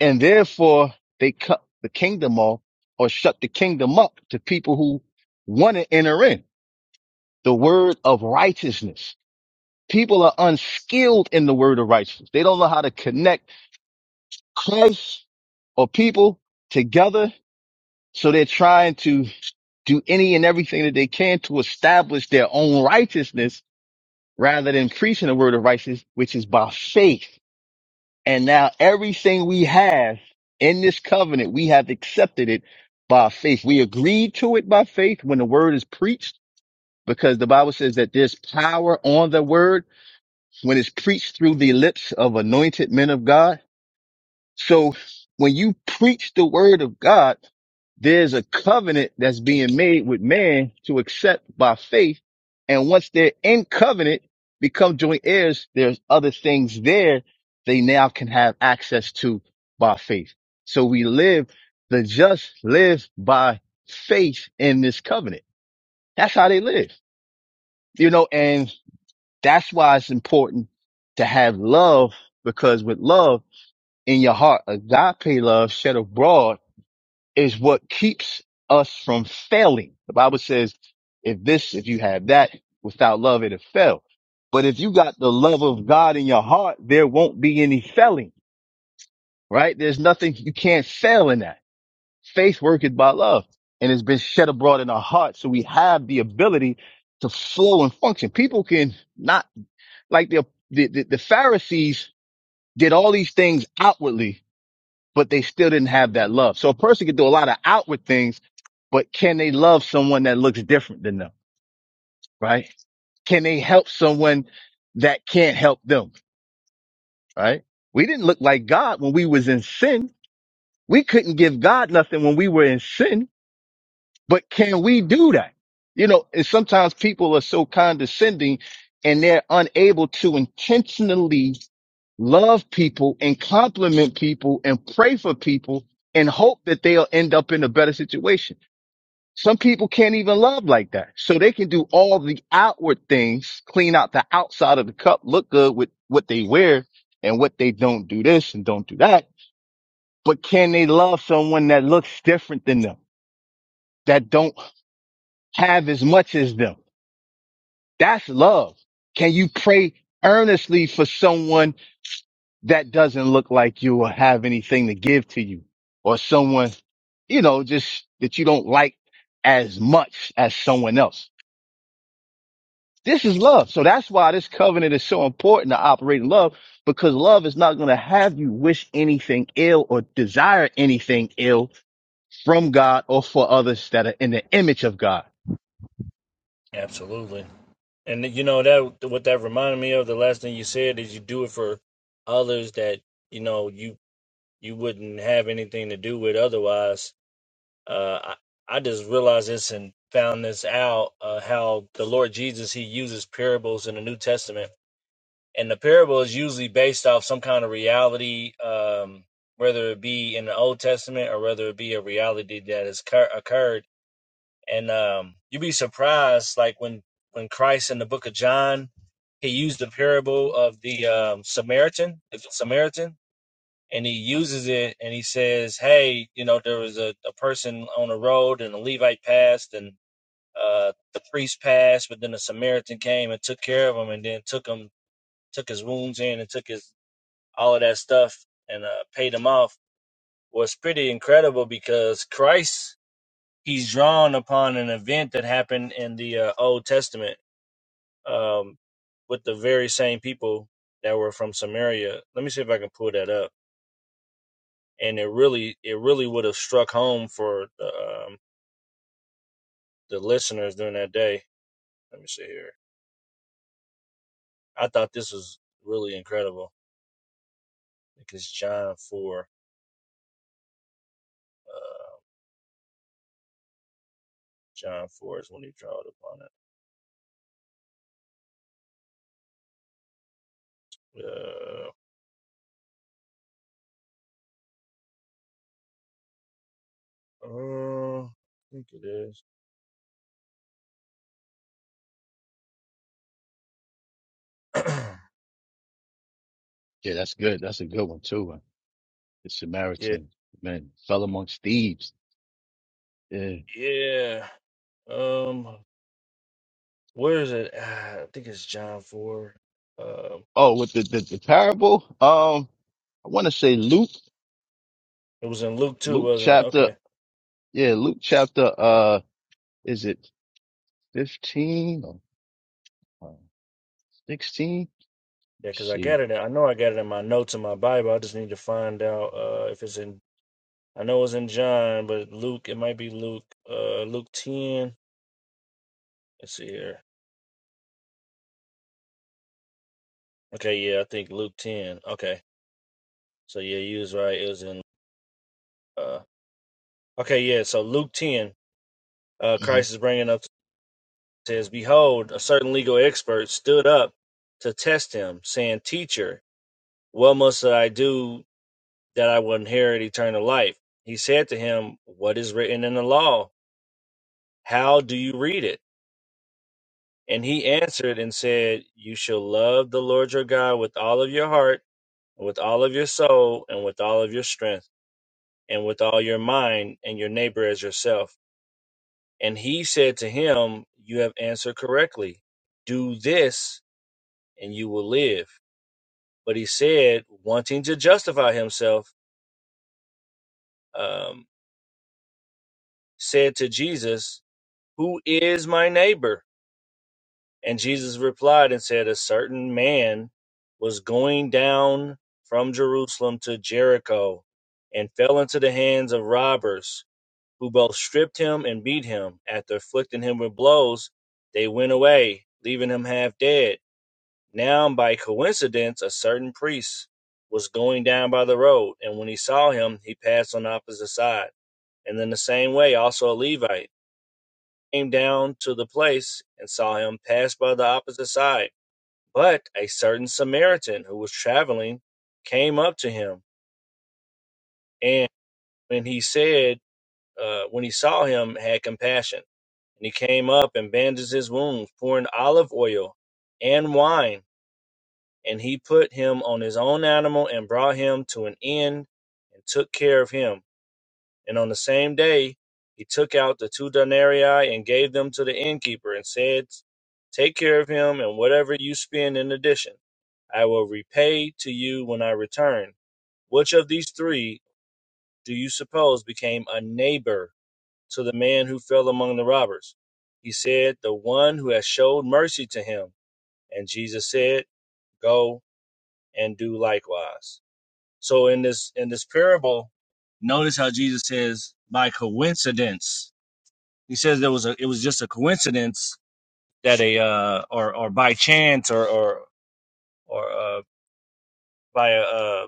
Speaker 6: and therefore they cut the kingdom off or shut the kingdom up to people who want to enter in the word of righteousness. People are unskilled in the word of righteousness. They don't know how to connect Christ or people together. So they're trying to do any and everything that they can to establish their own righteousness rather than preaching the word of righteousness, which is by faith. And now everything we have in this covenant, we have accepted it by faith. We agreed to it by faith when the word is preached, because the Bible says that there's power on the word when it's preached through the lips of anointed men of God. So when you preach the word of God, there's a covenant that's being made with man to accept by faith. And once they're in covenant, become joint heirs, there's other things there they now can have access to by faith. So we live, the just live by faith in this covenant. That's how they live, you know, and that's why it's important to have love because with love, in your heart, agape love shed abroad is what keeps us from failing. The Bible says, if this, if you have that without love, it'll fail. But if you got the love of God in your heart, there won't be any failing, right? There's nothing you can't fail in that. Faith worketh by love and it's been shed abroad in our hearts. So we have the ability to flow and function. People can not like the, the, the the Pharisees did all these things outwardly but they still didn't have that love. So a person can do a lot of outward things, but can they love someone that looks different than them? Right? Can they help someone that can't help them? Right? We didn't look like God when we was in sin. We couldn't give God nothing when we were in sin, but can we do that? You know, and sometimes people are so condescending and they're unable to intentionally love people and compliment people and pray for people and hope that they'll end up in a better situation Some people can't even love like that. So they can do all the outward things, clean out the outside of the cup, look good with what they wear and what they don't do this and don't do that. But can they love someone that looks different than them, that don't have as much as them? That's love. Can you pray earnestly for someone that doesn't look like you or have anything to give to you or someone, you know, just that you don't like as much as someone else? This is love. So that's why this covenant is so important to operate in love because love is not going to have you wish anything ill or desire anything ill from God or for others that are in the image of God.
Speaker 1: Absolutely. And you know that what that reminded me of the last thing you said is you do it for others that you know you you wouldn't have anything to do with otherwise Uh, I, I just realized this and found this out uh, how the Lord Jesus he uses parables in the New Testament, and the parable is usually based off some kind of reality, um, whether it be in the Old Testament or whether it be a reality that has cur- occurred. And um, you'd be surprised, like when when Christ in the Book of John, he used the parable of the um, Samaritan, the Samaritan and he uses it and he says, Hey, you know, there was a, a person on the road and a Levite passed and uh, the priest passed, but then a Samaritan came and took care of him and then took him, took his wounds in and took his, all of that stuff and uh, paid him off was pretty incredible because Christ, he's drawn upon an event that happened in the uh, Old Testament um, with the very same people that were from Samaria. Let me see if I can pull that up. and it really it really would have struck home for the, um, the listeners during that day. Let me see here. I thought this was really incredible because John four, uh, John four is when he drawed upon it. Uh, uh, I think it is.
Speaker 6: Yeah, that's good. That's a good one too. man. The
Speaker 1: yeah,
Speaker 6: Samaritan man fell amongst thieves. Yeah.
Speaker 1: yeah. Um, where is it? Ah, I think it's John four. Um,
Speaker 6: Oh, with the, the, the parable, um, I want to say Luke,
Speaker 1: it was in Luke two,
Speaker 6: Luke
Speaker 1: wasn't it?
Speaker 6: chapter,
Speaker 1: Okay.
Speaker 6: yeah, Luke chapter, uh, is it 15 or 16?
Speaker 1: Yeah, because
Speaker 6: Let's
Speaker 1: I
Speaker 6: see.
Speaker 1: got it. in- I know I got it in my notes in my Bible. I just need to find out uh, if it's in I know it's in John, but Luke, it might be Luke, uh, Luke 10. Let's see here. Okay, yeah, I think Luke 10. Okay, so yeah, you was right. It was in, uh, okay, yeah, so Luke 10, uh,
Speaker 6: Mhm.
Speaker 1: Christ is bringing up, says, Behold, a certain legal expert stood up to test him, saying, Teacher, what must I do that I will inherit eternal life? He said to him, What is written in the law? How do you read it? And he answered and said, You shall love the Lord your God with all of your heart, and with all of your soul, and with all of your strength, and with all your mind, and your neighbor as yourself. And he said to him, You have answered correctly. Do this, and you will live. But he said, wanting to justify himself, um, said to Jesus, Who is my neighbor? And Jesus replied and said, A certain man was going down from Jerusalem to Jericho and fell into the hands of robbers, who both stripped him and beat him. After afflicting him with blows, they went away, leaving him half dead. Now, by coincidence, a certain priest was going down by the road, and when he saw him, he passed on the opposite side. And in the same way, also a Levite came down to the place and saw him pass by the opposite side but a certain Samaritan who was traveling came up to him, and when he said, uh, when he saw him, had compassion. And he came up and bandaged his wounds, pouring olive oil and wine. And he put him on his own animal and brought him to an inn and took care of him. And on the same day he took out the two denarii and gave them to the innkeeper, and said, Take care of him, and whatever you spend in addition, I will repay to you when I return. Which of these three do you suppose became a neighbor to the man who fell among the robbers? He said, The one who has showed mercy to him. And Jesus said, Go and do likewise. So in this in this parable, notice how Jesus says, by coincidence He says there was a it was just a coincidence that a uh or or by chance or or or uh by a uh,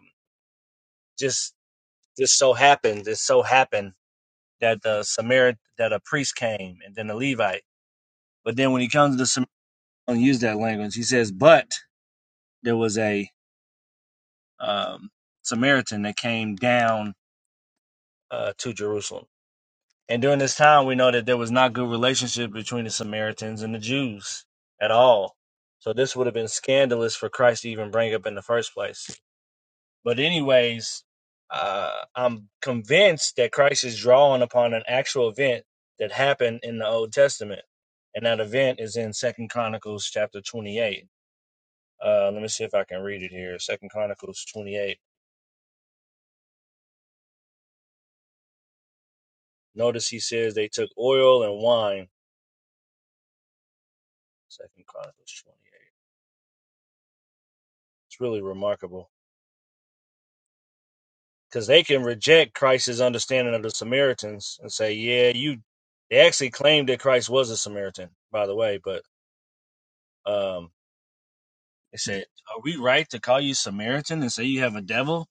Speaker 1: just just so happened just so happened that the Samaritan that a priest came and then a Levite. But then when he comes to the Samaritan, he don't use that language. He says, but there was a um Samaritan that came down uh, to Jerusalem. And during this time, we know that there was not good relationship between the Samaritans and the Jews at all. So this would have been scandalous for Christ to even bring up in the first place. But anyways, uh, I'm convinced that Christ is drawing upon an actual event that happened in the Old Testament, and that event is in Second Chronicles chapter 28. Uh, let me see if I can read it here. Second Chronicles 28. Notice he says they took oil and wine. Second Chronicles 28. It's really remarkable because they can reject Christ's understanding of the Samaritans and say, "Yeah, you." They actually claimed that Christ was a Samaritan, by the way. But um, they said, "Are we right to call you Samaritan and say you have a devil?"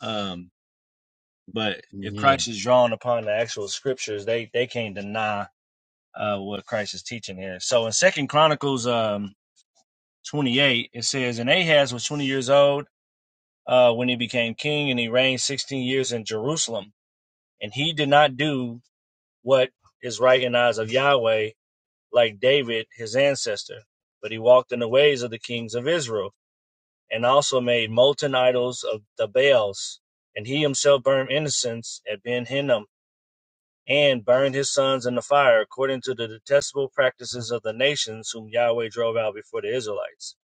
Speaker 1: Um, but if Christ is drawn upon the actual scriptures, they they can't deny uh, what Christ is teaching here. So in Second Chronicles um, twenty eight, it says, "And Ahaz was twenty years old uh, when he became king, and he reigned sixteen years in Jerusalem." and he did not do what is right in the eyes of Yahweh, like David, his ancestor. But he walked in the ways of the kings of Israel, and also made molten idols of the Baals. And he himself burned incense at Ben Hinnom, and burned his sons in the fire, according to the detestable practices of the nations whom Yahweh drove out before the Israelites.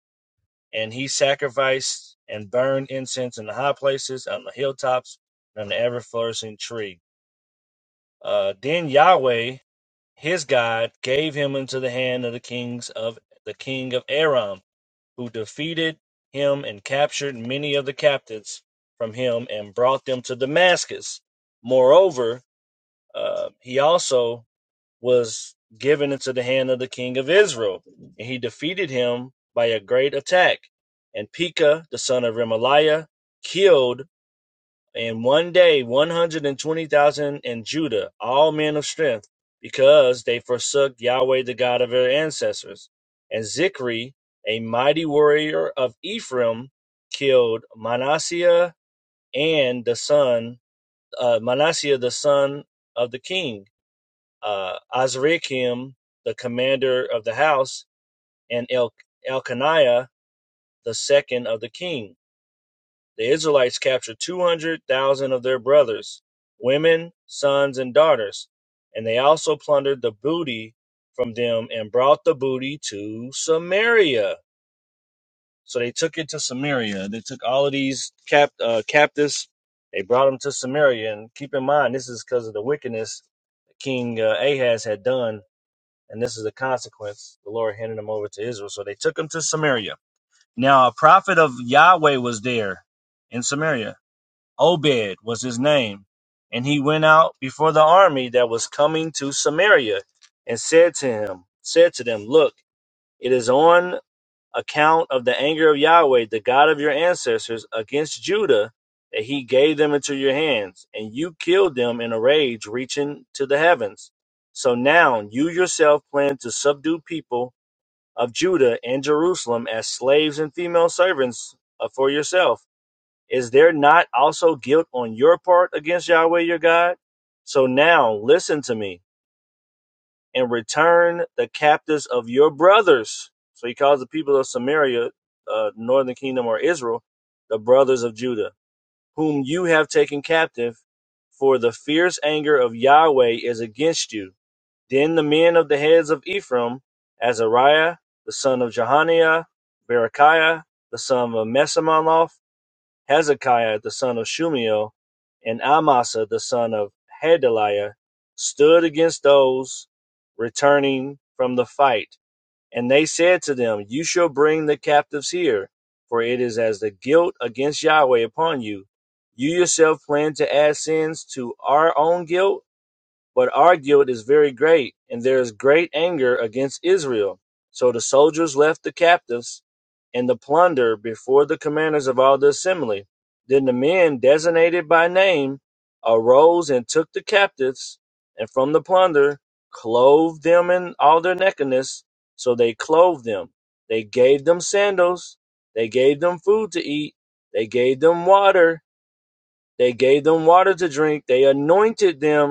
Speaker 1: And he sacrificed and burned incense in the high places, on the hilltops, and on the ever flourishing tree. Uh, then Yahweh his God gave him into the hand of the kings of the king of Aram, who defeated him and captured many of the captives from him and brought them to Damascus. Moreover, uh, he also was given into the hand of the king of Israel, and he defeated him by a great attack. And Pekah, the son of Remaliah, killed and one day, 120,000 in Judah, all men of strength, because they forsook Yahweh, the God of their ancestors. And Zikri, a mighty warrior of Ephraim, killed Manasseh and the son, uh, Manasseh, the son of the king, uh, Azrikam, the commander of the house, and El- Elkaniah, the second of the king. The Israelites captured 200,000 of their brothers, women, sons, and daughters, and they also plundered the booty from them and brought the booty to Samaria. So they took it to Samaria. They took all of these cap, uh, captives, they brought them to Samaria. And keep in mind, this is because of the wickedness King uh, Ahaz had done, and this is the consequence. The Lord handed them over to Israel. So they took them to Samaria. Now, a prophet of Yahweh was there in Samaria Obed was his name. And he went out before the army that was coming to Samaria, and said to him, said to them, Look, it is on account of the anger of Yahweh, the God of your ancestors, against Judah, that he gave them into your hands, and you killed them in a rage reaching to the heavens. So now you yourself plan to subdue people of Judah and Jerusalem as slaves and female servants uh, for yourself is there not also guilt on your part against Yahweh your God? So now listen to me and return the captives of your brothers. So he calls the people of Samaria, uh, northern kingdom or Israel, the brothers of Judah, whom you have taken captive, for the fierce anger of Yahweh is against you. Then the men of the heads of Ephraim, Azariah, the son of Jehaniah, Berechiah, the son of Mesamaloth, Hezekiah the son of Shumiel, and Amasa the son of Gedaliah stood against those returning from the fight. And they said to them, You shall bring the captives here, for it is as the guilt against Yahweh upon you. You yourself plan to add sins to our own guilt but our guilt is very great, and there is great anger against Israel. So the soldiers left the captives and the plunder before the commanders of all the assembly. Then the men designated by name arose and took the captives, and from the plunder clove them in all their nakedness. So they clothed them. They gave them sandals. They gave them food to eat. They gave them water. They gave them water to drink. They anointed them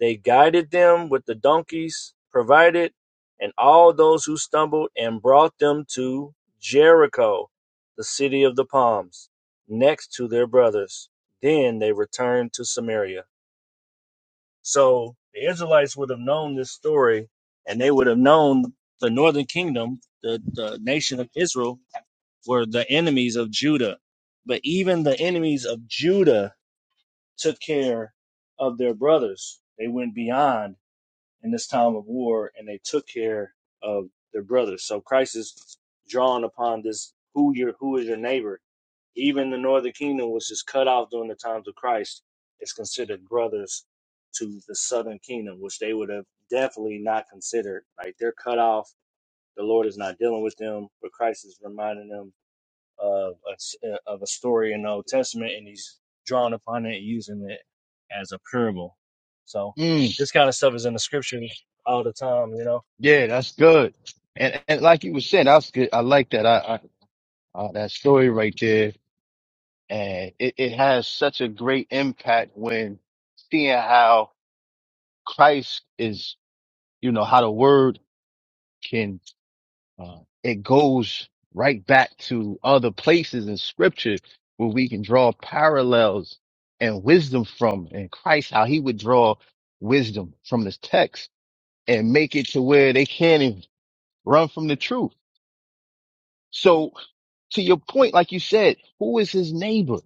Speaker 1: they guided them with the donkeys provided, and all those who stumbled, and brought them to Jericho, the city of the palms, next to their brothers. Then they returned to Samaria. So the Israelites would have known this story, and they would have known the northern kingdom, the, the nation of Israel, were the enemies of Judah. But even the enemies of Judah took care of their brothers. They went beyond in this time of war and they took care of their brothers. So Christ is drawing upon this who your who is your neighbor. Even the northern kingdom, which is cut off during the times of Christ, is considered brothers to the southern kingdom, which they would have definitely not considered. Like they're cut off. The Lord is not dealing with them, but Christ is reminding them of a, s- uh, of a story in the Old Testament, and he's drawing upon it and using it as a parable. So
Speaker 6: Mm,
Speaker 1: this kind of stuff is in the scriptures all the time, you know.
Speaker 6: yeah, that's good. And and like you were saying, that's good. I like that. I, I uh, that story right there, and it, it has such a great impact when seeing how Christ is, you know, how the word can uh, it goes right back to other places in Scripture where we can draw parallels and wisdom from, and Christ how he would draw wisdom from this text and make it to where they can't even run from the truth. So to your point, like you said, who is his neighbor?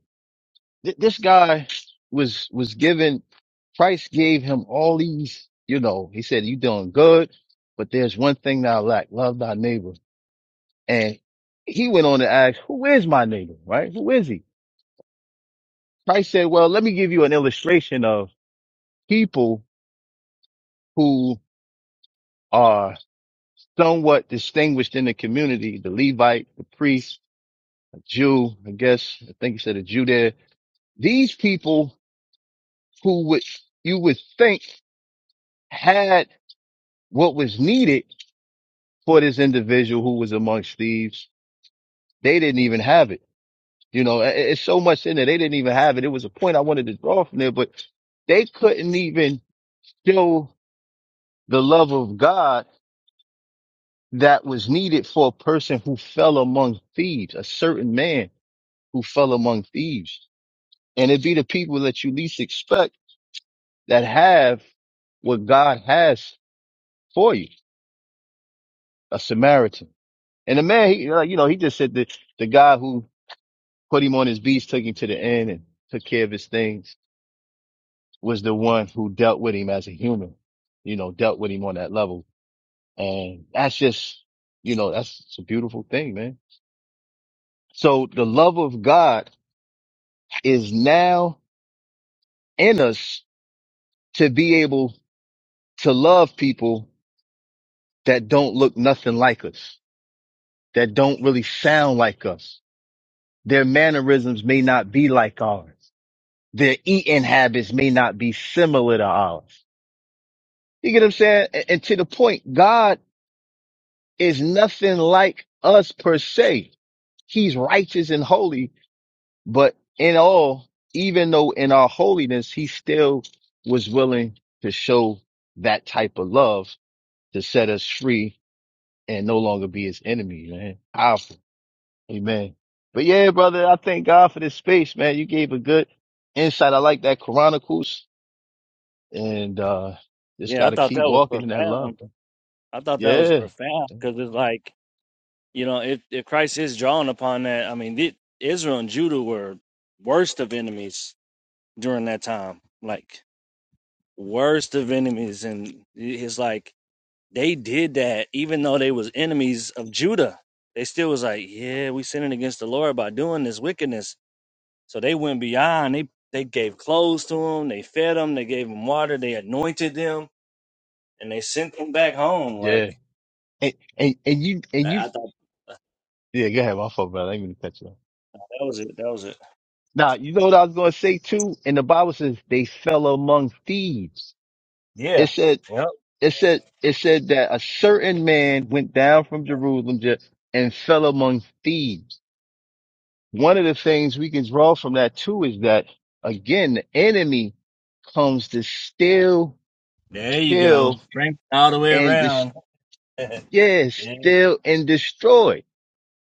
Speaker 6: Th- this guy was was given Christ gave him all these, you know, he said, You doing good, but there's one thing that I lack, love thy neighbor. And he went on to ask, Who is my neighbor? Right? Who is he? Christ said, Well, let me give you an illustration of people who are somewhat distinguished in the community, the Levite, the priest, a Jew, I guess, I think he said a Jew there. These people who would you would think had what was needed for this individual who was amongst thieves. They didn't even have it. You know, i- i- it's so much in there. They didn't even have it. It was a point I wanted to draw from there, but they couldn't even show the love of God that was needed for a person who fell among thieves, a certain man who fell among thieves. And it be the people that you least expect that have what God has for you, a Samaritan. And the man, he, like, you know, he just said that the guy who put him on his beast, took him to the end and took care of his things was the one who dealt with him as a human, you know, dealt with him on that level. And that's just, you know, that's it's a beautiful thing, man. So the love of God is now in us to be able to love people that don't look nothing like us, that don't really sound like us. Their mannerisms may not be like ours Their eating habits may not be similar to ours. You get what I'm saying? And, and to the point, God is nothing like us per se. He's righteous and holy, but in all, even though in our holiness, he still was willing to show that type of love to set us free and no longer be his enemy, man. Powerful. Amen. But yeah, brother, I thank God for this space, man. You gave a good insight. I like that Chronicles. and uh just
Speaker 1: Yeah, I
Speaker 6: got to
Speaker 1: thought
Speaker 6: keep
Speaker 1: that was
Speaker 6: walking in that love.
Speaker 1: profound. I thought that was
Speaker 6: Yeah,
Speaker 1: profound because it's like, you know, if, if Christ is drawing upon that, I mean, the, Israel and Judah were worst of enemies during that time, like worst of enemies. And it's like, They did that even though they was enemies of Judah. They still was like, yeah, we sinning against the Lord by doing this wickedness. So they went beyond. They they gave clothes to them. They fed them. They gave them water. They anointed them, and they sent them back home. Like
Speaker 6: yeah. And and and you and you
Speaker 1: I, I thought
Speaker 6: yeah. Go ahead, my fault, brother. I didn't mean to cut you off.
Speaker 1: that was it. That was it.
Speaker 6: Now you know what I was going to say too. And the Bible says they fell among thieves. It
Speaker 1: Yeah.
Speaker 6: said
Speaker 1: Yep.
Speaker 6: it said it said that a certain man went down from Jerusalem ju- and fell among thieves. One of the things we can draw from that too is that again the enemy comes to steal,
Speaker 1: There you go.
Speaker 6: kill,
Speaker 1: Frank all the way
Speaker 6: and destroy
Speaker 1: around. yeah.
Speaker 6: Yes, steal and destroy.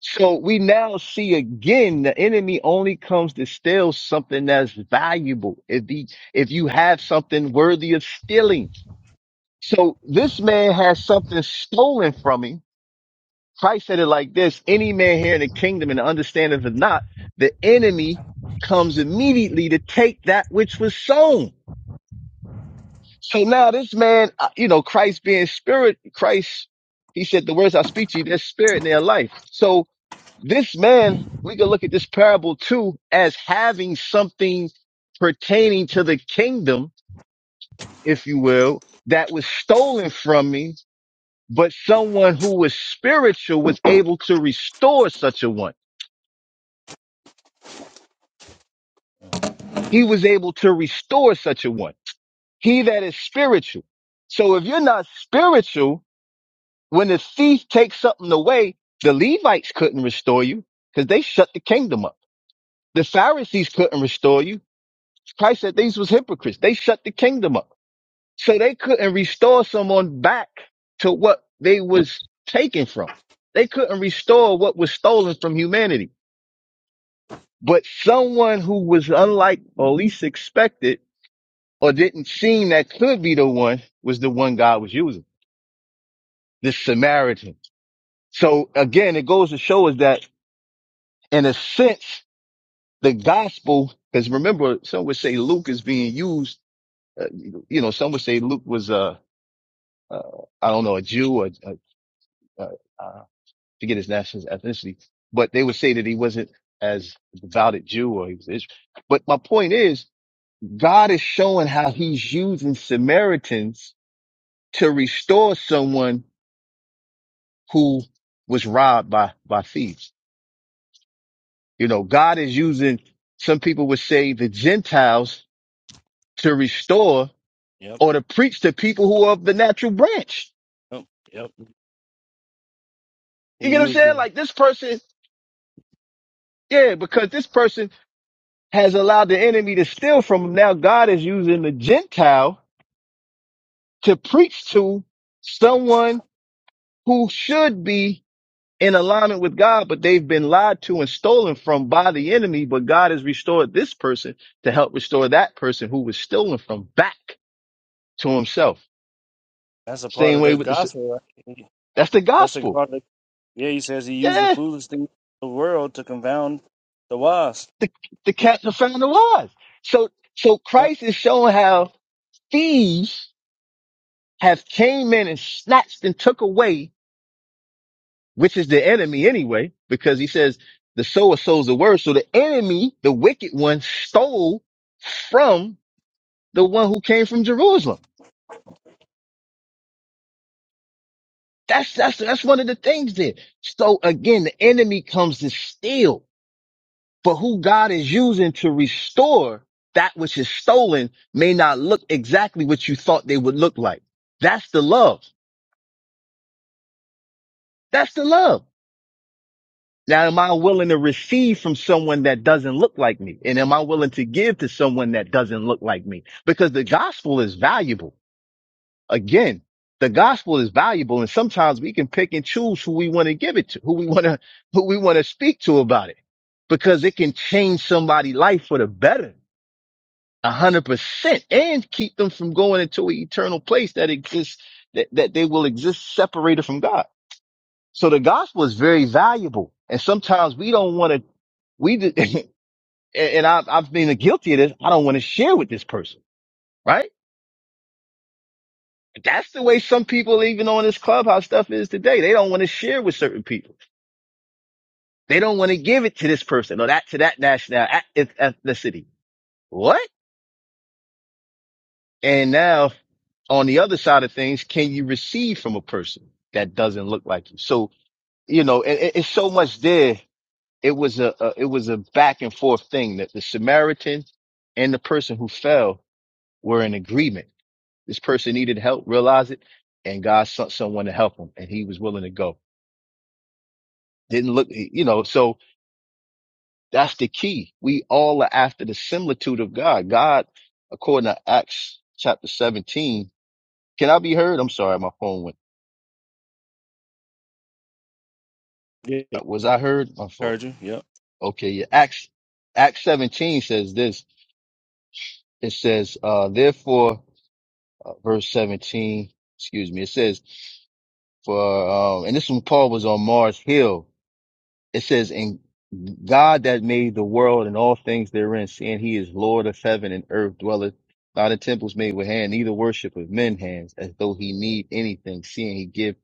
Speaker 6: So we now see again the enemy only comes to steal something that's valuable. If he, if you have something worthy of stealing. So this man has something stolen from him. Christ said it like this any man here in the kingdom and understandeth it not, the enemy comes immediately to take that which was sown. So now this man, uh, you know, Christ being spirit, Christ, he said, the words I speak to you, they're spirit and they're life. So this man, we can look at this parable too as having something pertaining to the kingdom, if you will, that was stolen from me, but someone who was spiritual was able to restore such a one. He was able to restore such a one. He that is spiritual. So if you're not spiritual, When the thief takes something away, the Levites couldn't restore you because they shut the kingdom up. The Pharisees couldn't restore you. Christ said these was hypocrites. They shut the kingdom up. So they couldn't restore someone back to what they was taken from. They couldn't restore what was stolen from humanity. But someone who was unlike or least expected or didn't seem that could be the one was the one God was using, the Samaritan. So again, it goes to show us that in a sense, the gospel, because remember, some would say Luke is being used. Uh, you know, some would say Luke was a, uh, I don't know, a Jew or uh, uh, forget his national ethnicity, but they would say that he wasn't as devoted Jew or he was. Israel. But my point is, God is showing how He's using Samaritans to restore someone who was robbed by by thieves. You know, God is using. Some people would say the Gentiles to restore
Speaker 1: Yep.
Speaker 6: or to preach to people who are of the natural branch.
Speaker 1: Yep. Yep. He
Speaker 6: You get what I'm
Speaker 1: uses
Speaker 6: saying? Like this person, yeah, because this person has allowed the enemy to steal from him. Now God is using the Gentile to preach to someone who should be in alignment with God, but they've been lied to and stolen from by the enemy. But God has restored this person to help restore that person who was stolen from back to himself.
Speaker 1: that's a part
Speaker 6: Same
Speaker 1: of
Speaker 6: way
Speaker 1: the
Speaker 6: with the
Speaker 1: gospel. Right?
Speaker 6: That's the
Speaker 1: That's the
Speaker 6: gospel.
Speaker 1: part. That, yeah, he says he used
Speaker 6: Yeah.
Speaker 1: the foolish things of the world to confound the wise.
Speaker 6: the, the cat the founder was. So so
Speaker 1: Yeah,
Speaker 6: Christ is showing how thieves have came in and snatched and took away, which is the enemy anyway, because he says the sower sows the word. So the enemy, the wicked one, stole from the one who came from Jerusalem. That's that's that's one of the things there. So again, the enemy comes to steal. but who God is using to restore that which is stolen may not look exactly what you thought they would look like. That's the love. That's the love. Now, am I willing to receive from someone that doesn't look like me? And am I willing to give to someone that doesn't look like me? Because the gospel is valuable. Again, the gospel is valuable. And sometimes we can pick and choose who we want to give it to, who we want to, who we want to speak to about it because it can change somebody's life for the better a hundred percent and keep them from going into an eternal place that exists that, that they will exist separated from God. So the gospel is very valuable. And sometimes we don't want to, we, d- and I've, I've been guilty of this. I don't want to share with this person, right? That's the way some people, even on this clubhouse stuff is today. They don't want to share with certain people. They don't want to give it to this person or that to that national eth- ethnicity. What? And now on the other side of things, can you receive from a person that doesn't look like you? So, you know, it, it- it's so much there. It was a, a, it was a back and forth thing that the Samaritan and the person who fell were in agreement. This person needed help, realized it, and God sent someone to help him and he was willing to go. Didn't look, you know, so that's the key. We all are after the similitude of God. God, according to Acts chapter 17, can I be heard? I'm sorry, my phone went.
Speaker 1: yeah,
Speaker 6: uh, Was I heard? My fault.
Speaker 1: heard you. Yep.
Speaker 6: Okay, yeah. Acts Acts 17 says this. It says, uh, therefore, uh, verse 17, excuse me, it says, for, uh, and this one Paul was on Mars Hill. It says, in God that made the world and all things therein, seeing he is Lord of heaven and earth, dwelleth not in temples made with hand, neither worship of men hands, as though he need anything, seeing he give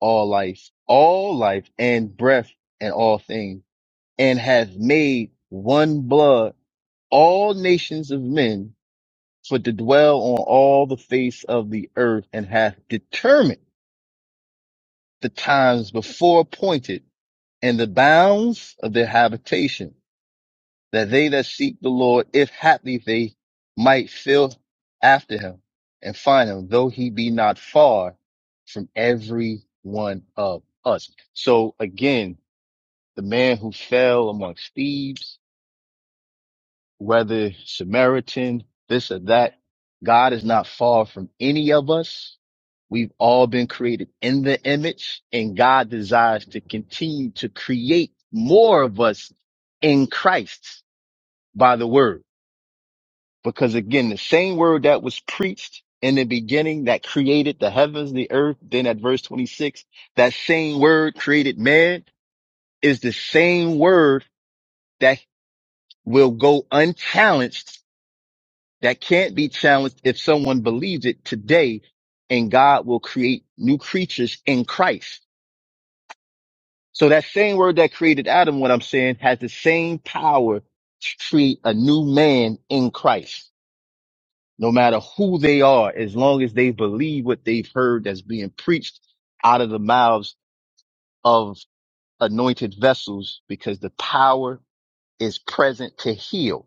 Speaker 6: all life, all life and breath and all things, and hath made one blood all nations of men for to dwell on all the face of the earth and hath determined the times before appointed and the bounds of their habitation that they that seek the Lord, if haply they might feel after him and find him, though he be not far from every one of us. So again, the man who fell amongst thieves, whether Samaritan, this or that. God is not far from any of us. We've all been created in the image and God desires to continue to create more of us in Christ by the word. Because again, the same word that was preached in the beginning that created the heavens, the earth, then at verse 26, that same word created man is the same word that will go unchallenged that can't be challenged if someone believes it today and God will create new creatures in Christ. So that same word that created Adam, what I'm saying, has the same power to create a new man in Christ, no matter who they are, as long as they believe what they've heard that's being preached out of the mouths of anointed vessels, because the power is present to heal.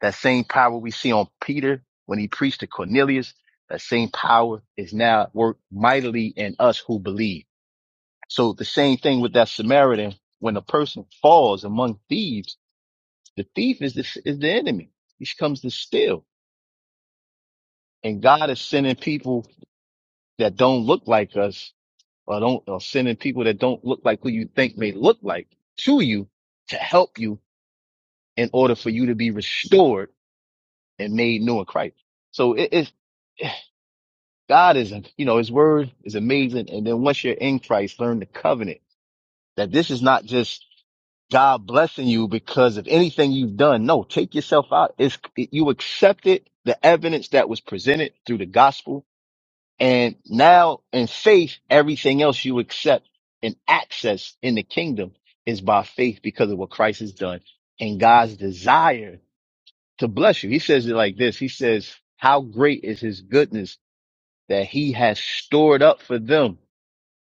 Speaker 6: That same power we see on Peter when he preached to Cornelius, that same power is now at work mightily in us who believe. So the same thing with that Samaritan, when a person falls among thieves, the thief is the, is the enemy. He comes to steal. And God is sending people that don't look like us or don't, or sending people that don't look like who you think may look like to you to help you in order for you to be restored and made new in Christ. So it is. God is, you know, his word is amazing. And then once you're in Christ, learn the covenant that this is not just God blessing you because of anything you've done. No, take yourself out. It's, you accepted the evidence that was presented through the gospel. And now in faith, everything else you accept and access in the kingdom is by faith because of what Christ has done and God's desire to bless you. He says it like this. He says, how great is his goodness that he has stored up for them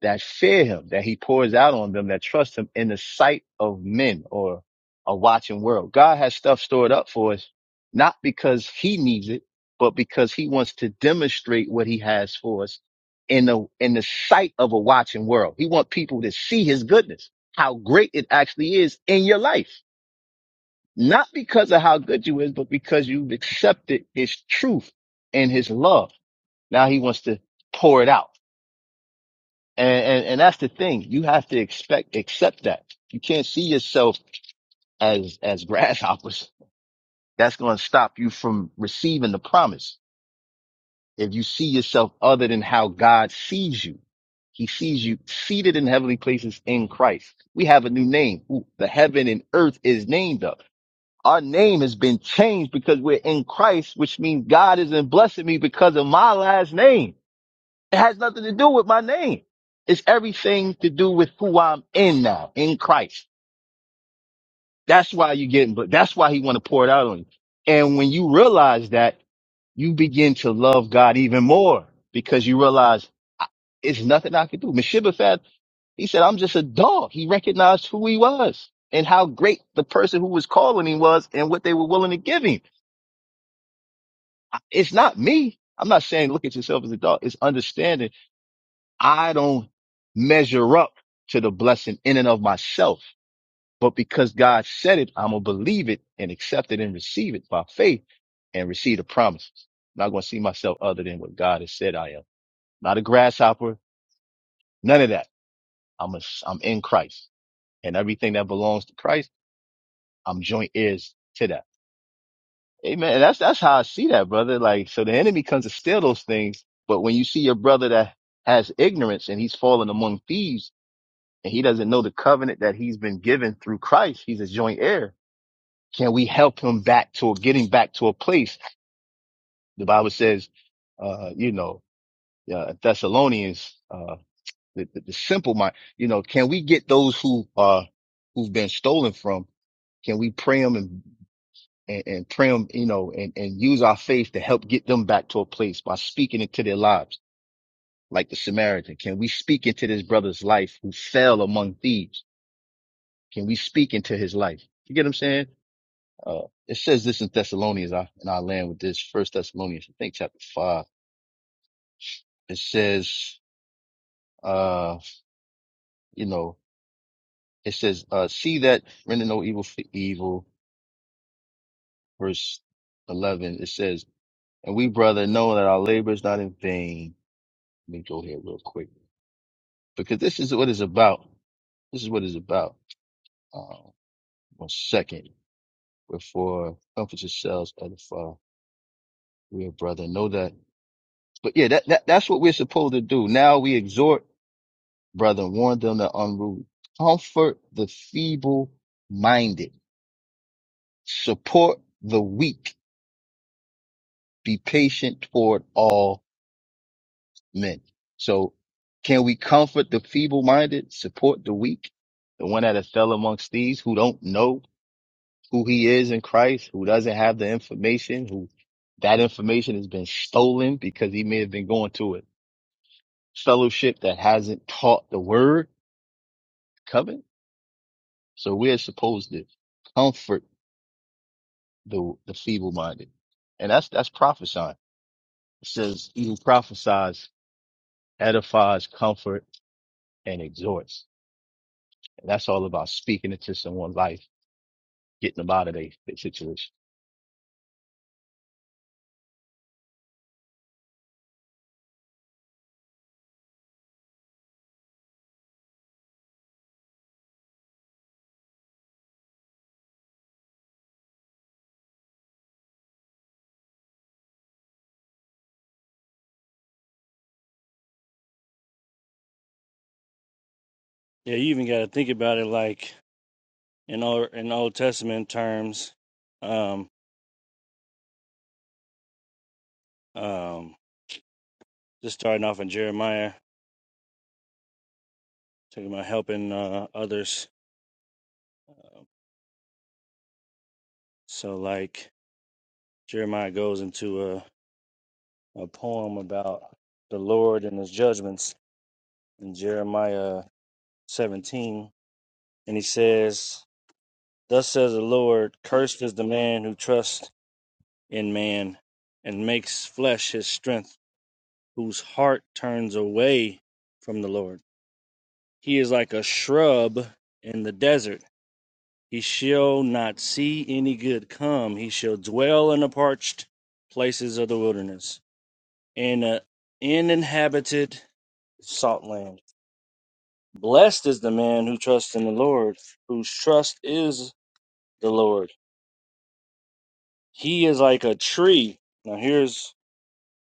Speaker 6: that fear him, that he pours out on them that trust him in the sight of men or a watching world. God has stuff stored up for us, not because he needs it, but because he wants to demonstrate what he has for us in the, in the sight of a watching world. He wants people to see his goodness, how great it actually is in your life, not because of how good you is, but because you've accepted his truth and his love. Now he wants to pour it out. And, and and that's the thing. You have to expect accept that. You can't see yourself as as grasshoppers. That's going to stop you from receiving the promise. If you see yourself other than how God sees you, He sees you seated in heavenly places in Christ. We have a new name. Ooh, the heaven and earth is named up. Our name has been changed because we're in Christ, which means God isn't blessing me because of my last name. It has nothing to do with my name. It's everything to do with who I'm in now, in Christ. That's why you're getting, but that's why he want to pour it out on you. And when you realize that, you begin to love God even more because you realize I- it's nothing I can do. Meshibafad, he said, I'm just a dog. He recognized who he was and how great the person who was calling him was and what they were willing to give him. I- It's not me. I'm not saying look at yourself as a dog. It's understanding I don't measure up to the blessing in and of myself, but because God said it, I'm going to believe it and accept it and receive it by faith and receive the promises. not going to see myself other than what God has said I am. Not a grasshopper, none of that. I'm a, I'm in Christ and everything that belongs to Christ, I'm joint heirs to that. Amen. And that's, that's how I see that, brother. Like, so the enemy comes to steal those things. But when you see your brother that has ignorance and he's fallen among thieves, and he doesn't know the covenant that he's been given through Christ, he's a joint heir. Can we help him back to getting back to a place? The Bible says, uh, you know, uh, Thessalonians, uh, the, the, the simple mind, you know, can we get those who uh, who've been stolen from? Can we pray them and, and, and pray them, you know, and, and use our faith to help get them back to a place by speaking into their lives, like the Samaritan? Can we speak into this brother's life who fell among thieves? Can we speak into his life? You get what I'm saying? Uh, it says this in Thessalonians, I, and I land with this first Thessalonians, I think chapter five. It says, uh, you know, it says, uh, see that render no evil for evil. Verse 11, it says, and we brother know that our labor is not in vain. Let me go here real quick because this is what it's about. This is what it's about. Uh, one second before comfort yourselves, edify, we are brother. Know that. But yeah, that, that that's what we're supposed to do. Now we exhort, brother, warn them the unruly, comfort the feeble minded, support the weak, be patient toward all men. So can we comfort the feeble minded, support the weak, the one that is fell amongst these who don't know who he is in Christ, who doesn't have the information, who that information has been stolen because he may have been going to a fellowship that hasn't taught the word. Covenant. So we're supposed to comfort the the feeble minded. And that's that's prophesying. It says even prophesies, edifies, comfort, and exhorts. And that's all about speaking into someone's life, getting them out of their, their situation.
Speaker 1: Yeah, you even got to think about it like in old in Old Testament terms. Um, um, just starting off in Jeremiah, talking about helping uh, others. So like Jeremiah goes into a a poem about the Lord and His judgments in Jeremiah 17, and he says. Thus says the Lord, Cursed is the man who trusts in man and makes flesh his strength, whose heart turns away from the Lord. He is like a shrub in the desert. He shall not see any good come. He shall dwell in the parched places of the wilderness, in an uninhabited salt land. Blessed is the man who trusts in the Lord, whose trust is the Lord. He is like a tree. Now here's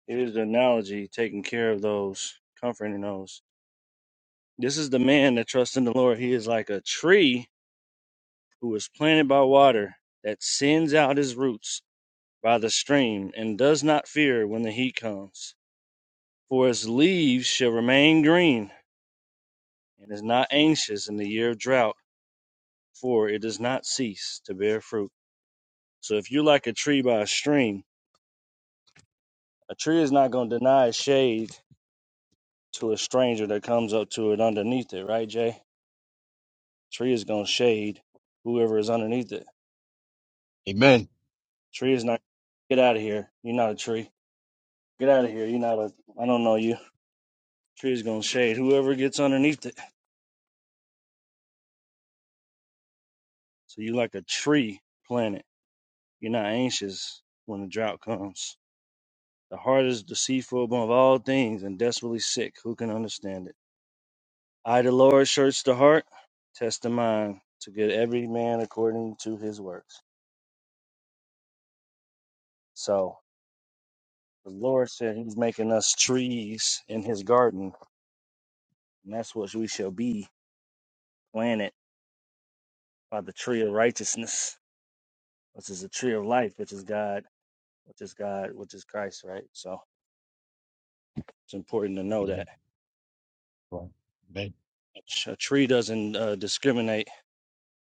Speaker 1: It is the analogy taking care of those, comforting those. This is the man that trusts in the Lord. He is like a tree who is planted by water that sends out his roots by the stream and does not fear when the heat comes. For its leaves shall remain green and is not anxious in the year of drought, for it does not cease to bear fruit. So if you're like a tree by a stream, a tree is not going to deny shade to a stranger that comes up to it underneath it, right, Jay? Tree is gonna shade whoever is underneath it.
Speaker 6: Amen.
Speaker 1: Tree is not get out of here. You're not a tree. Get out of here. You're not a I don't know you. Tree is gonna shade whoever gets underneath it. So you like a tree planet. You're not anxious when the drought comes. The heart is deceitful above all things and desperately sick. Who can understand it? I the Lord search the heart, test the mind, to get every man according to his works. So the Lord said He's making us trees in His garden And that's what we shall be planted by the tree of righteousness, which is the tree of life, which is God, which is God, which is Christ, right? So it's important to know that
Speaker 6: Amen. Right. Amen.
Speaker 1: a tree doesn't uh, discriminate.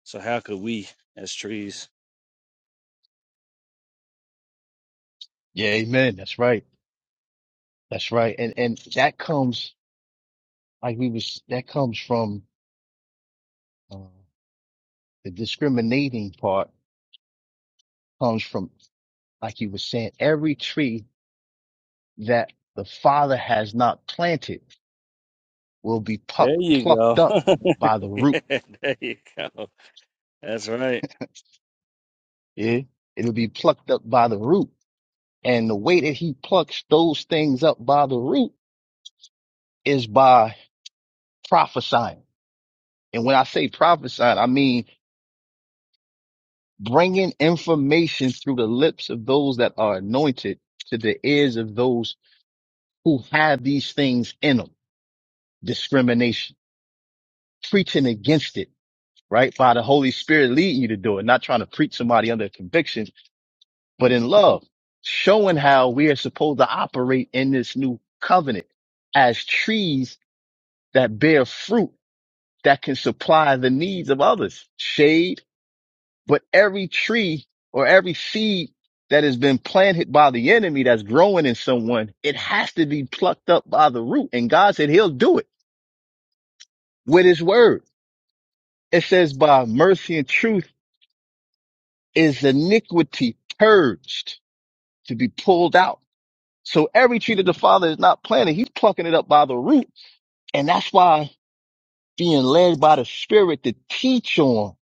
Speaker 1: So how could we as trees?
Speaker 6: Yeah, amen. That's right. That's right. And and that comes like we was that comes from uh, the discriminating part comes from like you were saying, every tree that the Father has not planted will be puck,
Speaker 1: There you
Speaker 6: plucked
Speaker 1: go.
Speaker 6: up by the root.
Speaker 1: yeah, there you go. That's right.
Speaker 6: Yeah. It'll be plucked up by the root. And the way that he plucks those things up by the root is by prophesying. And when I say prophesying, I mean bringing information through the lips of those that are anointed to the ears of those who have these things in them. Discrimination, preaching against it, right? By the Holy Spirit leading you to do it, not trying to preach somebody under conviction but in love, showing how we are supposed to operate in this new covenant as trees that bear fruit that can supply the needs of others. Shade, but every tree or every seed that has been planted by the enemy that's growing in someone, it has to be plucked up by the root. And God said he'll do it with his word. It says by mercy and truth is iniquity purged to be pulled out So every tree that the Father is not planted, He's plucking it up by the roots, And that's why being led by the Spirit to teach on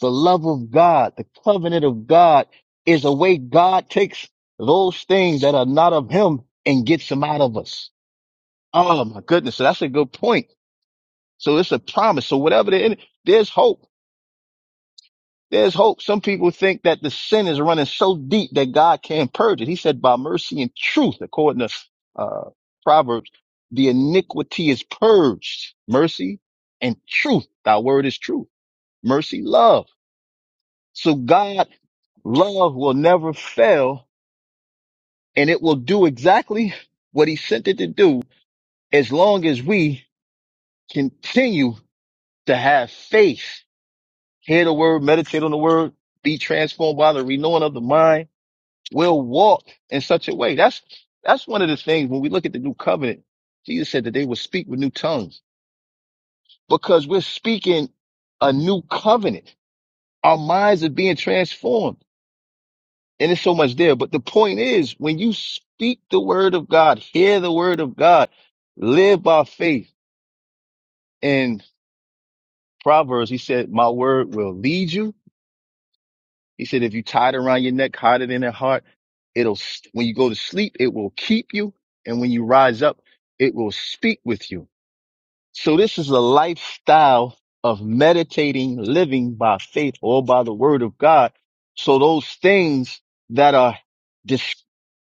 Speaker 6: the love of God, the covenant of God is a way God takes those things that are not of Him and gets them out of us. Oh my goodness. So that's a good point. So it's a promise. So whatever the, end, there's hope There's hope. Some people think that the sin is running so deep that God can't purge it. He said, by mercy and truth, according to uh, Proverbs, the iniquity is purged. Mercy and truth. Thy word is true. Mercy, love. So God, love will never fail and it will do exactly what he sent it to do as long as we continue to have faith. Hear the word, meditate on the word, be transformed by the renewing of the mind will walk in such a way. That's that's one of the things when we look at the new covenant. Jesus said that they will speak with new tongues because we're speaking a new covenant. Our minds are being transformed, and it's so much there. But the point is, when you speak the word of God, hear the word of God, live by faith. In Proverbs, he said, "My word will lead you." He said, if you tie it around your neck, hide it in your heart, it'll, st- when you go to sleep, it will keep you. And when you rise up, it will speak with you. So this is a lifestyle of meditating, living by faith or by the word of God. So those things that are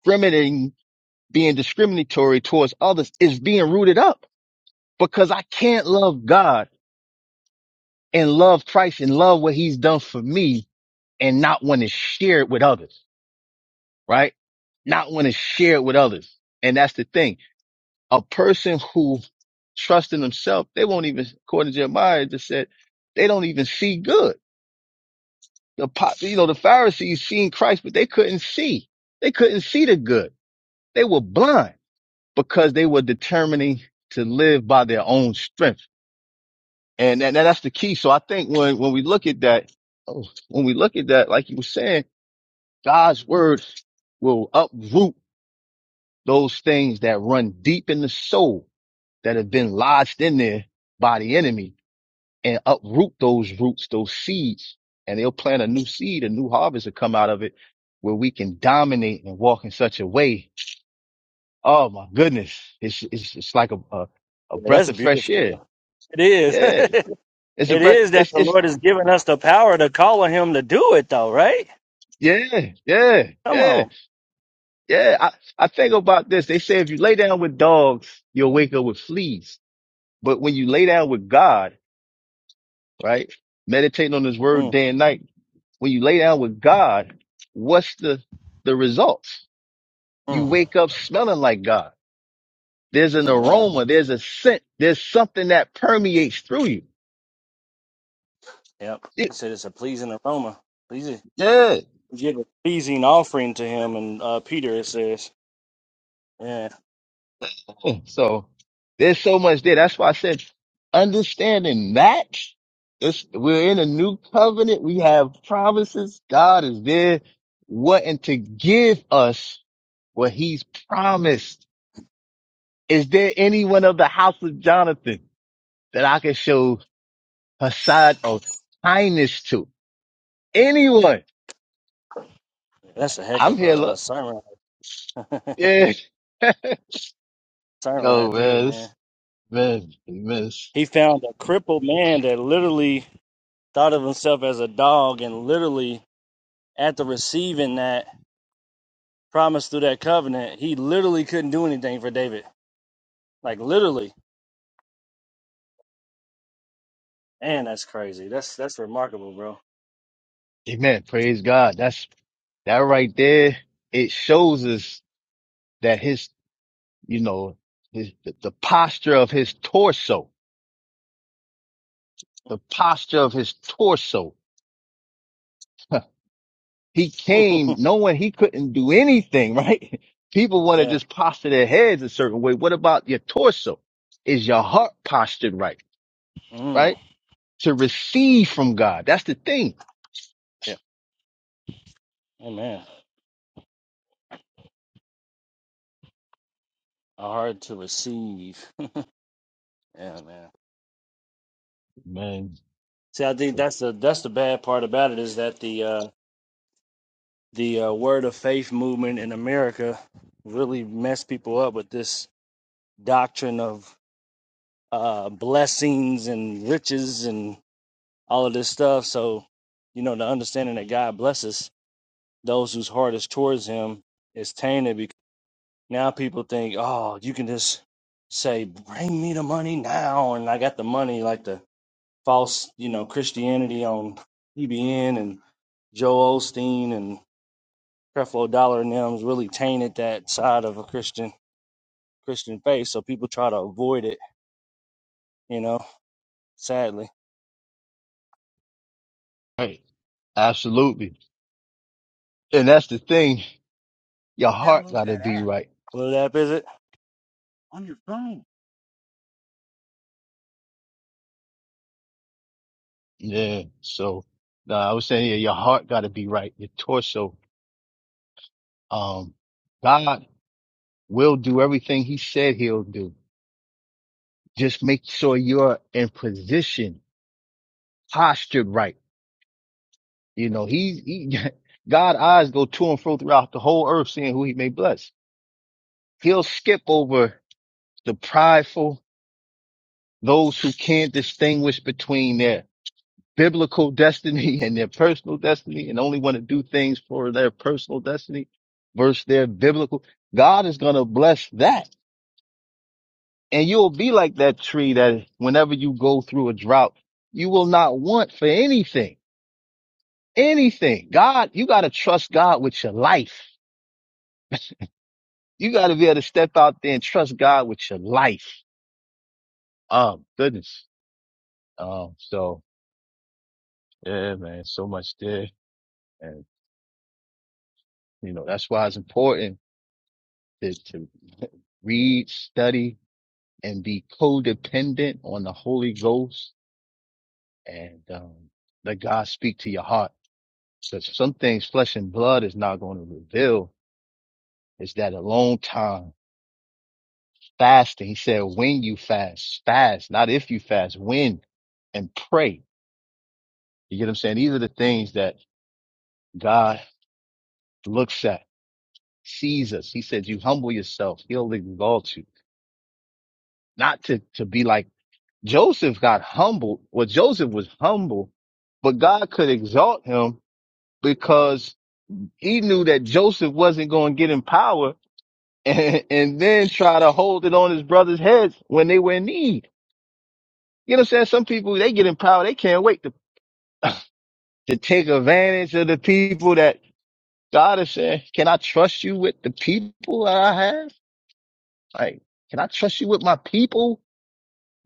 Speaker 6: discriminating, being discriminatory towards others is being rooted up because I can't love God and love Christ and love what he's done for me and not want to share it with others. right? Not want to share it with others. And that's the thing. A person who trusts in themselves, they won't even, according to Jeremiah, it just said, they don't even see good. The pop, you know, the Pharisees seen Christ, but they couldn't see. They couldn't see the good. They were blind because they were determining to live by their own strength. And, and that's the key. So I think when, when we look at that, oh, when we look at that, like you were saying, God's word will uproot those things that run deep in the soul that have been lodged in there by the enemy and uproot those roots, those seeds, and they'll plant a new seed, a new harvest will come out of it where we can dominate and walk in such a way. Oh my goodness. It's, it's, it's like a, a, a
Speaker 1: Yeah,
Speaker 6: breath
Speaker 1: that's
Speaker 6: of fresh
Speaker 1: beautiful.
Speaker 6: air.
Speaker 1: bro. It is.
Speaker 6: Yeah.
Speaker 1: it
Speaker 6: It's a breath.
Speaker 1: is that
Speaker 6: It's,
Speaker 1: the
Speaker 6: it's,
Speaker 1: Lord has given us the power to call on Him to do it, though, right?
Speaker 6: yeah, yeah,
Speaker 1: Come
Speaker 6: yeah,
Speaker 1: on.
Speaker 6: yeah. I, I think about this. They say if you lay down with dogs, you'll wake up with fleas. But when you lay down with God, right? Meditating on his word
Speaker 1: Mm,
Speaker 6: day and night. When you lay down with God, what's the, the results? You
Speaker 1: mm.
Speaker 6: wake up smelling like God. There's an
Speaker 1: Amen.
Speaker 6: aroma. There's a scent. There's something that permeates through you.
Speaker 1: Yep. He
Speaker 6: It-
Speaker 1: said it's a pleasing aroma. Pleasing.
Speaker 6: yeah.
Speaker 1: Give a pleasing offering to him. And uh, Peter, it says, yeah,
Speaker 6: So there's so much there. That's why I said understanding that it's, we're in a new covenant. We have promises. God is there wanting to give us what he's promised Is there anyone of the house of Jonathan that I can show a side of kindness to? Anyone?
Speaker 1: that's a heck
Speaker 6: I'm
Speaker 1: of
Speaker 6: here.
Speaker 1: a, a
Speaker 6: Look.
Speaker 1: sermon.
Speaker 6: Yeah.
Speaker 1: sermon
Speaker 6: Oh
Speaker 1: right there,
Speaker 6: man,
Speaker 1: man.
Speaker 6: this- man, amen,
Speaker 1: He found a crippled man that literally thought of himself as a dog and literally, after receiving that promise through that covenant, he literally couldn't do anything for David. Like, literally. Man, that's crazy. That's that's remarkable, bro.
Speaker 6: amen. Praise God. That's that right there. It shows us that his, you know, his the, the posture of his torso, the posture of his torso. He came knowing he couldn't do anything, right? People want to
Speaker 1: yeah.
Speaker 6: just posture their heads a certain way. What about your torso? Is your heart postured right?
Speaker 1: Mm.
Speaker 6: Right? To receive from God. That's the thing.
Speaker 1: Yeah. Amen. hard to receive. Yeah, man.
Speaker 6: Man.
Speaker 1: See, I think that's the that's the bad part about it is that the uh, the uh, word of faith movement in America really messed people up with this doctrine of uh, blessings and riches and all of this stuff. So, you know, the understanding that God blesses those whose heart is towards Him is tainted because now people think, oh, you can just say, "Bring me the money now," and I got the money, like the false, you know, Christianity on EBN and Joe Osteen and Creflo Dollar and them's really tainted that side of a Christian Christian faith. So people try to avoid it, you know, sadly.
Speaker 6: Right. Absolutely. And that's the thing. Your heart
Speaker 1: download
Speaker 6: gotta
Speaker 1: that
Speaker 6: be
Speaker 1: app.
Speaker 6: right.
Speaker 1: What app is it? On your phone.
Speaker 6: Yeah. So nah, I was saying, yeah, your heart gotta be right. Your torso. Um, God will do everything he said he'll do. Just make sure you're in position, postured right You know, he, he God eyes go to and fro throughout the whole earth, seeing who he may bless. He'll skip over the prideful, those who can't distinguish between their biblical destiny and their personal destiny and only want to do things for their personal destiny versus their biblical. God is going to bless that. And you'll be like that tree that whenever you go through a drought, you will not want for anything, anything. God, you got to trust God with your life you got to be able to step out there and trust God with your life. Oh goodness. Um, so yeah, man, so much there, and you know that's why it's important to, to read, study, and be codependent on the Holy Ghost, and um, let God speak to your heart. Because some things flesh and blood is not going to reveal. Is that a long time fasting? He said, when you fast, fast, not if you fast, when and pray. You get what I'm saying? These are the things that God looks at, sees us. He says, you humble yourself. He'll exalt you. Not to, to be like Joseph got humbled. Well, Joseph was humble, but God could exalt him because he knew that Joseph wasn't going to get in power and, and then try to hold it on his brother's heads when they were in need. You know what I'm saying? Some people, they get in power. They can't wait to, to take advantage of the people that God is saying, can I trust you with the people that I have? Like, can I trust you with my people?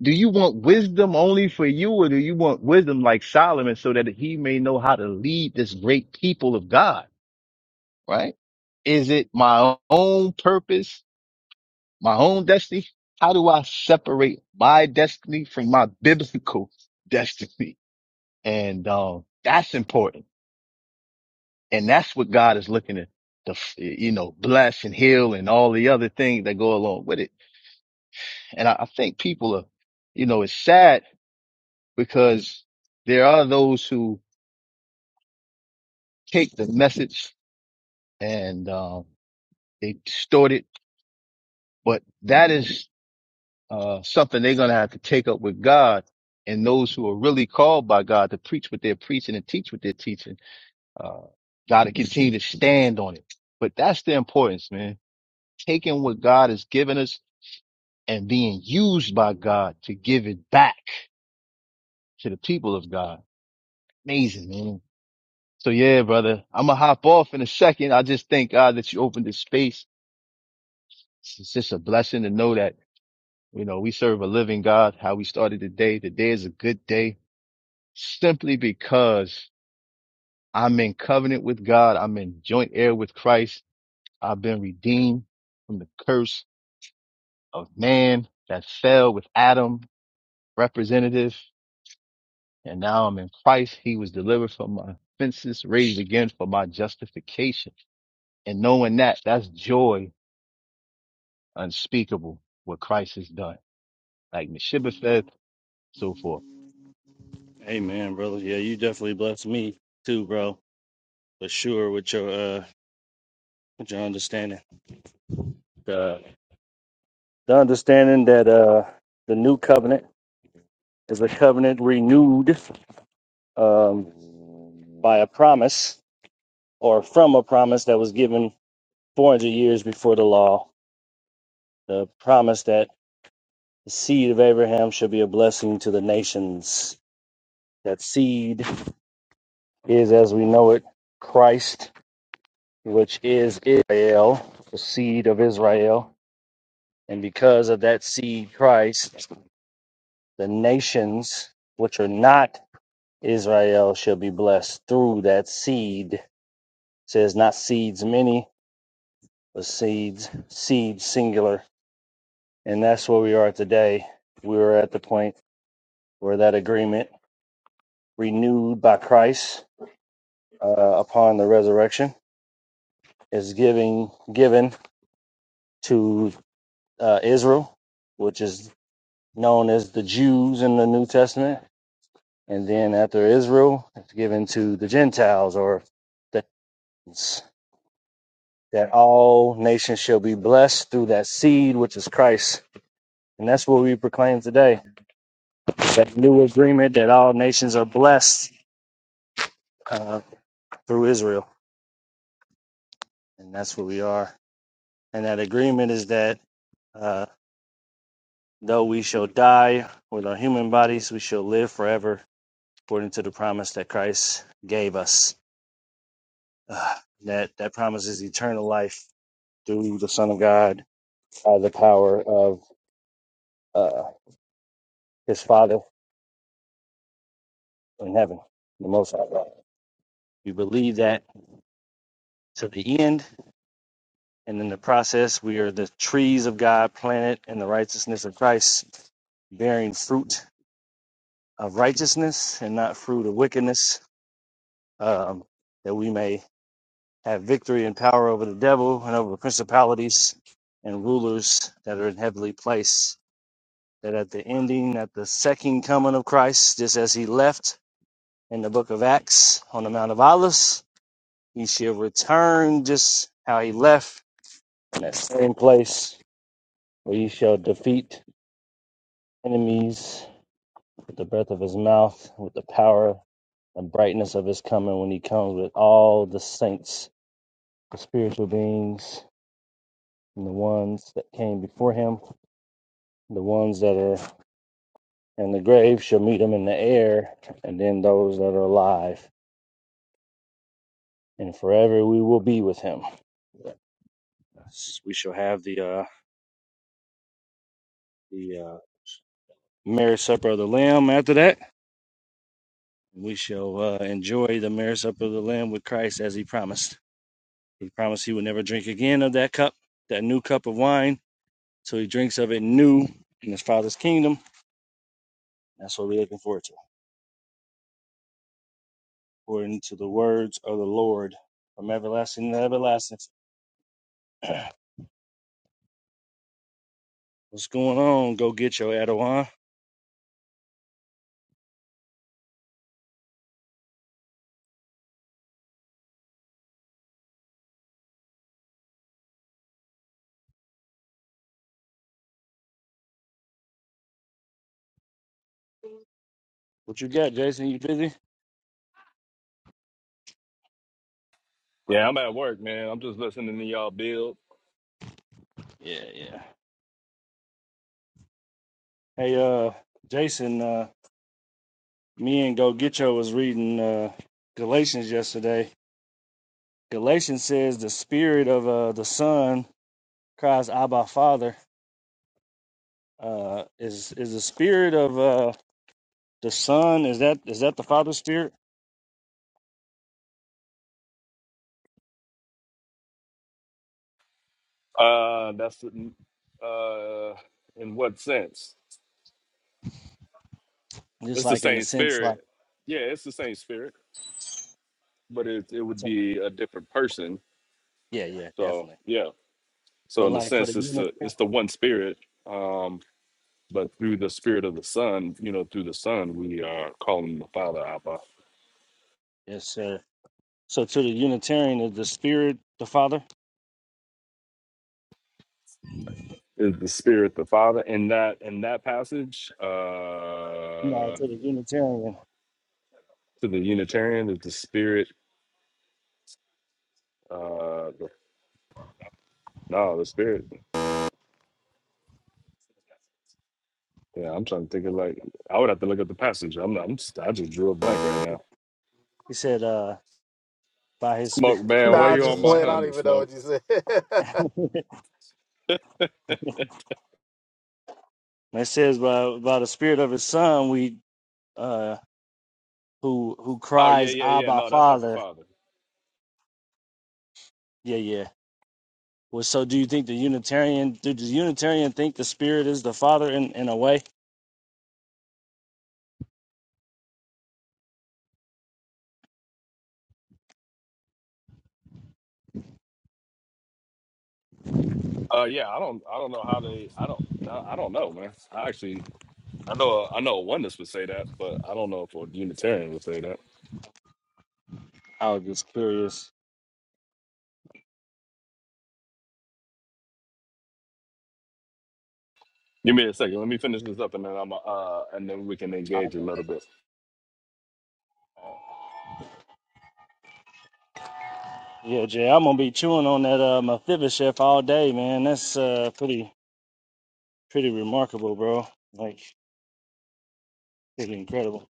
Speaker 6: Do you want wisdom only for you or do you want wisdom like Solomon so that he may know how to lead this great people of God? Right? Is it my own purpose, my own destiny? How do I separate my destiny from my biblical destiny? And, um, that's important. And that's what God is looking to, to, you know, bless and heal and all the other things that go along with it. And I, I think people are, you know, it's sad because there are those who take the message and um, they distort it, but that is uh, something they're going to have to take up with God and those who are really called by God to preach what they're preaching and teach what they're teaching. Uh, got to continue to stand on it. But that's the importance, man. Taking what God has given us and being used by God to give it back to the people of God. Amazing, man. So yeah, brother, I'm gonna hop off in a second. I just thank God that you opened this space. It's it's just a blessing to know that, you know, we serve a living God, how we started the day. The day is a good day simply because I'm in covenant with God. I'm in joint heir with Christ. I've been redeemed from the curse of man that fell with Adam representative. And now I'm in Christ. He was delivered from my offenses, raised again for my justification. And knowing that, that's joy unspeakable what Christ has done. Like Meshibbah said, so forth.
Speaker 1: Amen, brother. Yeah, you definitely blessed me too, bro. For sure with your uh with your understanding. The the understanding that uh the new covenant is a covenant renewed um by a promise or from a promise that was given 400 years before the law, the promise that the seed of Abraham shall be a blessing to the nations. That seed is, as we know it, Christ, which is Israel, the seed of Israel. And because of that seed, Christ, the nations which are not Israel shall be blessed through that seed. It says not seeds many, but seeds, seed singular And that's where we are today. We are at the point where that agreement renewed by Christ uh, upon the resurrection is giving given to uh, Israel, which is known as the Jews in the New Testament. And then after Israel, it's given to the Gentiles or the nations, that all nations shall be blessed through that seed, which is Christ. And that's what we proclaim today that new agreement that all nations are blessed uh, through Israel. and that's what we are. And that agreement is that uh, though we shall die with our human bodies, we shall live forever according to the promise that Christ gave us. Uh, that that promise is eternal life through the Son of God by the power of uh, His Father in heaven, the Most High God. We believe that to the end, and in the process, we are the trees of God planted in the righteousness of Christ, bearing fruit of righteousness and not fruit of wickedness, um, that we may have victory and power over the devil and over principalities and rulers that are in heavenly place. That at the ending, at the second coming of Christ, just as he left in the book of Acts on the Mount of Olives, he shall return just how he left in that same place where he shall defeat enemies with the breath of his mouth, with the power the brightness of his coming when he comes with all the saints, the spiritual beings, and the ones that came before him, the ones that are in the grave shall meet him in the air, and then those that are alive, and forever we will be with him. We shall have the uh, the uh, marriage supper of the Lamb. After that, we shall uh, enjoy the marriage supper of the Lamb with Christ, as he promised. He promised he would never drink again of that cup, that new cup of wine. So he drinks of it new in his Father's kingdom That's what we're looking forward to. According to the words of the Lord from everlasting to everlasting. What's going on? Go get your Erdogan. What you got, Jason? You busy?
Speaker 7: Yeah, I'm at work, man. I'm just listening to y'all build.
Speaker 1: Yeah, yeah. Hey, uh, Jason, uh, me and Go Get Yo was reading uh, Galatians yesterday. Galatians says the spirit of uh, the Son cries, Abba, Father. Uh, is is the spirit of uh, the Son? Is that is that the Father's spirit?
Speaker 7: Uh, that's the- uh, in what sense?
Speaker 1: Just
Speaker 7: It's the
Speaker 1: like in the
Speaker 7: same
Speaker 1: sense, like
Speaker 7: spirit. Yeah, it's the same spirit, but it it would
Speaker 1: so-
Speaker 7: be a different person.
Speaker 1: yeah, yeah,
Speaker 7: So
Speaker 1: definitely.
Speaker 7: yeah. So
Speaker 1: But
Speaker 7: in the
Speaker 1: like for the
Speaker 7: sense, it's the it's
Speaker 1: Unitarian,
Speaker 7: the one spirit. Um, but through the spirit of the Son, you know, through the Son, we are calling the Father Abba.
Speaker 1: yes, sir. So to the Unitarian is the Spirit, the Father.
Speaker 7: Is the Spirit the Father in that in that passage?
Speaker 1: No,
Speaker 7: Uh,
Speaker 1: to the Unitarian,
Speaker 7: to the Unitarian, is the Spirit. uh, the No, the spirit. Yeah, I'm trying to think of like I would have to look up the passage. I'm not, I'm just, I just drew a blank right now.
Speaker 1: he said, uh, by His Spirit,
Speaker 7: Smoke man,
Speaker 1: go
Speaker 7: why
Speaker 4: Nah, I
Speaker 7: you
Speaker 1: get
Speaker 7: on
Speaker 4: just
Speaker 1: your
Speaker 7: my
Speaker 4: played. I
Speaker 1: spirit.
Speaker 4: don't
Speaker 7: helmet,
Speaker 4: even know what
Speaker 7: Smoke?
Speaker 4: you said.
Speaker 1: And it says, by by the Spirit of His Son, we uh, who who
Speaker 7: Oh yeah,
Speaker 1: cries,
Speaker 7: yeah, yeah.
Speaker 1: Abba,
Speaker 7: No, that's not the
Speaker 1: Father.
Speaker 7: father.
Speaker 1: Yeah, yeah. Well, so do you think the Unitarian? Do the Unitarian think the Spirit is the Father in in a way?
Speaker 7: Uh yeah, I don't I don't know how they I don't no I don't know, man. I actually I know I know a oneness would say that, but I don't know if a Unitarian would say that.
Speaker 1: I was just curious.
Speaker 7: Give me a second. Let me finish this up and then I'm uh and then we can
Speaker 1: I-
Speaker 7: engage a little bit.
Speaker 1: Yeah, Jay, I'm gonna be chewing on that uh, Mephibosheth all day, man. That's uh, pretty pretty remarkable, bro. Like. It's incredible.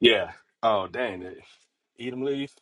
Speaker 7: Yeah. Oh dang it. Edom leave?